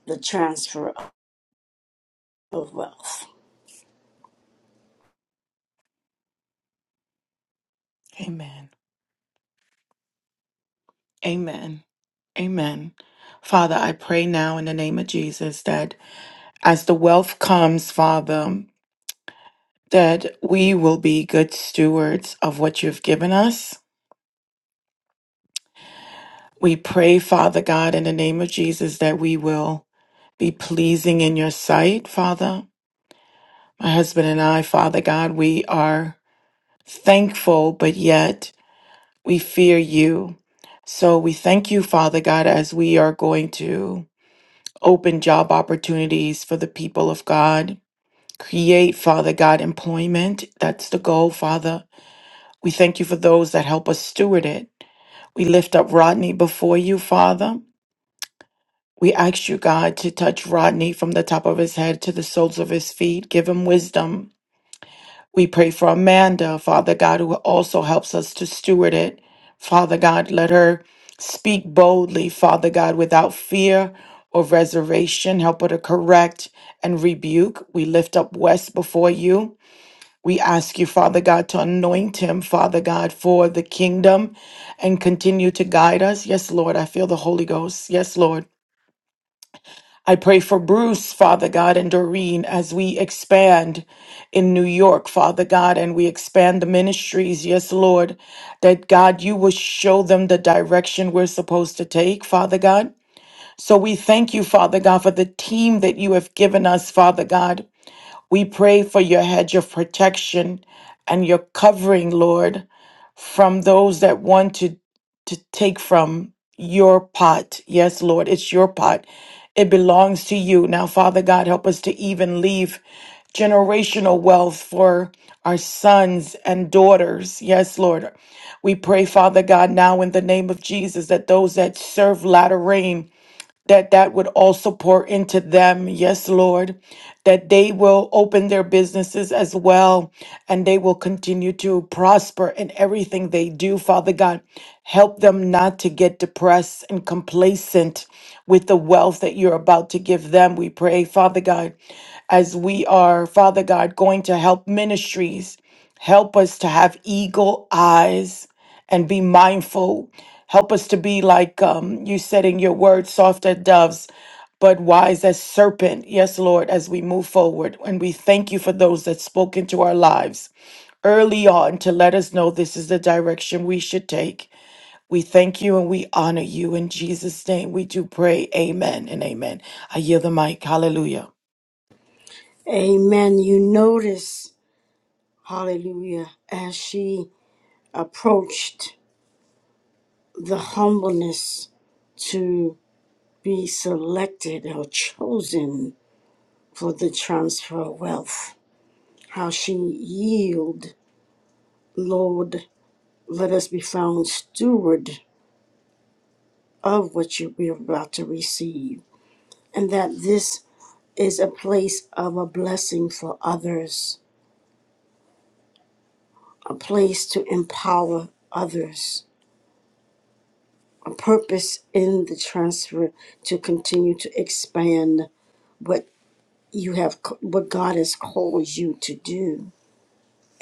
The transfer of wealth. Amen. Amen. Amen. Father, I pray now in the name of Jesus that as the wealth comes, Father, that we will be good stewards of what you've given us. We pray, Father God, in the name of Jesus, that we will be pleasing in your sight, Father. My husband and I, Father God, we are thankful, but yet We fear you. So we thank you, Father God, as we are going to open job opportunities for the people of God, create, Father God, employment. That's the goal, Father. We thank you for those that help us steward it. We lift up Rodney before you, Father. We ask you, God, to touch Rodney from the top of his head to the soles of his feet. Give him wisdom We pray for Amanda, Father God, who also helps us to steward it. Father God, let her speak boldly, Father God, without fear or reservation. Help her to correct and rebuke. We lift up West before you. We ask you, Father God, to anoint him, Father God, for the kingdom and continue to guide us. Yes, Lord, I feel the Holy Ghost. Yes, Lord. I pray for Bruce, Father God, and Doreen as we expand in New York, Father God, and we expand the ministries. Yes, Lord, that God, you will show them the direction we're supposed to take, Father God. So we thank you, Father God, for the team that you have given us, Father God. We pray for your hedge of protection and your covering, Lord from those that want to to take from your pot. Yes, Lord, it's your pot. It belongs to you. Now, Father God, help us to even leave generational wealth for our sons and daughters. Yes, Lord. We pray, Father God, now in the name of Jesus that those that serve latter rain that that would also pour into them. Yes, Lord, that they will open their businesses as well and they will continue to prosper in everything they do. Father God, help them not to get depressed and complacent with the wealth that you're about to give them. We pray, Father God, as we are, Father God, going to help ministries, help us to have eagle eyes and be mindful Help us to be like um, you said in your word, soft as doves, but wise as serpent. Yes, Lord, as we move forward. And we thank you for those that spoke into our lives early on to let us know this is the direction we should take. We thank you and we honor you. In Jesus' name, we do pray. Amen and amen. I yield the mic. Hallelujah. Amen. You notice, hallelujah, as she approached the humbleness to be selected or chosen for the transfer of wealth. How she yield, Lord, let us be found steward of what you we are about to receive. And that this is a place of a blessing for others, a place to empower others, a purpose in the transfer to continue to expand what. you have c- what God has called you to do.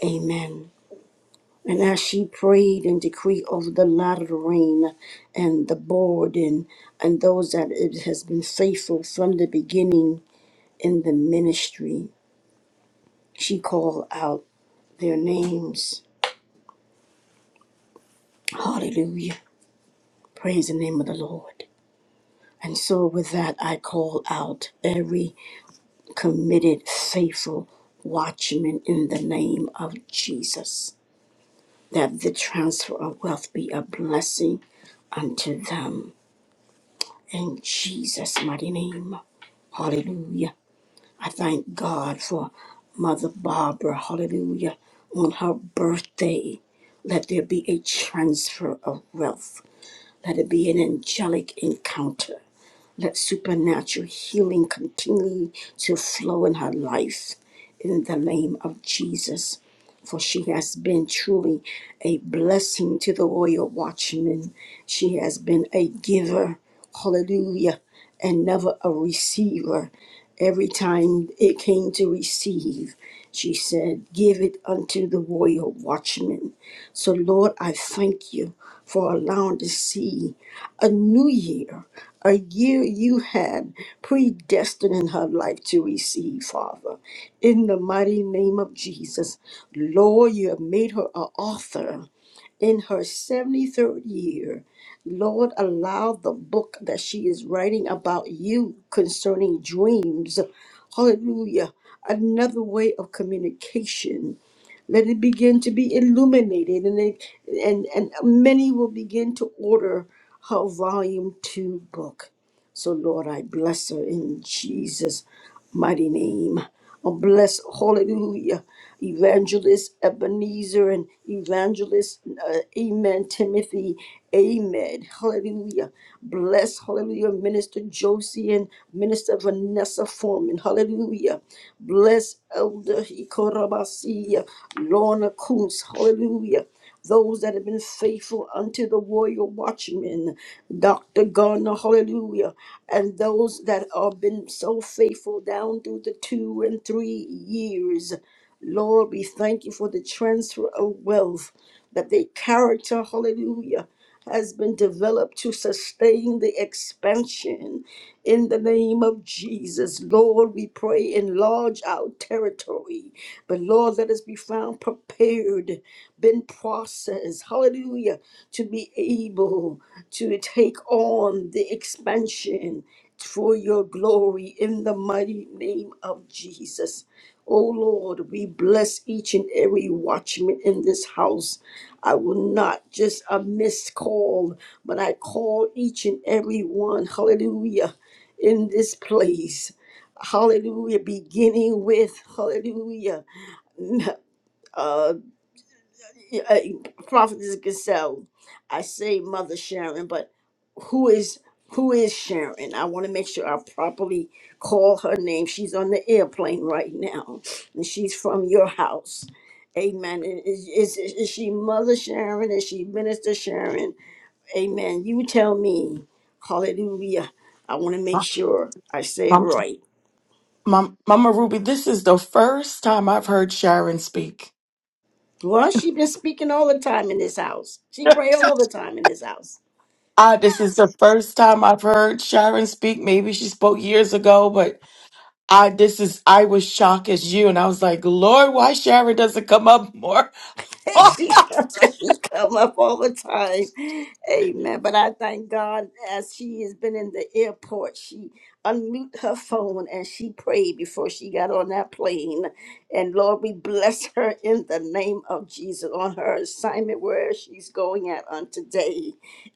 Amen. And as she prayed and decreed over the lateral rain and the board and, and those that it has been faithful from the beginning in the ministry, she called out their names. Hallelujah. Praise the name of the Lord. And so, with that, I call out every committed, faithful watchman in the name of Jesus. that the transfer of wealth be a blessing unto them. In Jesus' mighty name. Hallelujah. I thank God for Mother Barbara. Hallelujah. On her birthday, let there be a transfer of wealth. Let it be an angelic encounter. Let supernatural healing continue to flow in her life in the name of Jesus. For she has been truly a blessing to the royal watchman. She has been a giver, hallelujah, and never a receiver. Every time it came to receive, she said, Give it unto the royal watchman. So, Lord, I thank you for allowing to see a new year, a year you had predestined in her life to receive, Father. In the mighty name of Jesus, Lord, you have made her an author in her 73rd year. Lord, allow the book that she is writing about you concerning dreams. Hallelujah. Another way of communication. Let it begin to be illuminated, and, it, and, and many will begin to order her volume two book. So, Lord, I bless her in Jesus' mighty name. Oh, bless, hallelujah, Evangelist Ebenezer and Evangelist, uh, amen, Timothy, amen, hallelujah. Bless, hallelujah, Minister Josie and Minister Vanessa Foreman, hallelujah. Bless Elder Ikorabasi, Lorna Coons, hallelujah those that have been faithful unto the warrior watchmen, Dr. Garner, hallelujah, and those that have been so faithful down through the two and three years. Lord, we thank you for the transfer of wealth, that they character, hallelujah has been developed to sustain the expansion in the name of Jesus. Lord, we pray enlarge our territory. But Lord, let us be found prepared, been processed, hallelujah, to be able to take on the expansion for your glory in the mighty name of Jesus. Oh Lord, we bless each and every watchman in this house. I will not just a missed call, but I call each and every one, hallelujah, in this place. Hallelujah, beginning with, hallelujah. *laughs* Yeah, uh, Prophetess Gazelle, I say Mother Sharon, but who is who is Sharon? I want to make sure I properly call her name. She's on the airplane right now, and she's from your house. Amen. Is, is, is she Mother Sharon? Is she Minister Sharon? Amen. You tell me. Hallelujah. I want to make sure I say it Mom, right. Mom, Mama Ruby, this is the first time I've heard Sharon speak. Well, she been speaking all the time in this house. She pray *laughs* all the time in this house. I this is the first time I've heard Sharon speak. Maybe she spoke years ago, but I this is I was shocked as you, and I was like, Lord, why Sharon doesn't come up more? *laughs* *laughs* she come, she come up all the time. Amen. But I thank God as she has been in the airport, she unmute her phone and she prayed before she got on that plane. And Lord, we bless her in the name of Jesus on her assignment where she's going at on today.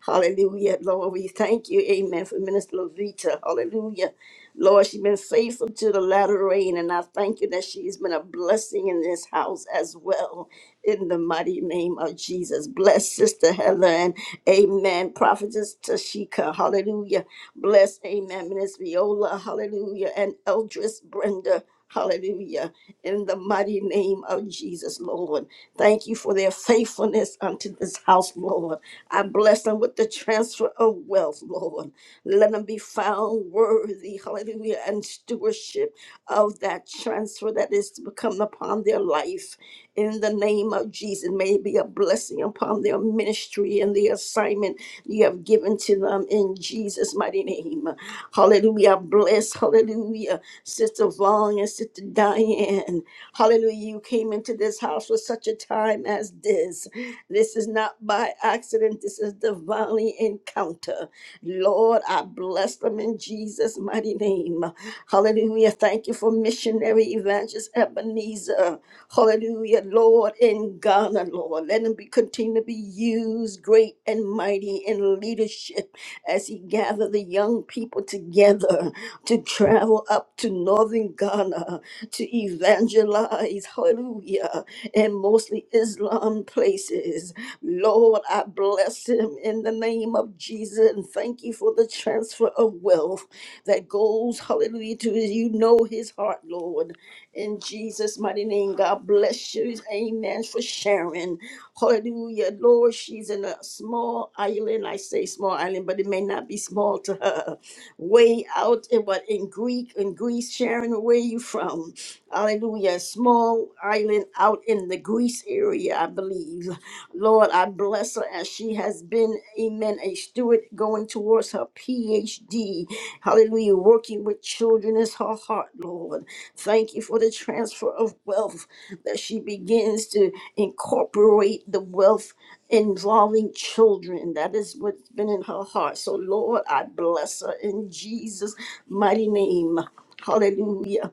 Hallelujah, Lord. We thank you, amen, for Minister Lavita. Hallelujah. Lord, she's been faithful to the latter rain, and I thank you that she's been a blessing in this house as well. In the mighty name of Jesus. Bless Sister Heather and Amen. Prophetess Tashika. Hallelujah. Bless, Amen. Minister Viola. Hallelujah. And Eldris Brenda. Hallelujah. In the mighty name of Jesus, Lord. Thank you for their faithfulness unto this house, Lord. I bless them with the transfer of wealth, Lord. Let them be found worthy, hallelujah, and stewardship of that transfer that is to come upon their life in the name of Jesus. May it be a blessing upon their ministry and the assignment you have given to them in Jesus' mighty name. Hallelujah. Bless, hallelujah. Sister Vaughn and Sister Diane. Hallelujah. You came into this house for such a time as this. This is not by accident, this is divinely encounter. Lord, I bless them in Jesus' mighty name. Hallelujah. Thank you for missionary evangelist Ebenezer. Hallelujah, Lord, in Ghana, Lord. Let him be continue to be used great and mighty in leadership as he gather the young people together to travel up to northern Ghana to evangelize, hallelujah, and mostly Islam places. Lord, I bless him in the name of Jesus and thank you for the transfer of wealth that goes, hallelujah, to his, you know his heart, Lord. In Jesus' mighty name, God bless you. Amen. For sharing. Hallelujah. Lord, she's in a small island. I say small island, but it may not be small to her way out in what in Greek in Greece, Sharon, where you from? Hallelujah. A Small island out in the Greece area, I believe. Lord, I bless her as she has been, amen, a steward going towards her PhD. Hallelujah. Working with children is her heart, Lord. Thank you for the transfer of wealth that she begins to incorporate the wealth involving children. That is what's been in her heart. So, Lord, I bless her in Jesus' mighty name. Hallelujah.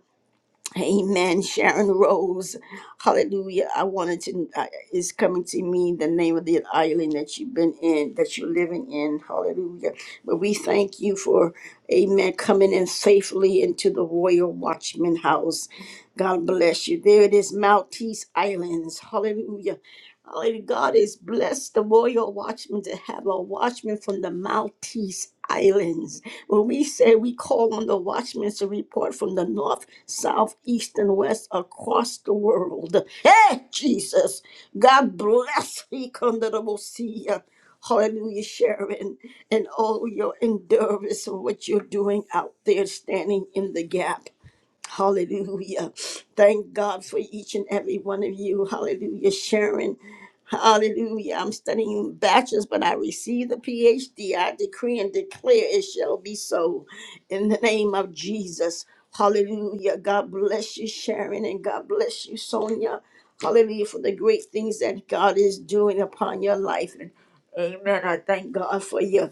Amen. Sharon Rose. Hallelujah. I wanted to, I, it's coming to me the name of the island that you've been in, that you're living in. Hallelujah. But we thank you for, amen, coming in faithfully into the Royal Watchman House. God bless you. There it is, Maltese Islands. Hallelujah. Oh, and God is blessed the royal watchman to have a watchman from the Maltese Islands. When we say we call on the watchmen to report from the north, south, east, and west across the world. Hey, Jesus! God bless thee, Kondarabosia. Hallelujah, Sharon, and all your endurance of what you're doing out there, standing in the gap. Hallelujah. Thank God for each and every one of you. Hallelujah. Sharon. Hallelujah. I'm studying bachelor's, but I receive the PhD. I decree and declare it shall be so in the name of Jesus. Hallelujah. God bless you, Sharon, and God bless you, Sonia. Hallelujah for the great things that God is doing upon your life. Amen. I thank God for you.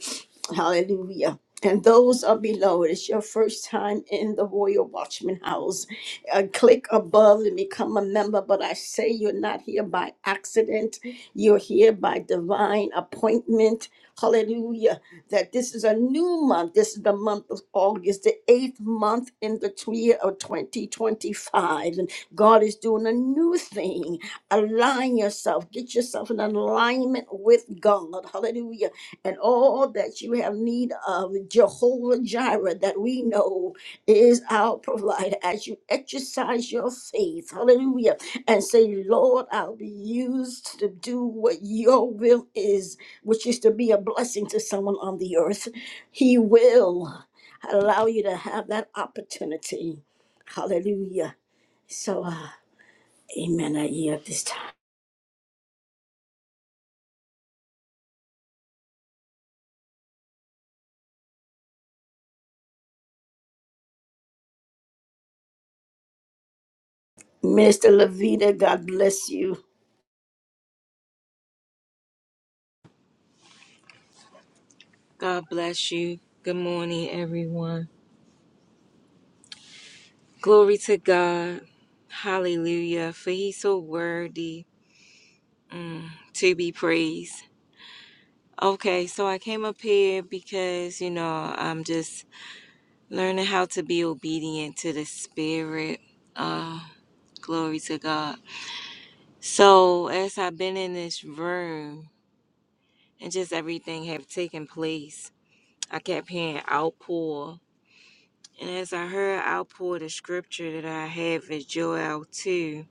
Hallelujah. And those are below, it's your first time in the Royal Watchman House. Uh, click above and become a member. But I say you're not here by accident, you're here by divine appointment. Hallelujah. That this is a new month. This is the month of August, the eighth month in the year of 2025. And God is doing a new thing align yourself, get yourself in alignment with God. Hallelujah. And all that you have need of, Jehovah Jireh, that we know is our provider. As you exercise your faith, hallelujah, and say, Lord, I'll be used to do what your will is, which is to be a blessing to someone on the earth. He will allow you to have that opportunity. Hallelujah. So, uh, amen. I yield at this time. Minister Lavita, God bless you. God bless you. Good morning, everyone. Glory to God. Hallelujah. For he's so worthy to be praised. Okay, so I came up here because, you know, I'm just learning how to be obedient to the Spirit. Uh, glory to God. So, as I've been in this room and just everything have taken place, I kept hearing outpour. And as I heard outpour, the scripture that I have is Joel 2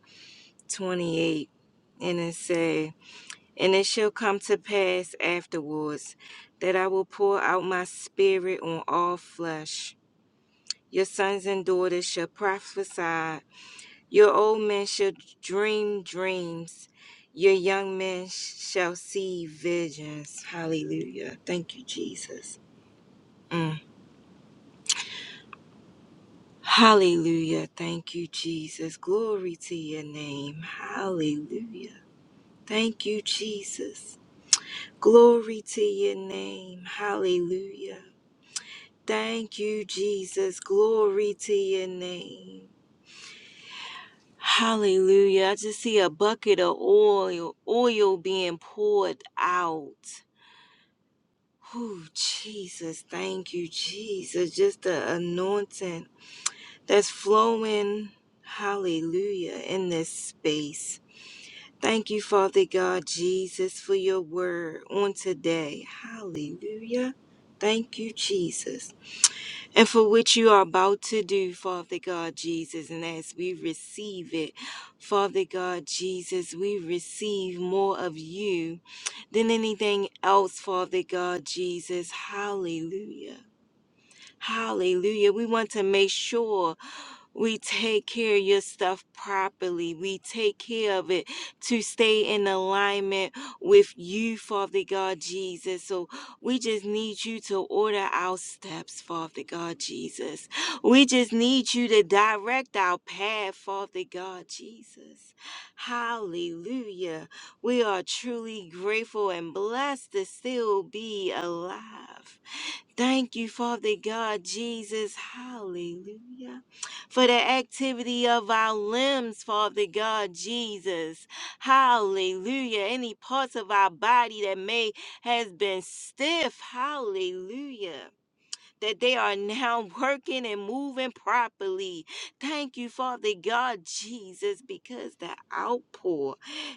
28 and it say and it shall come to pass afterwards that i will pour out my spirit on all flesh your sons and daughters shall prophesy your old men shall dream dreams your young men sh- shall see visions hallelujah thank you jesus Mm. hallelujah thank you jesus glory to your name hallelujah thank you jesus Glory to your name. Hallelujah. Thank you, Jesus. Glory to your name. Hallelujah. I just see a bucket of oil, oil being poured out. Oh, Jesus. Thank you, Jesus. Just the anointing that's flowing. Hallelujah. In this space. Thank you, Father God, Jesus, for your word on today. Hallelujah. Thank you, Jesus. and for which you are about to do, Father God Jesus. And as we receive it, Father God Jesus, we receive more of you than anything else, Father God Jesus. Hallelujah. Hallelujah. We want to make sure we take care of your stuff properly. We take care of it to stay in alignment with you, Father God Jesus. So we just need you to order our steps, Father God Jesus. We just need you to direct our path, Father God Jesus. Hallelujah. We are truly grateful and blessed to still be alive. Thank you, Father God, Jesus. Hallelujah. For the activity of our limbs, Father God, Jesus. Hallelujah. Any parts of our body that may has been stiff. Hallelujah that they are now *laughs* working and moving properly. Thank you, Father God, Jesus, because the outpour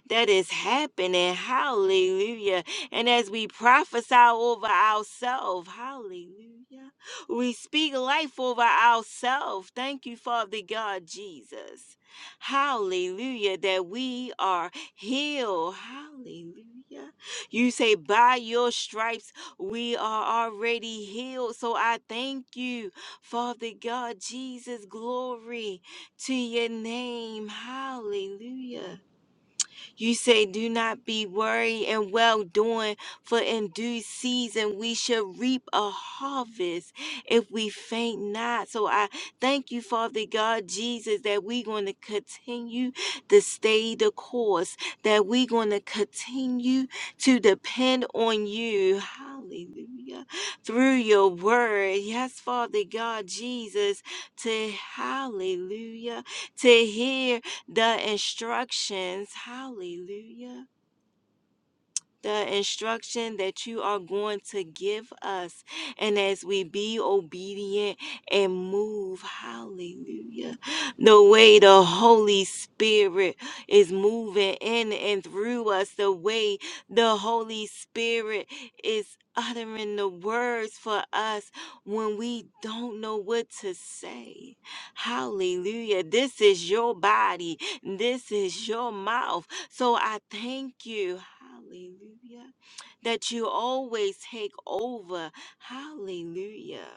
that is happening, hallelujah. And as we prophesy over ourselves, hallelujah, we speak life over ourselves. Thank you, Father God, Jesus. Hallelujah, that we are healed. Hallelujah. You say, by your stripes, we are already healed. So I thank you, Father God, Jesus, glory to your name. Hallelujah. You say, Do not be worried and well doing, for in due season we shall reap a harvest if we faint not. So I thank you, Father God, Jesus, that we're going to continue to stay the course, that we're going to continue to depend on you. Hallelujah. Through your word. Yes, Father God, Jesus, to hallelujah, to hear the instructions. Hallelujah the instruction that you are going to give us. And as we be obedient and move, hallelujah, the way the Holy Spirit is moving in and through us, the way the Holy Spirit is uttering the words for us when we don't know what to say. Hallelujah. This is your body. This is your mouth. So I thank you, hallelujah, that you always take over, hallelujah,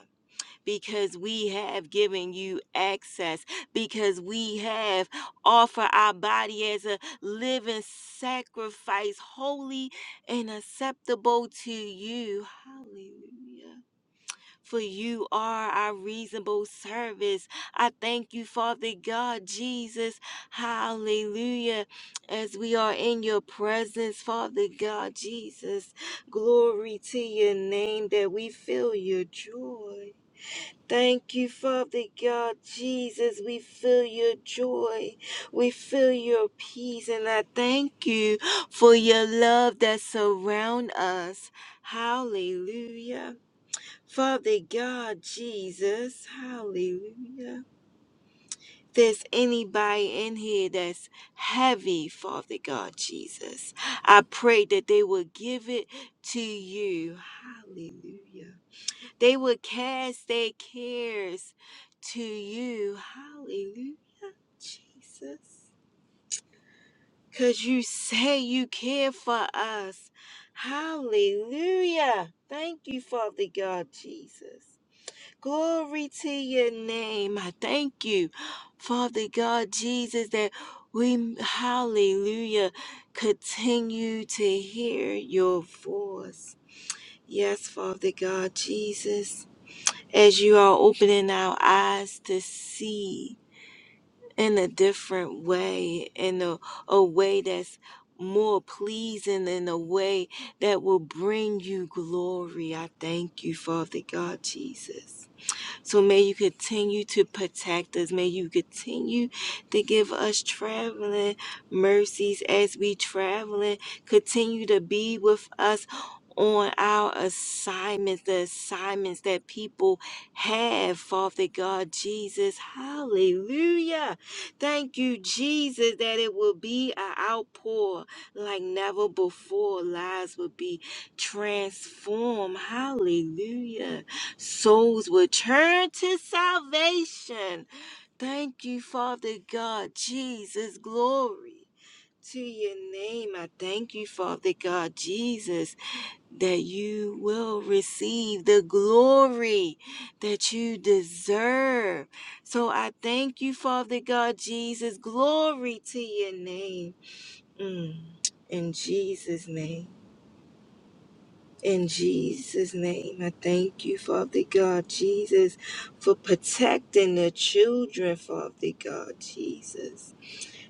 because we have given you access, because we have offered our body as a living sacrifice, holy and acceptable to you, hallelujah for you are our reasonable service. I thank you, Father God, Jesus. Hallelujah. As we are in your presence, Father God, Jesus, glory to your name that we feel your joy. Thank you, Father God, Jesus. We feel your joy. We feel your peace. And I thank you for your love that surround us. Hallelujah. Father God, Jesus, hallelujah. If there's anybody in here that's heavy, Father God, Jesus, I pray that they will give it to you. Hallelujah. They will cast their cares to you. Hallelujah, Jesus. Because you say you care for us. Hallelujah. Thank you, Father God, Jesus. Glory to your name. I thank you, Father God, Jesus, that we, hallelujah, continue to hear your voice. Yes, Father God, Jesus, as you are opening our eyes to see in a different way, in a, a way that's more pleasing in a way that will bring you glory. I thank you, Father God, Jesus. So may you continue to protect us. May you continue to give us traveling mercies as we traveling. Continue to be with us on our assignments, the assignments that people have, Father God Jesus. Hallelujah. Thank you, Jesus, that it will be an outpour like never before. Lives will be transformed. Hallelujah. Souls will turn to salvation. Thank you, Father God, Jesus, glory to your name. I thank you, Father God, Jesus, that you will receive the glory that you deserve. So I thank you, Father God, Jesus, glory to your name. Mm, In Jesus' name. In Jesus' name, I thank you, Father God, Jesus, for protecting the children, Father God, Jesus.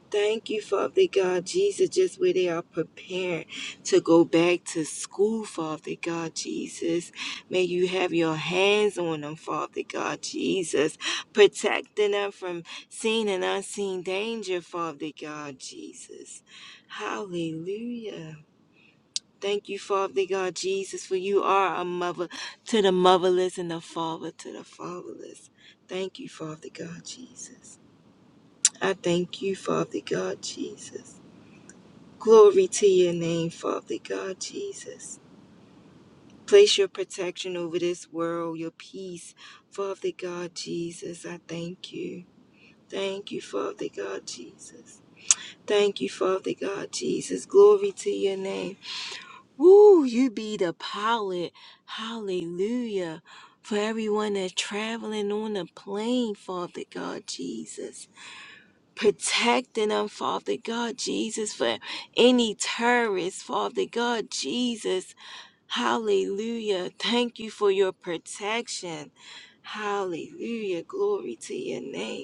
Thank you, Father God, Jesus, just where they are preparing to go back to school, Father God, Jesus. May you have your hands on them, Father God, Jesus, protecting them from seen and unseen danger, Father God, Jesus. Hallelujah. Thank you, Father God Jesus, for you are a mother to the motherless and a father to the fatherless. Thank you, Father God Jesus. I thank you, Father God Jesus. Glory to your name, Father God Jesus. Place your protection over this world, your peace, Father God Jesus. I thank you. Thank you, Father God Jesus. Thank you, Father God Jesus. Glory to your name. Woo, you be the pilot. Hallelujah. For everyone that's traveling on the plane, Father God Jesus. Protecting them, Father God Jesus, for any terrorists, Father God Jesus. Hallelujah. Thank you for your protection. Hallelujah. Glory to your name.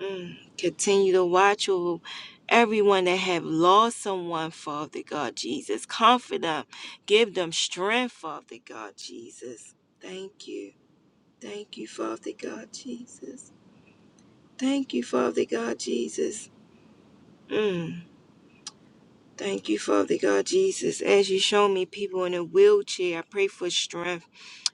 Mm. Continue to watch over everyone that have lost someone, Father God Jesus. Comfort them. Give them strength, Father God Jesus. Thank you. Thank you, Father God Jesus. Thank you, Father God Jesus. Mm. Thank you, Father God Jesus. As you show me people in a wheelchair, I pray for strength.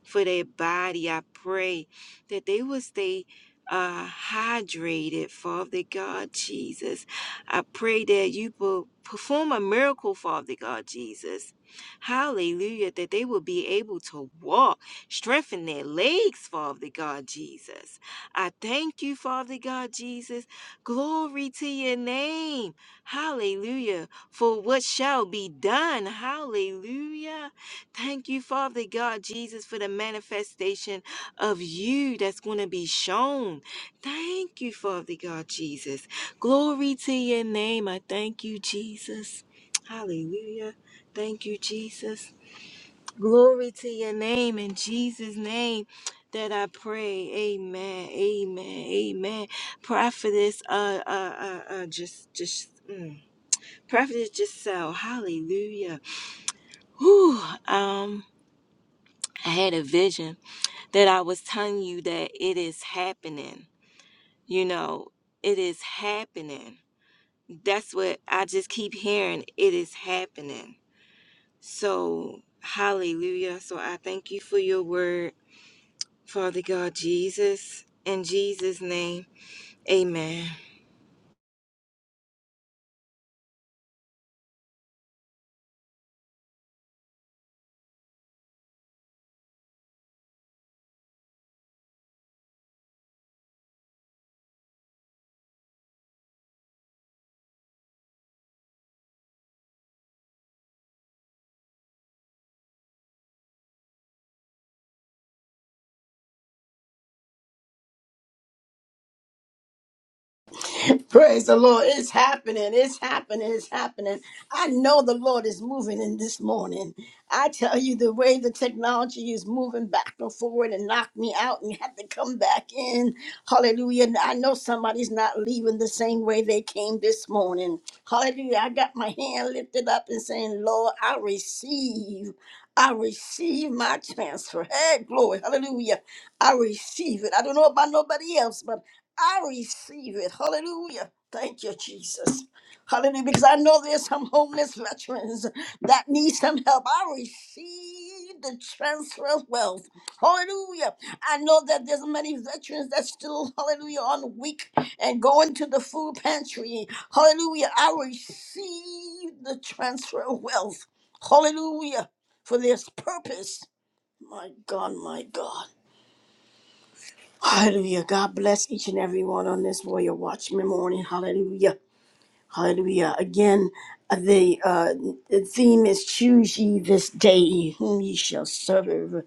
for their body. I pray that they will stay uh, hydrated, Father God Jesus. I pray that you will perform a miracle, Father God Jesus. Hallelujah, that they will be able to walk, strengthen their legs, Father God Jesus. I thank you, Father God Jesus. Glory to your name. Hallelujah. For what shall be done. Hallelujah. Thank you, Father God, Jesus, for the manifestation of you that's going to be shown. Thank you, Father God, Jesus. Glory to your name. I thank you, Jesus. Hallelujah. Thank you, Jesus. Glory to your name in Jesus' name that I pray. Amen. Amen. Amen. Prophetess, uh, uh, uh, uh just, just, mm. Prophetess Giselle. Hallelujah. Whew. Um, I had a vision that I was telling you that it is happening. You know, it is happening. That's what I just keep hearing. It is happening. So, hallelujah. So, I thank you for your word, Father God Jesus. In Jesus' name, amen. *laughs* Praise the Lord. It's happening. It's happening. It's happening. I know the Lord is moving in this morning. I tell you, the way the technology is moving back and forward and knocked me out and had to come back in. Hallelujah. And I know somebody's not leaving the same way they came this morning. Hallelujah. I got my hand lifted up and saying, Lord, I receive. I receive my transfer. Hey, glory. Hallelujah. I receive it. I don't know about nobody else, but I receive it. Hallelujah. Thank you, Jesus. Hallelujah. Because I know there's some homeless veterans that need some help. I receive the transfer of wealth. Hallelujah. I know that there's many veterans that still, hallelujah, on week and going to the food pantry. Hallelujah. I receive the transfer of wealth. Hallelujah. For this purpose. My God, my God. Hallelujah. God bless each and every one on this Warrior Watchman morning. Hallelujah. Hallelujah. Again, the, uh, the theme is Choose ye this day whom ye shall serve.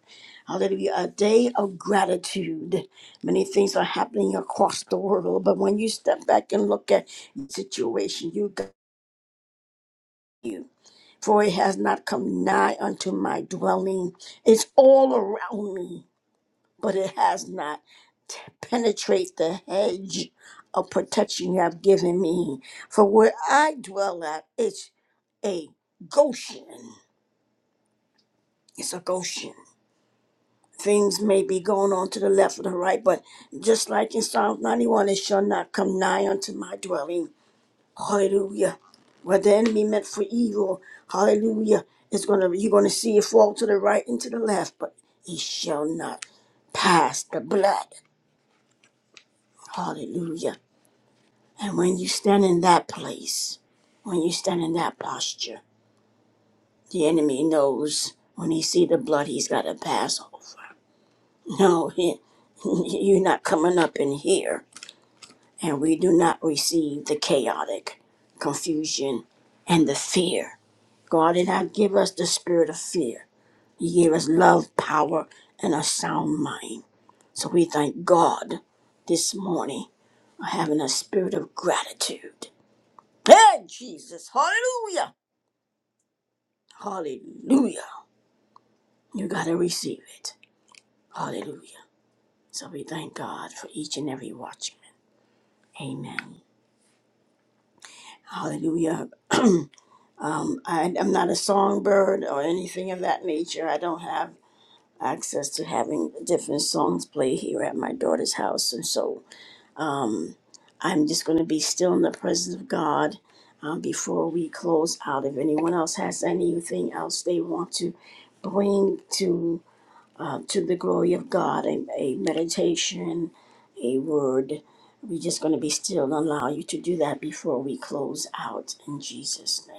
Hallelujah. A day of gratitude. Many things are happening across the world, but when you step back and look at the situation, you got you. For it has not come nigh unto my dwelling. It's all around me, but it has not. penetrate the hedge of protection you have given me. For where I dwell at, it's a Goshen. It's a Goshen. Things may be going on to the left or the right, but just like in Psalm 91, it shall not come nigh unto my dwelling. Hallelujah. What the enemy meant for evil, hallelujah, it's gonna you're gonna see it fall to the right and to the left, but it shall not pass the blood. Hallelujah. And when you stand in that place, when you stand in that posture, the enemy knows when he see the blood, he's got to pass over. No, he, *laughs* you're not coming up in here. And we do not receive the chaotic confusion and the fear. God did not give us the spirit of fear. He gave us love, power, and a sound mind. So we thank God this morning for having a spirit of gratitude. Hey, Jesus. Hallelujah. Hallelujah. You got to receive it. Hallelujah. So we thank God for each and every watchman. Amen. Hallelujah. *clears throat* um, I, I'm not a songbird or anything of that nature. I don't have access to having different songs play here at my daughter's house. And so I'm just going to be still in the presence of God um, before we close out. If anyone else has anything else they want to bring to uh, to the glory of God, a, a meditation, a word. We're just going to be still and allow you to do that before we close out in Jesus' name.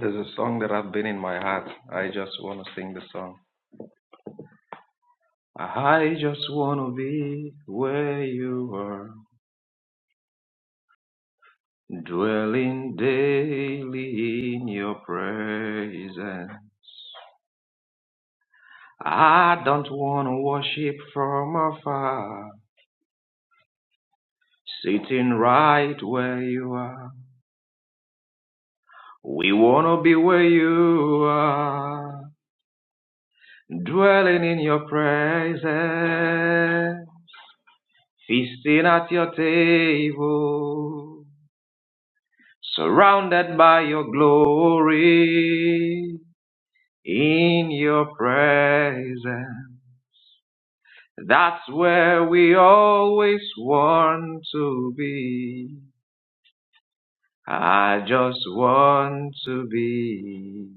There's a song that I've been in my heart. I just want to sing the song. I just want to be where you are, dwelling daily in your presence. I don't want to worship from afar. Sitting right where you are. We want to be where you are. Dwelling in your presence. Feasting at your table. Surrounded by your glory. In your presence. That's where we always want to be. I just want to be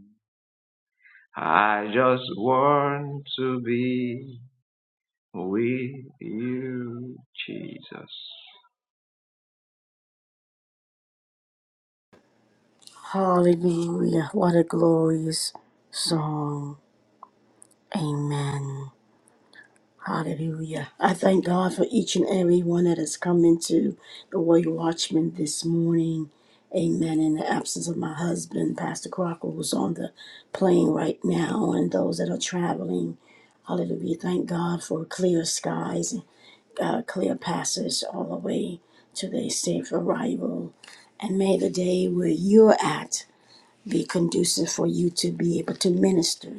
I just want to be with you, Jesus. Hallelujah. What a glorious song. Amen. Hallelujah. I thank God for each and every one that has come into the Warrior Watchman this morning. Amen. In the absence of my husband, Pastor Crocker, who's on the plane right now, and those that are traveling. Hallelujah. Thank God for clear skies, uh, clear passage all the way to their safe arrival. And may the day where you're at be conducive for you to be able to minister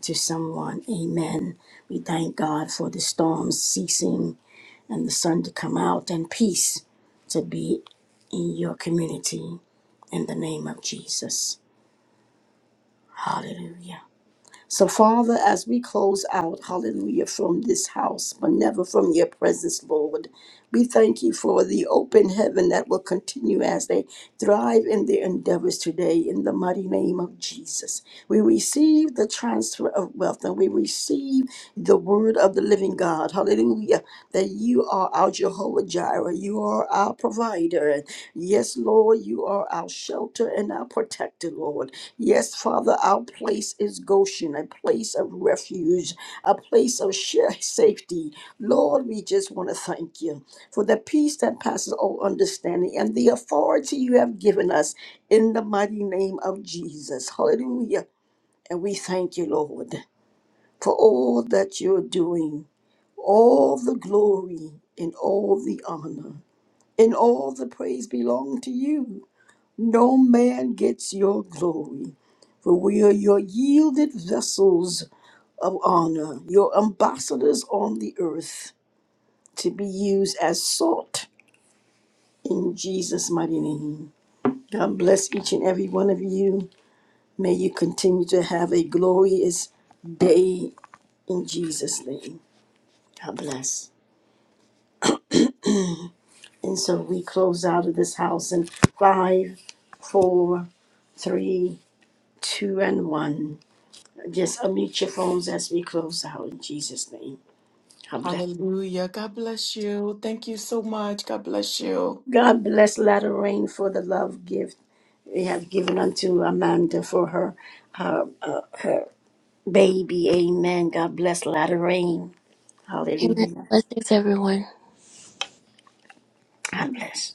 to someone. Amen. We thank God for the storms ceasing and the sun to come out and peace to be in your community in the name of Jesus. Hallelujah. So, Father, as we close out, hallelujah, from this house, but never from your presence, Lord, we thank you for the open heaven that will continue as they thrive in their endeavors today in the mighty name of Jesus. We receive the transfer of wealth and we receive the word of the living God, hallelujah, that you are our Jehovah Jireh. You are our provider. And yes, Lord, you are our shelter and our protector, Lord. Yes, Father, our place is Goshen, a place of refuge, a place of sure safety. Lord, we just want to thank you for the peace that passes all understanding and the authority you have given us in the mighty name of Jesus. Hallelujah. And we thank you, Lord, for all that you're doing, all the glory and all the honor and all the praise belong to you. No man gets your glory, for we are your yielded vessels of honor, your ambassadors on the earth, to be used as salt in Jesus' mighty name. God bless each and every one of you. May you continue to have a glorious day in Jesus' name. God bless. And so we close out of this house in five, four, three, two and one. Just unmute your phones as we close out in Jesus' name. God bless. Hallelujah! God bless you. Thank you so much. God bless you. God bless Latter Rain for the love gift we have given unto Amanda for her her, uh, her baby. Amen. God bless Latter Rain. Amen. Hallelujah. Blessings, everyone. God bless.